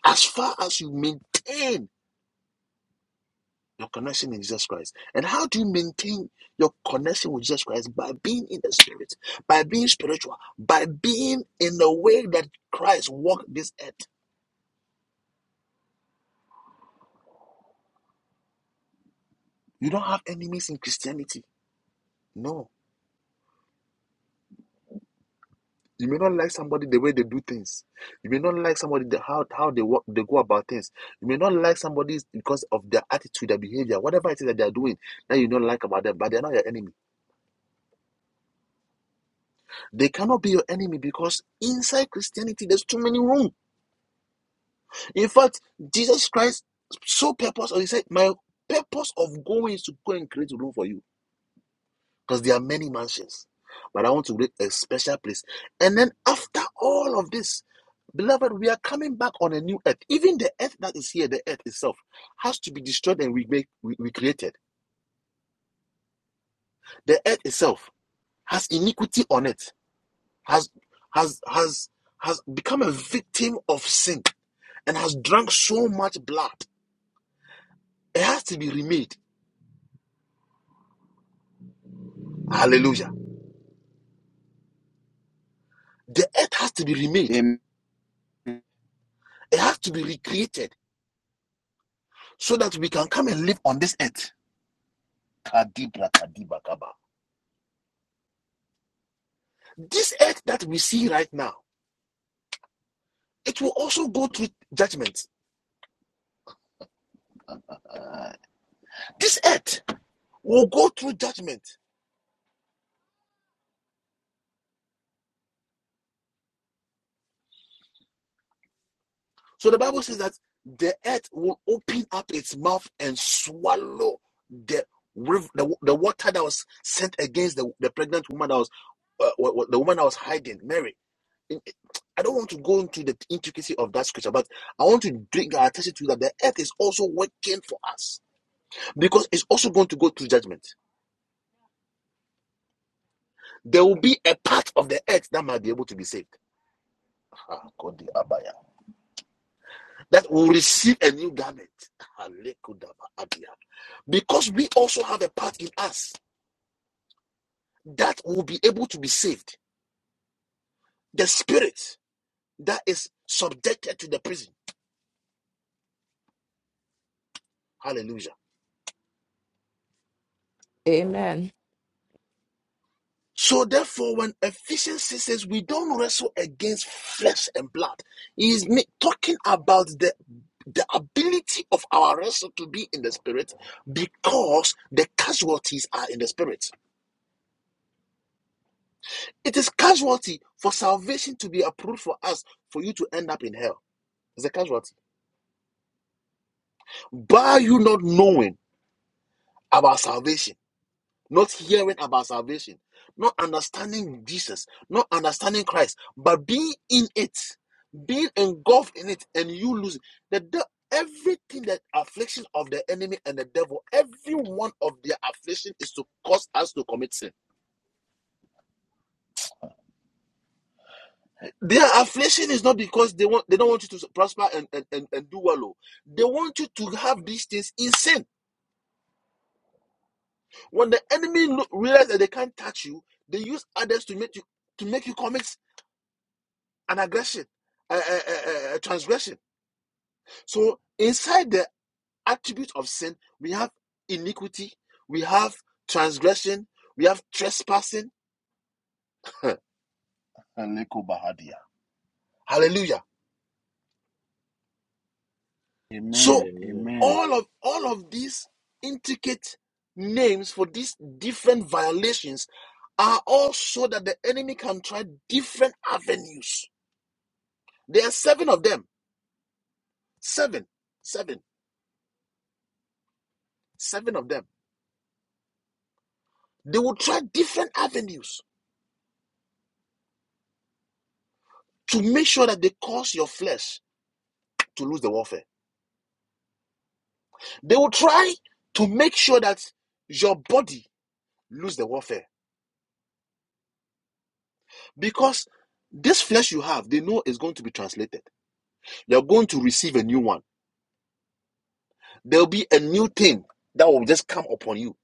Speaker 4: As far as you maintain your connection in Jesus Christ. And how do you maintain your connection with Jesus Christ? By being in the spirit, by being spiritual, by being in the way that Christ walked this earth. You don't have enemies in Christianity. No. You may not like somebody the way they do things. You may not like somebody the, how how they work, they go about things. You may not like somebody because of their attitude, their behavior, whatever it is that they are doing that you don't like about them. But they are not your enemy. They cannot be your enemy because inside Christianity there's too many room. In fact, Jesus Christ so purpose, or he said, my purpose of going is to go and create room for you. because there are many mansions. But I want to read a special place. And then after all of this, beloved, we are coming back on a new earth. Even the earth that is here, the earth itself, has to be destroyed and recreated. The earth itself has iniquity on it, has has has has become a victim of sin and has drunk so much blood. It has to be remade. Hallelujah. The earth has to be remade.
Speaker 1: Amen.
Speaker 4: It has to be recreated so that we can come and live on this earth. This earth that we see right now, it will also go through judgment. This earth will go through judgment. So the Bible says that the earth will open up its mouth and swallow the river, the, the water that was sent against the, the pregnant woman that was uh, the woman that was hiding, Mary. I don't want to go into the intricacy of that scripture, but I want to bring our attention to that the earth is also working for us because it's also going to go through judgment. there will be a part of the earth that might be able to be saved. Ah, Abaya. That will receive a new garment. Ah, Because we also have a part in us that will be able to be saved. The spirit that is subjected to the prison. Hallelujah.
Speaker 8: Amen.
Speaker 4: So therefore, when Ephesians says we don't wrestle against flesh and blood, he is talking about the the ability of our wrestle to be in the spirit because the casualties are in the spirit. It is casualty for salvation to be approved for us for you to end up in hell. It's a casualty. By you not knowing about salvation. not hearing about salvation, not understanding Jesus, not understanding Christ, but being in it, being engulfed in it, and you lose it. The, de- everything that affliction of the enemy and the devil, every one of their affliction is to cause us to commit sin. Their affliction is not because they want they don't want you to prosper and, and, and, and do well. oh. They want you to have these things in sin. When the enemy lo- realize that they can't touch you, they use others to make you to make you commit an aggression, a, a, a, a- transgression. So inside the attribute of sin, we have iniquity, we have transgression, we have trespassing. (laughs) Hallelujah. So
Speaker 1: Amen. Amen.
Speaker 4: all of all of these intricate names for these different violations are all so that the enemy can try different avenues. There are seven of them. Seven, seven, seven of them. They will try different avenues to make sure that they cause your flesh to lose the warfare. They will try to make sure that your body lose the warfare because this flesh you have, they know is going to be translated. You're going to receive a new one. There'll be a new thing that will just come upon you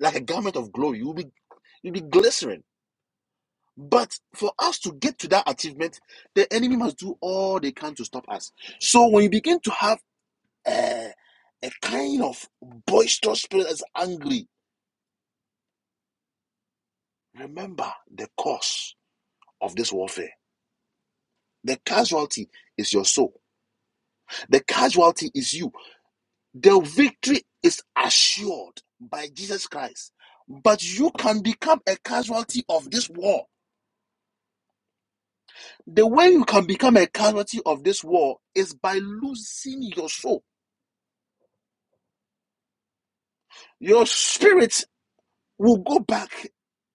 Speaker 4: like a garment of glory. You'll be you'll be glycerin. But for us to get to that achievement, the enemy must do all they can to stop us. So when you begin to have a, a kind of boisterous spirit that's angry, Remember the cause of this warfare. The casualty is your soul. The casualty is you. The victory is assured by Jesus Christ. But you can become a casualty of this war. The way you can become a casualty of this war is by losing your soul. Your spirit will go back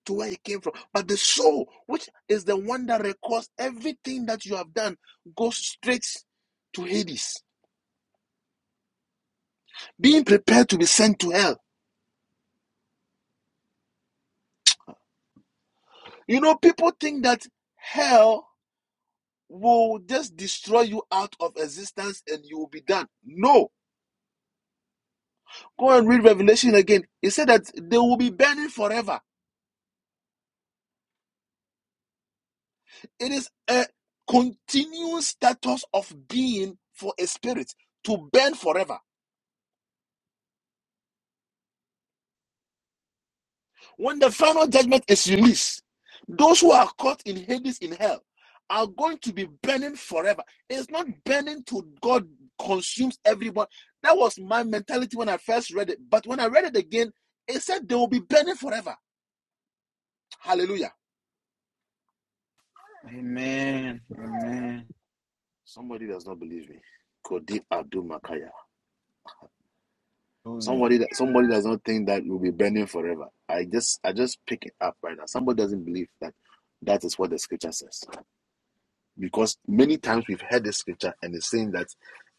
Speaker 4: to where it came from. But the soul, which is the one that records everything that you have done, goes straight to Hades being prepared to be sent to hell. You know, people think that hell will just destroy you out of existence and you will be done. No. Go and read Revelation again. It said that they will be burning forever. It is a continuous status of being for a spirit to burn forever. When the final judgment is released, those who are caught in Hades in hell are going to be burning forever. It's not burning till God consumes everyone. That was my mentality when I first read it. But when I read it again, it said they will be burning forever. Hallelujah.
Speaker 1: Amen. Amen.
Speaker 4: Somebody does not believe me. Kodi Abdul Makaya.
Speaker 1: Hallelujah.
Speaker 4: Somebody that somebody does not think that we'll be burning forever. I just I just pick it up right now. Somebody doesn't believe that that is what the scripture says. because many times we've heard this scripture and it's saying that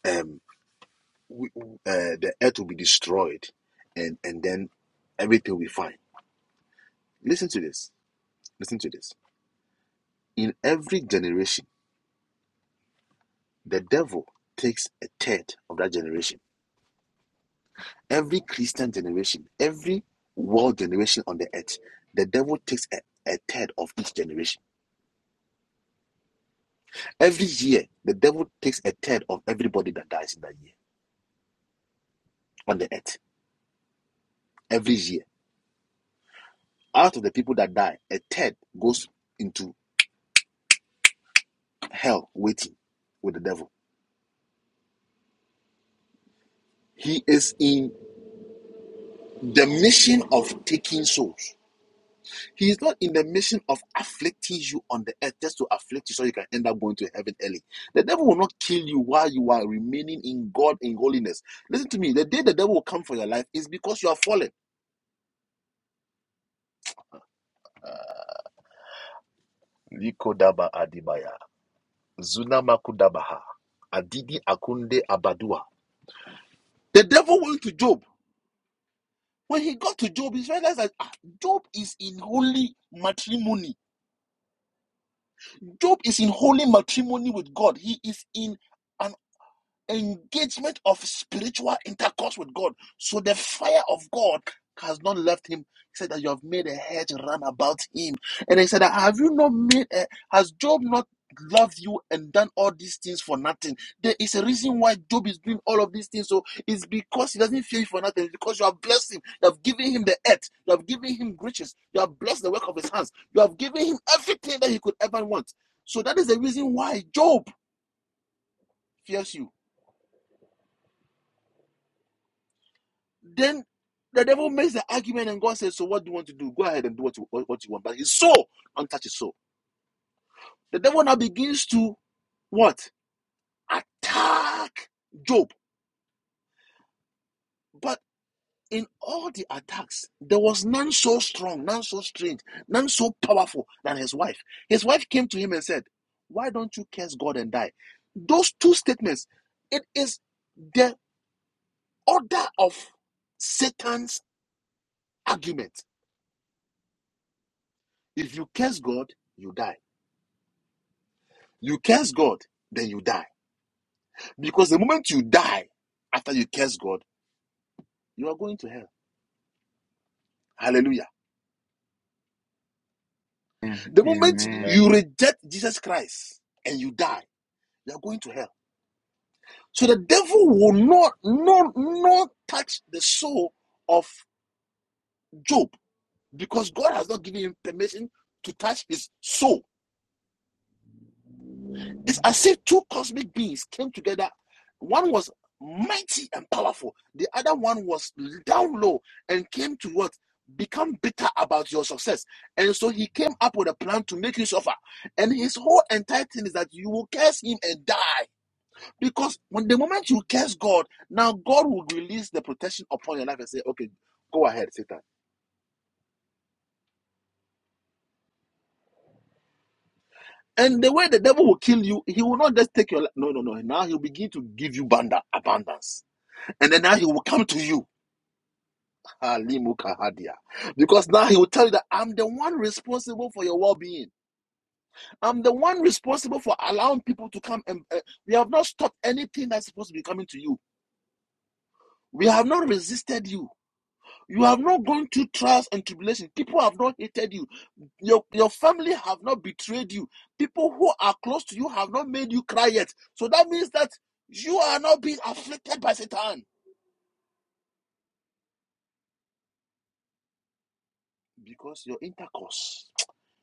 Speaker 4: um, we, uh, the earth will be destroyed and, and then everything will be fine. Listen to this. Listen to this. In every generation, the devil takes a third of that generation. Every Christian generation, every world generation on the earth, the devil takes a, a third of each generation. Every year, the devil takes a third of everybody that dies in that year on the earth. Every year. Out of the people that die, a third goes into hell waiting with the devil. He is in the mission of taking souls. He is not in the mission of afflicting you on the earth just to afflict you so you can end up going to heaven early. The devil will not kill you while you are remaining in God in holiness. Listen to me. The day the devil will come for your life is because you are fallen. The devil went to Job. When he got to Job, he realized that ah, Job is in holy matrimony. Job is in holy matrimony with God. He is in an engagement of spiritual intercourse with God. So the fire of God has not left him. He said that you have made a hedge run about him. And he said that have you not made a, has Job not loved you and done all these things for nothing? There is a reason why Job is doing all of these things. So it's because he doesn't fear you for nothing. It's because you have blessed him. You have given him the earth. You have given him riches. You have blessed the work of his hands. You have given him everything that he could ever want. So that is the reason why Job fears you Then the devil makes the argument, and God says, "So what do you want to do? Go ahead and do what you what, you want." But his soul, untouched his soul. The devil now begins to what attack Job, but in all the attacks, there was none so strong, none so strange, none so powerful than his wife. His wife came to him and said, "Why don't you curse God and die?" Those two statements, it is the order of Satan's argument. If you curse God, you die. You curse God, then you die. Because the moment you die after you curse God, you are going to hell. Hallelujah.
Speaker 1: Amen.
Speaker 4: The moment
Speaker 1: Amen.
Speaker 4: you reject Jesus Christ and you die, you are going to hell. So the devil will not, not, not touch the soul of Job because God has not given him permission to touch his soul. This as if two cosmic beings came together. One was mighty and powerful. The other one was down low and came to what? Become bitter about your success. And so he came up with a plan to make you suffer. And his whole entire thing is that you will curse him and die. Because when the moment you curse God, now God will release the protection upon your life and say, okay, go ahead, Satan. And the way the devil will kill you, he will not just take your life. No, no, no. Now he'll begin to give you banda abundance. And then now he will come to you Alimukahadia. Because now he will tell you that I'm the one responsible for your well being. I'm the one responsible for allowing people to come. And uh, we have not stopped anything that's supposed to be coming to you. We have not resisted you. You have not gone through trials and tribulations. People have not hated you. Your, your family have not betrayed you. People who are close to you have not made you cry yet. So that means that you are not being afflicted by Satan because your intercourse,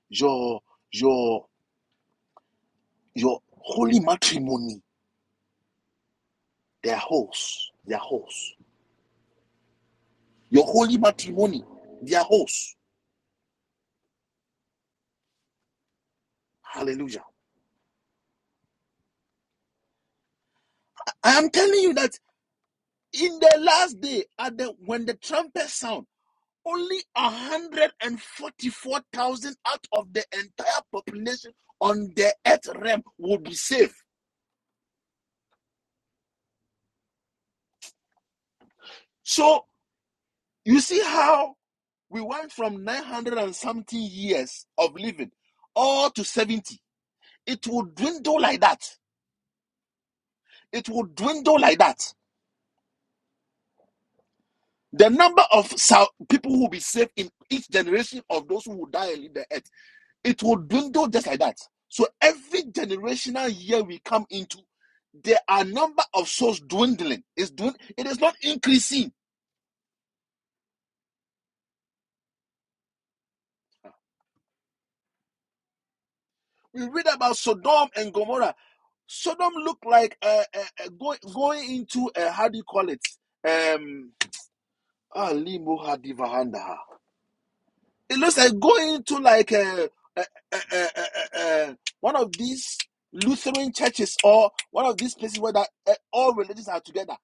Speaker 4: your your Your holy matrimony, their hosts, their hosts. Your holy matrimony, their hosts. Hallelujah. I am telling you that in the last day, at the when the trumpet sound, only 144,000 out of the entire population on the earth realm will be saved. So you see how we went from 900 and something years of living all to 70. It will dwindle like that. It will dwindle like that. The number of people who will be saved in each generation of those who will die and leave the earth, it will dwindle just like that. So every generational year we come into, there are number of souls dwindling. It's dwind- it is not increasing. We read about Sodom and Gomorrah. Sodom looked like uh, uh, uh, going into uh, how do you call it? Um, ah, limo hadivahandaha. It looks like going to like a, a, a, a, a, a- one of these Lutheran churches or one of these places where that uh, all religions are together.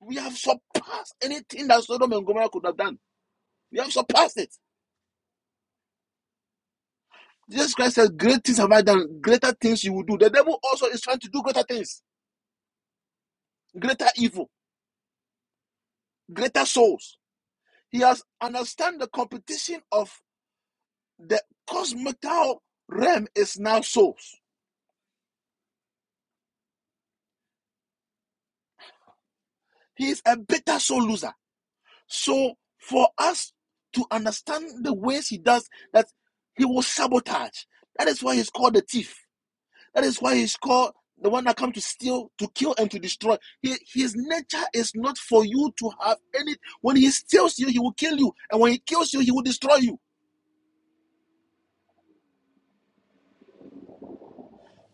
Speaker 4: We have surpassed anything that Sodom and Gomorrah could have done. We have surpassed it. Jesus Christ says, "Great things have I done. Greater things you will do." The devil also is trying to do greater things, greater evil, greater souls. He has understand the competition of the cosmical realm is now souls. He is a bitter soul loser. So for us to understand the ways he does that, he will sabotage. That is why he's called the thief. That is why he's called the one that comes to steal, to kill, and to destroy. He, his nature is not for you to have any. When he steals you, he will kill you, and when he kills you, he will destroy you.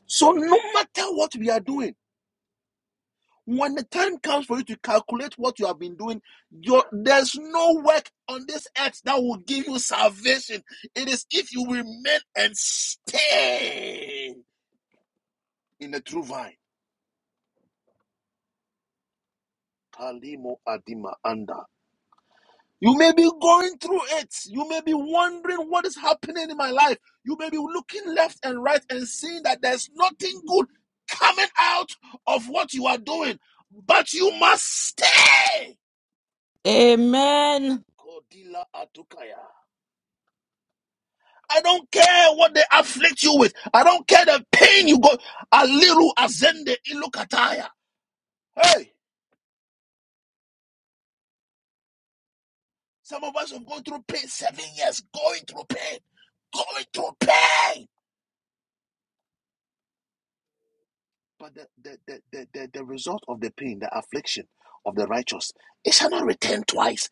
Speaker 4: So no matter what we are doing. When the time comes for you to calculate what you have been doing, your, there's no work on this earth that will give you salvation. It is if you remain and stay in the true vine. Kalimo Adima Anda. You may be going through it. You may be wondering what is happening in my life. You may be looking left and right and seeing that there's nothing good coming out of what you are doing. But you must stay.
Speaker 8: Amen.
Speaker 4: Kodila Atukaya. I don't care what they afflict you with. I don't care the pain you go. A little azende ilukataya. Hey, some of us have gone through pain seven years, going through pain, going through pain. But the, the, the, the, the, the result of the pain, the affliction of the righteous, it shall not return twice.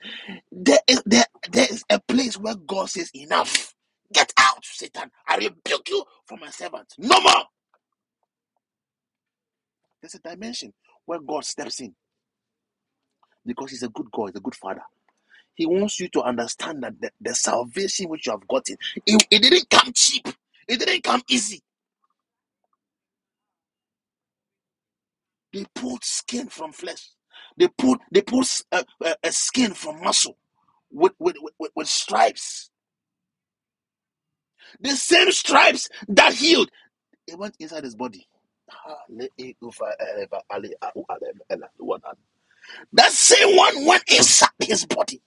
Speaker 4: There is, there, there is a place where God says, Enough. Get out, Satan. I rebuke you for my servant. No more. There's a dimension where God steps in because he's a good God, he's a good father. He wants you to understand that the, the salvation which you have gotten, it, it didn't come cheap. It didn't come easy. They pulled skin from flesh. They pulled they pulled a, a, a skin from muscle with, with, with, with with stripes. The same stripes that healed, it went inside his body. That same one went inside his body.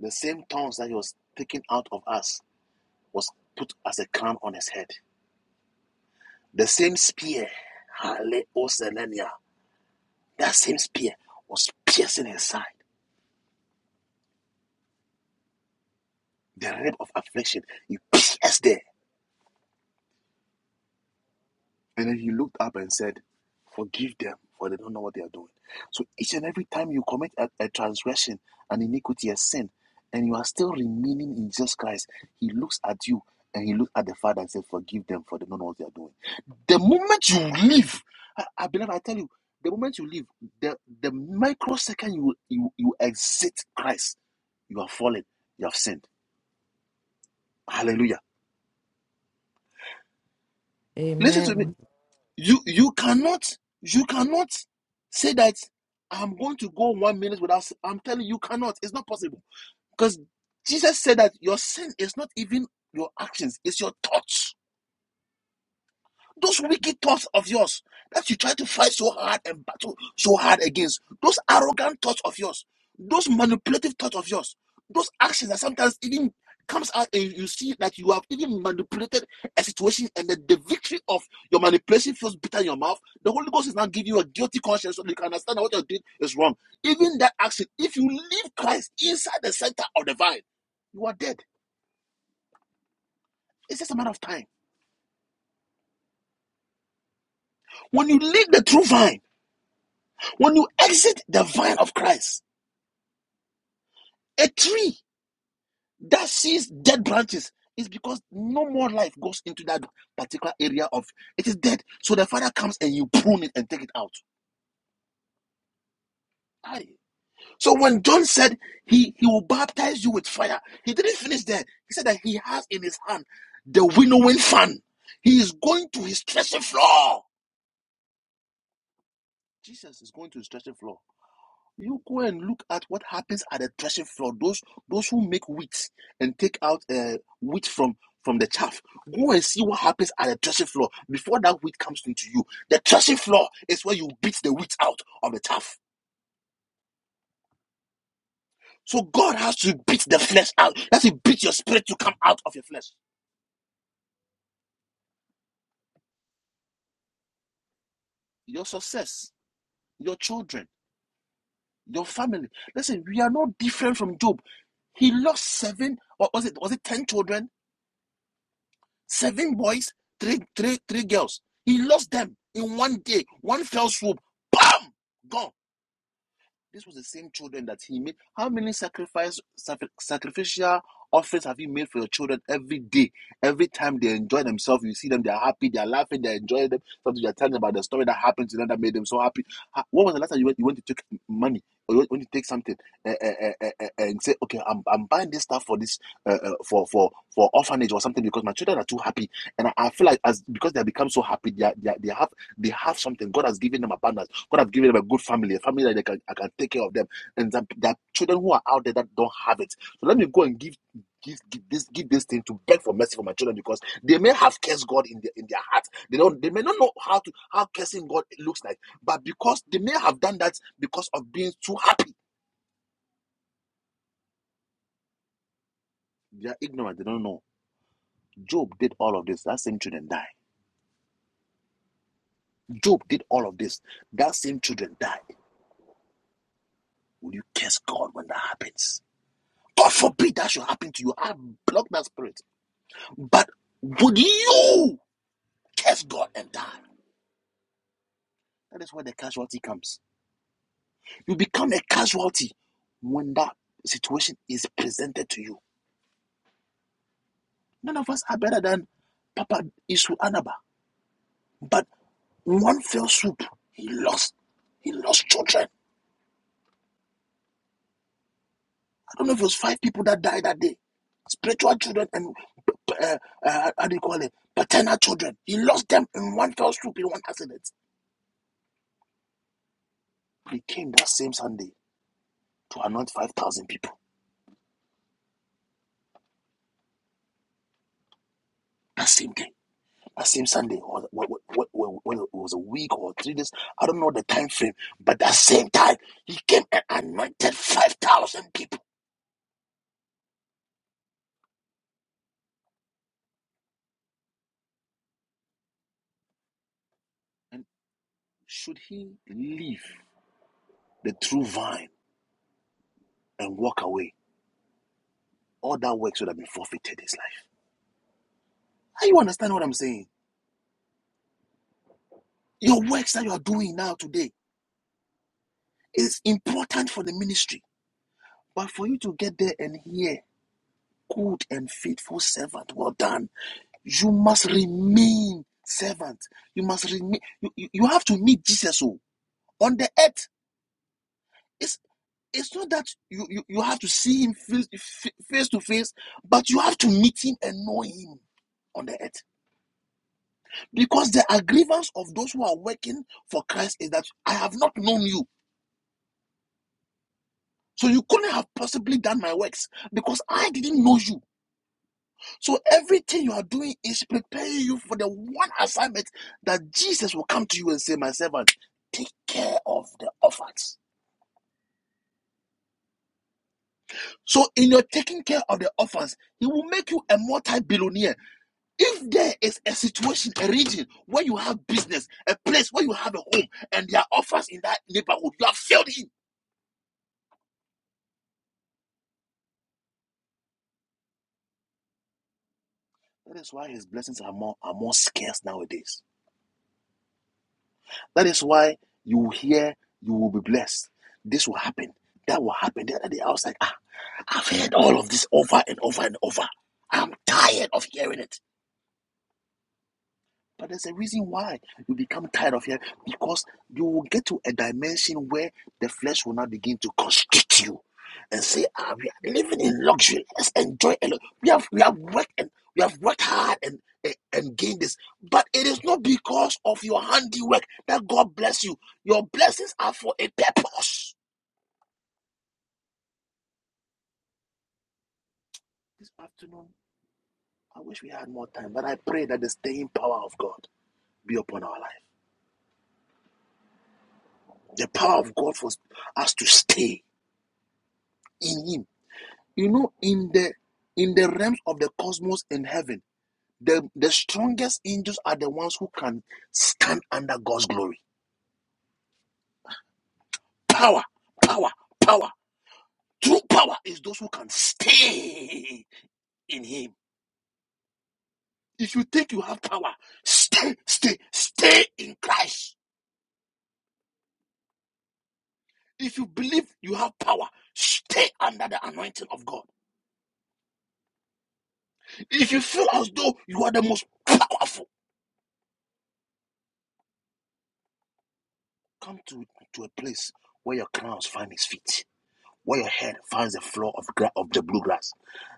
Speaker 4: The same thorns that he was taken out of us was put as a crown on his head. The same spear, Hale Oselenia, that same spear was piercing his side, the rib of affliction. He pierced there. And then he looked up and said, Forgive them, for they don't know what they are doing. So each and every time you commit a, a transgression, an iniquity, a sin, and you are still remaining in Jesus Christ, he looks at you and he looks at the Father and says, Forgive them, for they don't know what they are doing. The moment you leave, I, I believe I tell you, the moment you leave, the, the microsecond you, you, you exit Christ, you are fallen, you have sinned. Hallelujah. Listen to me.
Speaker 8: Amen.
Speaker 4: you you cannot you cannot say that i'm going to go one minute without i i'm telling you you cannot it's not possible because jesus said that your sin is not even your actions it's your thoughts those wicked thoughts of yours that you try to fight so hard and battle so hard against, those arrogant thoughts of yours, those manipulative thoughts of yours, those actions that sometimes even comes out and you see that you have even manipulated a situation and that the victory of your manipulation feels bitter in your mouth, the Holy Ghost is now giving you a guilty conscience so that you can understand that what you're doing is wrong. Even that action, if you leave Christ inside the center of the vine, you are dead. It's just a matter of time. When you leave the true vine, When you exit the vine of Christ, a tree that sees dead branches is because no more life goes into that particular area of it is dead. So the Father comes and you prune it and take it out. Aye. So when John said he, he will baptize you with fire, he didn't finish there. He said that he has in his hand the winnowing fan. He is going to his threshing floor. Jesus is going to his threshing floor. You go and look at what happens at the threshing floor. Those those who make wheat and take out uh, wheat from from the chaff. Go and see what happens at the threshing floor before that wheat comes into you. The threshing floor is where you beat the wheat out of the chaff. So God has to beat the flesh out. He has to beat your spirit to come out of your flesh. Your success, your children, your family. Listen, we are not different from Job. He lost seven, or was it was it ten children? Seven boys, three, three, three girls. He lost them in one day, one fell swoop. Bam! Gone. This was the same children that he made. How many sacrifice, sacri- sacrificial offerings have you made for your children every day? Every time they enjoy themselves, you see them, they're happy, they're laughing, they're enjoying them. Sometimes you're telling about the story that happened to them that made them so happy. What was the last time you went, you went to take money or you went, to take something eh, eh, eh, eh, eh, eh, and say, okay, I'm, I'm buying this stuff for this, uh, uh, for, for, for orphanage or something because my children are too happy. And I, I feel like as because they have become so happy, they, are, they, are, they have they have something. God has given them abundance God has given them a good family, a family that they can, I can take care of them. And that there are children who are out there that don't have it. So let me go and give give, give this give this thing to beg for mercy for my children because they may have cursed God in their in their heart. They don't they may not know how to how cursing God looks like, but because they may have done that because of being too happy. They are ignorant, they don't know. Job did all of this. That same children died. Job did all of this. That same children died. Will you curse God when that happens? God forbid that should happen to you. I block that spirit. But would you curse God and die? That is where the casualty comes. You become a casualty when that situation is presented to you. None of us are better than Papa Isu Anaba. But one fell swoop, he lost. He lost children. I don't know if it was five people that died that day. Spiritual children and uh, uh, how do you call it? Paternal children. He lost them in one fell swoop in one accident. He came that same Sunday to anoint 5,000 people. That same day. That same Sunday, or what, what, what, what, it was a week or three days, I don't know the time frame, but that same time, he came and anointed 5,000 people. And should he leave the true vine and walk away, all that works would have been forfeited his life. Are you understand what I'm saying? Your works that you are doing now today is important for the ministry, but for you to get there and hear, good and faithful servant, well done You must remain servant. You must remain. You, you, you have to meet Jesus oh, on the earth. It's it's not that you, you, you have to see him face, face to face, but you have to meet him and know him on the earth. Because the aggrievance of those who are working for Christ is that I have not known you. So you couldn't have possibly done my works because I didn't know you. So everything you are doing is preparing you for the one assignment that Jesus will come to you and say, My servant, take care of the orphans. So in your taking care of the orphans, he will make you a multi-billionaire. If there is a situation, a region where you have business, a place where you have a home, and there are orphans in that neighborhood, you have failed him. That is why his blessings are more are more scarce nowadays. That is why you will hear you will be blessed. This will happen. That will happen. The other day I was like, ah, I've heard all of this over and over and over. I'm tired of hearing it. But there's a reason why you become tired of here because you will get to a dimension where the flesh will now begin to constrict you and say, ah, we are living in luxury. Let's enjoy a lot. We have we have worked and we have worked hard and, and and gained this. But it is not because of your handiwork that God bless you. Your blessings are for a purpose. This afternoon, I wish we had more time, but I pray that the staying power of God be upon our life. The power of God for us to stay in Him You know, in the in the realms of the cosmos and heaven, the, the strongest angels are the ones who can stand under God's glory. Power, power, power. True power is those who can stay in Him. If you think you have power, stay, stay, stay in Christ. If you believe you have power, stay under the anointing of God. If you feel as though you are the most powerful, come to, to a place where your crowns find its feet Where your head finds the floor of gra- of the blue grass,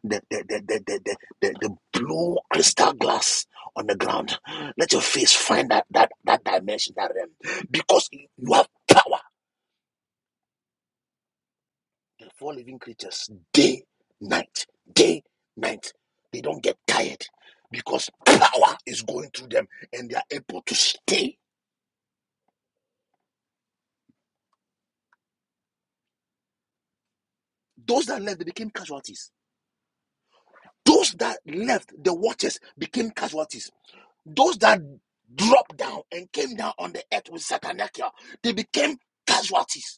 Speaker 4: the the, the, the, the, the, the the blue crystal glass on the ground. Let your face find that that that dimension, that realm, because you have power. The four living creatures, day, night, day, night. They don't get tired because power is going through them, and they are able to stay. Those that left, they became casualties. Those that left the watchers became casualties Those that dropped down and came down on the earth with Satanachia, they became casualties.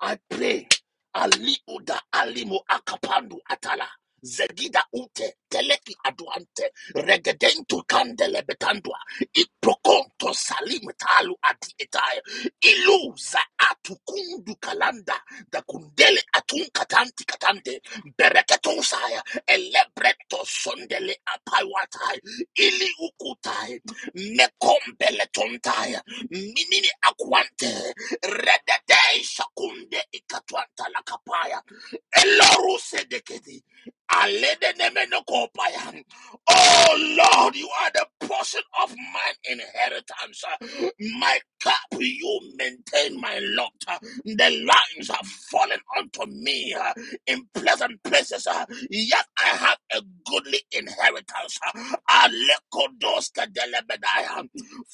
Speaker 4: I pray. Ali Uda Alimo Akapandu Atala. Zegida ute teleki aduante regedentu kandele betandua iprokonto salim talu ati etaya iluza atukundu kalanda da kundele atun katanti katande bereketo saya elebreto sondele apaiwatai ili ukutai mekombele tontaya minini akwante Redede shakunde ikatwanta la kapaya. Eloruse dekedi. Alede nemeno kopaya. Oh Lord, you are the portion of my inheritance. My cup, you maintain my lot. The lines have fallen unto me uh, in pleasant places. uh, Yet I have a goodly inheritance. Alekodos kadelebedaya.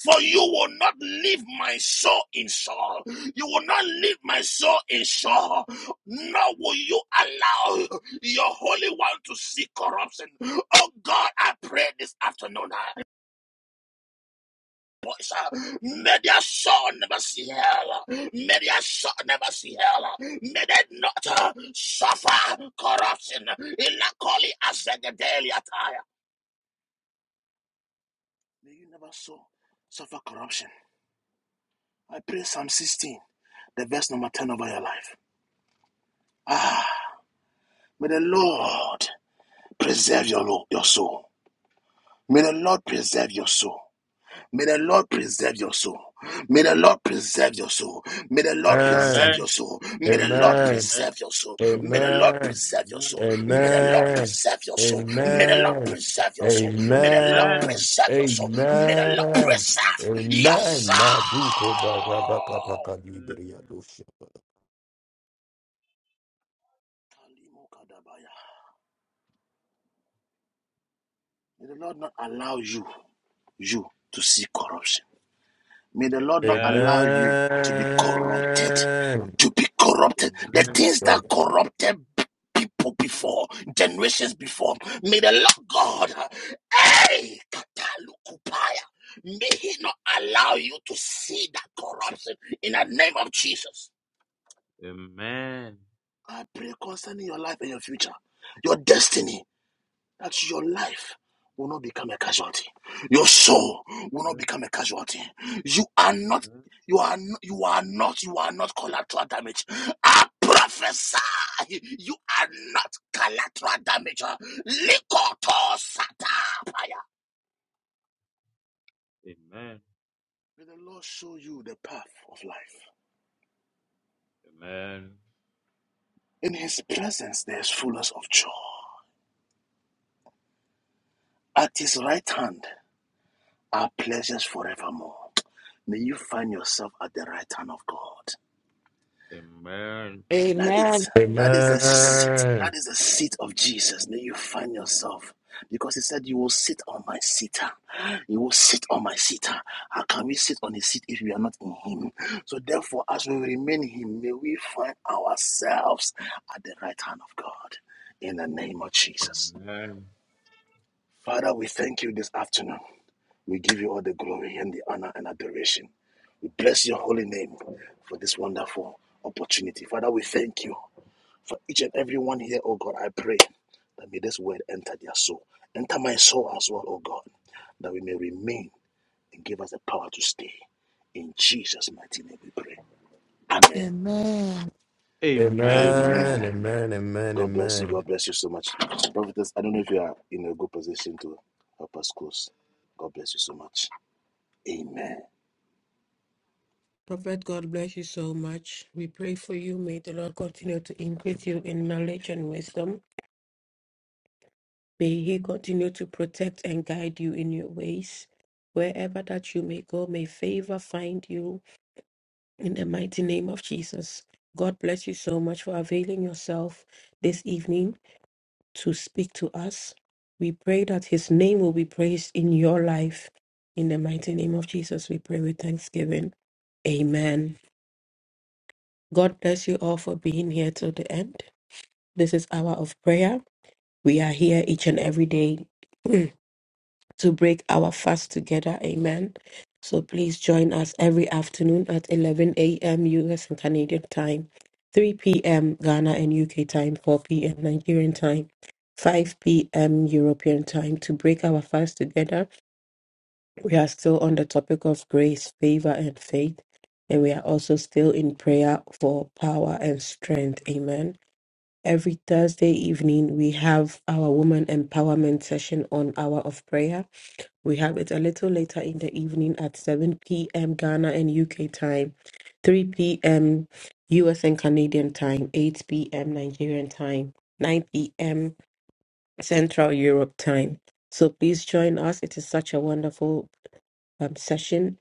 Speaker 4: For you will not leave my soul in Saul. You will not leave my soul in shore, nor will you allow your Holy One to see corruption. Oh God, I pray this afternoon. ah, boys, ah, May their soul never see hell. May their soul never see hell. May they not ah, suffer corruption. Ilakoli azegedeli ataya. May you never so suffer corruption. I pray Psalm 16, the verse number 10 over your life. Ah, may the Lord Preserve your, lo- your soul. May the Lord preserve your soul. May the Lord preserve your soul. May the Lord preserve your soul. May the Lord
Speaker 9: Amen.
Speaker 4: preserve
Speaker 7: Amen.
Speaker 4: your soul. May the Lord
Speaker 9: Amen.
Speaker 7: Amen.
Speaker 4: preserve your soul. May the Lord
Speaker 9: Amen.
Speaker 4: preserve your soul. May the Lord
Speaker 9: Amen.
Speaker 4: preserve your soul. May the Lord
Speaker 9: Amen.
Speaker 4: preserve your soul.
Speaker 7: Amen.
Speaker 4: May the
Speaker 7: Amen.
Speaker 4: Lord
Speaker 9: Amen.
Speaker 4: preserve your soul. May the Lord
Speaker 9: Amen.
Speaker 4: preserve your
Speaker 9: Amen.
Speaker 4: soul.
Speaker 9: Maduko barabaka pakadibriya dosha.
Speaker 4: May the Lord not allow you, you to see corruption. May
Speaker 7: Amen. Amen.
Speaker 4: the Lord not allow you to be corrupted.
Speaker 9: Amen.
Speaker 4: To be corrupted. The
Speaker 9: Amen.
Speaker 4: things
Speaker 7: Amen.
Speaker 4: that corrupted people before, generations before. May the Lord God, hey, katalukupaya, may He not allow you to see that corruption in the name of Jesus. I pray concerning your life and your future, your destiny that your life will not become a casualty. Your soul will not become a casualty. You are not, you are, n- you are not, you are not collateral damage. I prophesy, you are not collateral damage. Likoto satapaya. May the Lord show you the path of life.
Speaker 7: Amen.
Speaker 4: In his presence there is fullness of joy. At his right hand are pleasures forevermore. May you find yourself at the right hand of God.
Speaker 7: Amen. Amen. Amen. Amen.
Speaker 4: That
Speaker 8: Amen.
Speaker 4: is that is the seat. That is the seat of Jesus. May you find yourself. Because he said, You will sit on my seat. You will sit on my seat. How can we sit on a seat if we are not in him? So therefore, as we remain in him, may we find ourselves at the right hand of God. In the name of Jesus. Father, we thank you this afternoon. We give you all the glory and the honor and adoration. We bless your holy name for this wonderful opportunity. Father, we thank you. For each and every one here, oh God, I pray that may this word enter their soul. Enter my soul as well, oh God, that we may remain and give us the power to stay. In Jesus' mighty name we pray. Amen.
Speaker 3: Amen.
Speaker 7: Amen.
Speaker 9: Amen.
Speaker 7: Amen.
Speaker 9: Amen.
Speaker 4: Amen.
Speaker 9: Amen.
Speaker 4: God bless you.
Speaker 9: Amen.
Speaker 4: God bless you so much. Prophetess, I don't know if you are in a good position to help us close. God bless you so much. Amen.
Speaker 9: Prophet, God bless you so much. We pray for you. May the Lord continue to increase you in knowledge and wisdom. May He continue to protect and guide you in your ways. Wherever that you may go, may favor find you in the mighty name of Jesus. God bless you so much for availing yourself this evening to speak to us. We pray that His name will be praised in your life. In the mighty name of Jesus, we pray with thanksgiving. Amen. God bless you all for being here till the end. This is hour of prayer. We are here each and every day (clears throat) to break our fast together. Amen. So please join us every afternoon at 11 a.m. US and Canadian time, 3 p.m. Ghana and UK time, 4 p.m. Nigerian time, 5 p.m. European time to break our fast together. We are still on the topic of grace, favor, and faith. And we are also still in prayer for power and strength. Amen. Every Thursday evening, we have our woman empowerment session on Hour of Prayer we have it a little later in the evening at 7 p.m. Ghana and UK time, 3 p.m. US and Canadian time, 8 p.m. Nigerian time, 9 p.m. Central Europe time. So please join us. It is such a wonderful um, session.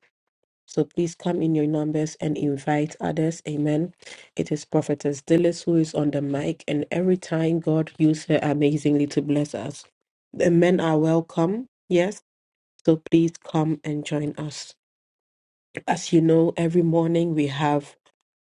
Speaker 9: So please come in your numbers and invite others. Amen. It is Prophetess Dillis who is on the mic, and every time God uses her amazingly to bless us. The men are welcome. Yes. So please come and join us. As you know, every morning we have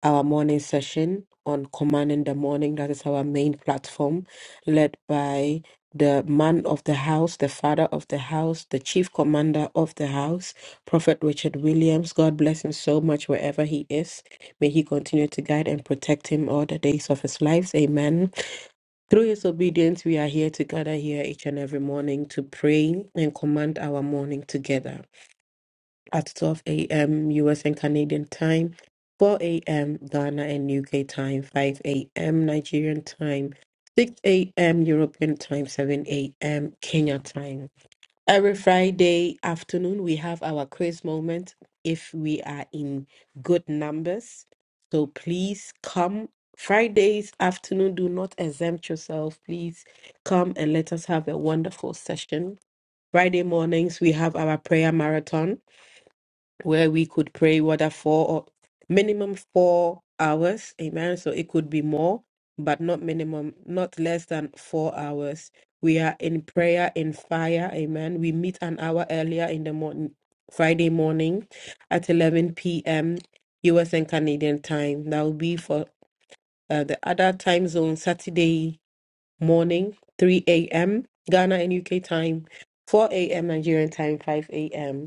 Speaker 9: our morning session on Command in the Morning. That is our main platform, led by the man of the house, the father of the house, the chief commander of the house, Prophet Richard Williams. God bless him so much wherever he is. May he continue to guide and protect him all the days of his life. Amen. Through his obedience, we are here to gather here each and every morning to pray and command our morning together at 12 a.m. US and Canadian time, 4 a.m. Ghana and UK time, 5 a.m. Nigerian time, 6 a.m. European time, 7 a.m. Kenya time. Every Friday afternoon, we have our quiz moment if we are in good numbers. So please come. Fridays afternoon, do not exempt yourself. Please come and let us have a wonderful session. Friday mornings, we have our prayer marathon where we could pray whether four or minimum four hours. Amen. So it could be more, but not minimum, not less than four hours. We are in prayer in fire. Amen. We meet an hour earlier in the morning, Friday morning at 11 p.m. US and Canadian time. That will be for uh, the other time zone, Saturday morning, 3 a.m. Ghana and UK time, 4 a.m. Nigerian time, 5 a.m.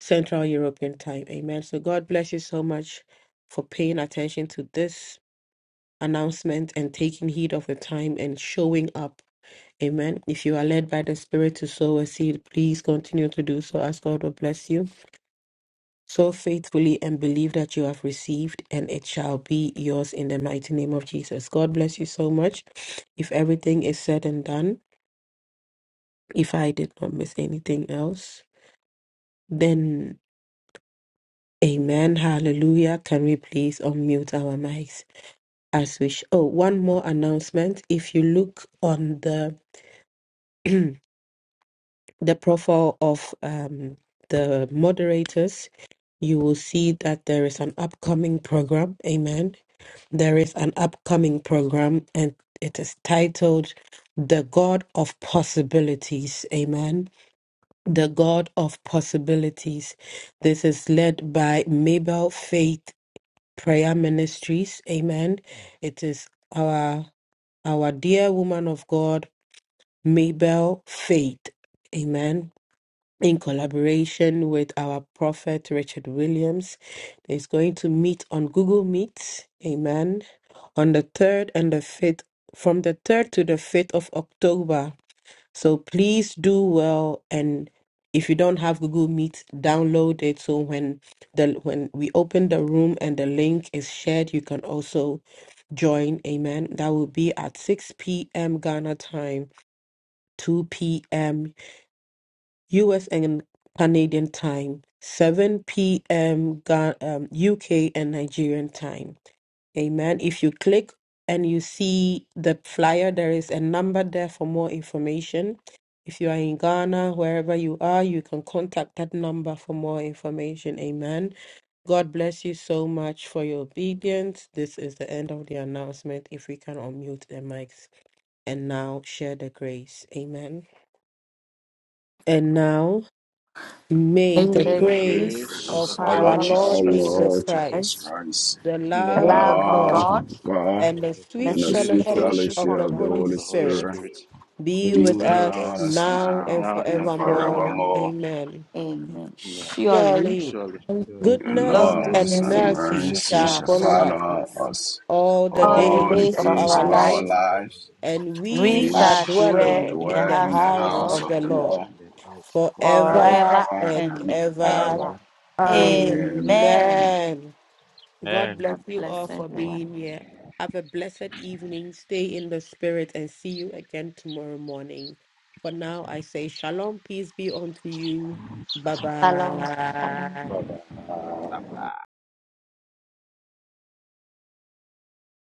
Speaker 9: Central European time. Amen. So God bless you so much for paying attention to this announcement and taking heed of the time and showing up. Amen. If you are led by the Spirit to sow a seed, please continue to do so as God will bless you. Sow faithfully and believe that you have received, and it shall be yours in the mighty name of Jesus. God bless you so much. If everything is said and done, if I did not miss anything else, then. Amen. Hallelujah. Can we please unmute our mics as we sh- Oh, one more announcement. If you look on the (clears throat) the profile of um, the moderators, you will see that there is an upcoming program. Amen. There is an upcoming program, and it is titled "The God of Possibilities." Amen. The God of Possibilities. This is led by Mabel Faith prayer ministries. Amen. It is our our dear woman of God, Mabel Faith. Amen. In collaboration with our prophet Richard Williams, is going to meet on Google Meet. Amen. On the third and the fifth, from the third to the fifth of October. So please do well and if you don't have Google Meet, download it so when the when we open the room and the link is shared, you can also join. Amen. That will be at 6 p.m. Ghana time, 2 p.m. US and Canadian time, 7 p.m. Ga- um, UK and Nigerian time. Amen. If you click and you see the flyer, there is a number there for more information. If you are in Ghana, wherever you are, you can contact that number for more information. Amen. God bless you so much for your obedience. This is the end of the announcement. If we can unmute the mics and now share the grace. Amen. And now may
Speaker 10: May
Speaker 9: the
Speaker 4: May
Speaker 10: the
Speaker 4: the
Speaker 9: grace
Speaker 10: grace of
Speaker 4: grace
Speaker 9: of
Speaker 1: Praise
Speaker 4: of our
Speaker 10: our
Speaker 7: Grace.
Speaker 9: our
Speaker 4: Lord
Speaker 10: Lord
Speaker 1: of our
Speaker 4: Jesus
Speaker 9: Lord
Speaker 7: of our
Speaker 4: Christ
Speaker 9: Jesus
Speaker 10: Jesus
Speaker 1: Lord
Speaker 7: Lord
Speaker 9: Christ,
Speaker 1: Jesus
Speaker 10: Christ,
Speaker 1: Christ,
Speaker 9: the
Speaker 4: and the
Speaker 10: the
Speaker 1: the
Speaker 9: love
Speaker 4: love of
Speaker 10: love
Speaker 9: of
Speaker 10: of
Speaker 4: God
Speaker 9: God
Speaker 1: love
Speaker 10: God,
Speaker 1: of God,
Speaker 9: and the
Speaker 7: Lord of
Speaker 4: and
Speaker 10: the
Speaker 4: the
Speaker 9: sweet
Speaker 1: and
Speaker 7: hosts,
Speaker 1: the
Speaker 10: sweet
Speaker 4: sweet
Speaker 1: sweet
Speaker 9: fellowship
Speaker 4: fellowship
Speaker 10: fellowship
Speaker 9: of
Speaker 1: fellowship
Speaker 10: of
Speaker 9: the
Speaker 1: of the
Speaker 10: the
Speaker 9: Holy
Speaker 10: Holy
Speaker 4: of
Speaker 1: Holy
Speaker 4: the Holy
Speaker 9: Spirit
Speaker 10: Spirit,
Speaker 1: Spirit
Speaker 4: Spirit
Speaker 9: be
Speaker 1: be
Speaker 7: the
Speaker 9: with
Speaker 10: be
Speaker 7: Lord
Speaker 1: with
Speaker 4: be
Speaker 7: is
Speaker 10: with
Speaker 4: with
Speaker 9: us
Speaker 10: us
Speaker 1: us
Speaker 4: us
Speaker 10: now
Speaker 9: now and
Speaker 1: now
Speaker 4: now
Speaker 10: and
Speaker 1: and
Speaker 4: and
Speaker 9: forevermore.
Speaker 7: with
Speaker 4: forevermore.
Speaker 1: forevermore.
Speaker 10: forevermore.
Speaker 9: Amen.
Speaker 10: Amen.
Speaker 4: Amen.
Speaker 10: Surely,
Speaker 9: Surely
Speaker 4: Surely,
Speaker 7: Surely
Speaker 1: Your
Speaker 9: goodness
Speaker 10: love,
Speaker 1: love
Speaker 4: goodness
Speaker 9: and
Speaker 10: goodness,
Speaker 4: and
Speaker 1: and
Speaker 10: and
Speaker 4: mercy
Speaker 9: mercy
Speaker 10: mercy
Speaker 4: shall
Speaker 1: mercy
Speaker 4: follow
Speaker 9: shall
Speaker 10: shall
Speaker 1: shall
Speaker 9: follow
Speaker 7: Christ's
Speaker 4: us.
Speaker 10: follow
Speaker 9: us
Speaker 1: follow
Speaker 10: us
Speaker 1: us
Speaker 9: all the
Speaker 10: all the
Speaker 1: all the
Speaker 9: days
Speaker 10: days
Speaker 9: of
Speaker 10: of
Speaker 1: days
Speaker 9: our
Speaker 1: of
Speaker 10: our
Speaker 9: life,
Speaker 1: our
Speaker 10: lives.
Speaker 7: days of our
Speaker 1: lives,
Speaker 7: life
Speaker 9: and
Speaker 1: and
Speaker 10: We
Speaker 9: we
Speaker 4: We
Speaker 1: we
Speaker 9: are
Speaker 10: shall
Speaker 4: shall
Speaker 1: shall
Speaker 4: dwell in
Speaker 10: dwell
Speaker 9: dwelling
Speaker 10: in the
Speaker 9: in
Speaker 1: dwell
Speaker 9: the
Speaker 1: in
Speaker 10: house
Speaker 1: the
Speaker 10: of the
Speaker 7: dwell
Speaker 4: the
Speaker 9: house
Speaker 4: house
Speaker 1: house
Speaker 10: Lord
Speaker 9: of
Speaker 4: of
Speaker 1: of
Speaker 9: the
Speaker 4: the
Speaker 1: the
Speaker 4: Lord
Speaker 9: Lord
Speaker 1: Lord
Speaker 7: in the house of the Lord
Speaker 4: forever
Speaker 9: forever
Speaker 10: forever
Speaker 1: forever
Speaker 9: and
Speaker 10: and
Speaker 1: and
Speaker 9: ever.
Speaker 10: ever.
Speaker 7: ever
Speaker 1: ever.
Speaker 7: and
Speaker 3: Um,
Speaker 7: ever.
Speaker 1: Amen.
Speaker 10: Amen.
Speaker 9: Amen. God
Speaker 7: Amen.
Speaker 9: bless
Speaker 10: God
Speaker 9: you all
Speaker 10: bless
Speaker 9: for
Speaker 10: everyone.
Speaker 9: being here. Have a blessed evening. Stay in the spirit and see you again tomorrow morning. For now, I say shalom. Peace be unto you. Bye
Speaker 10: Shalom. Shalom.
Speaker 9: bye.
Speaker 7: Bye bye.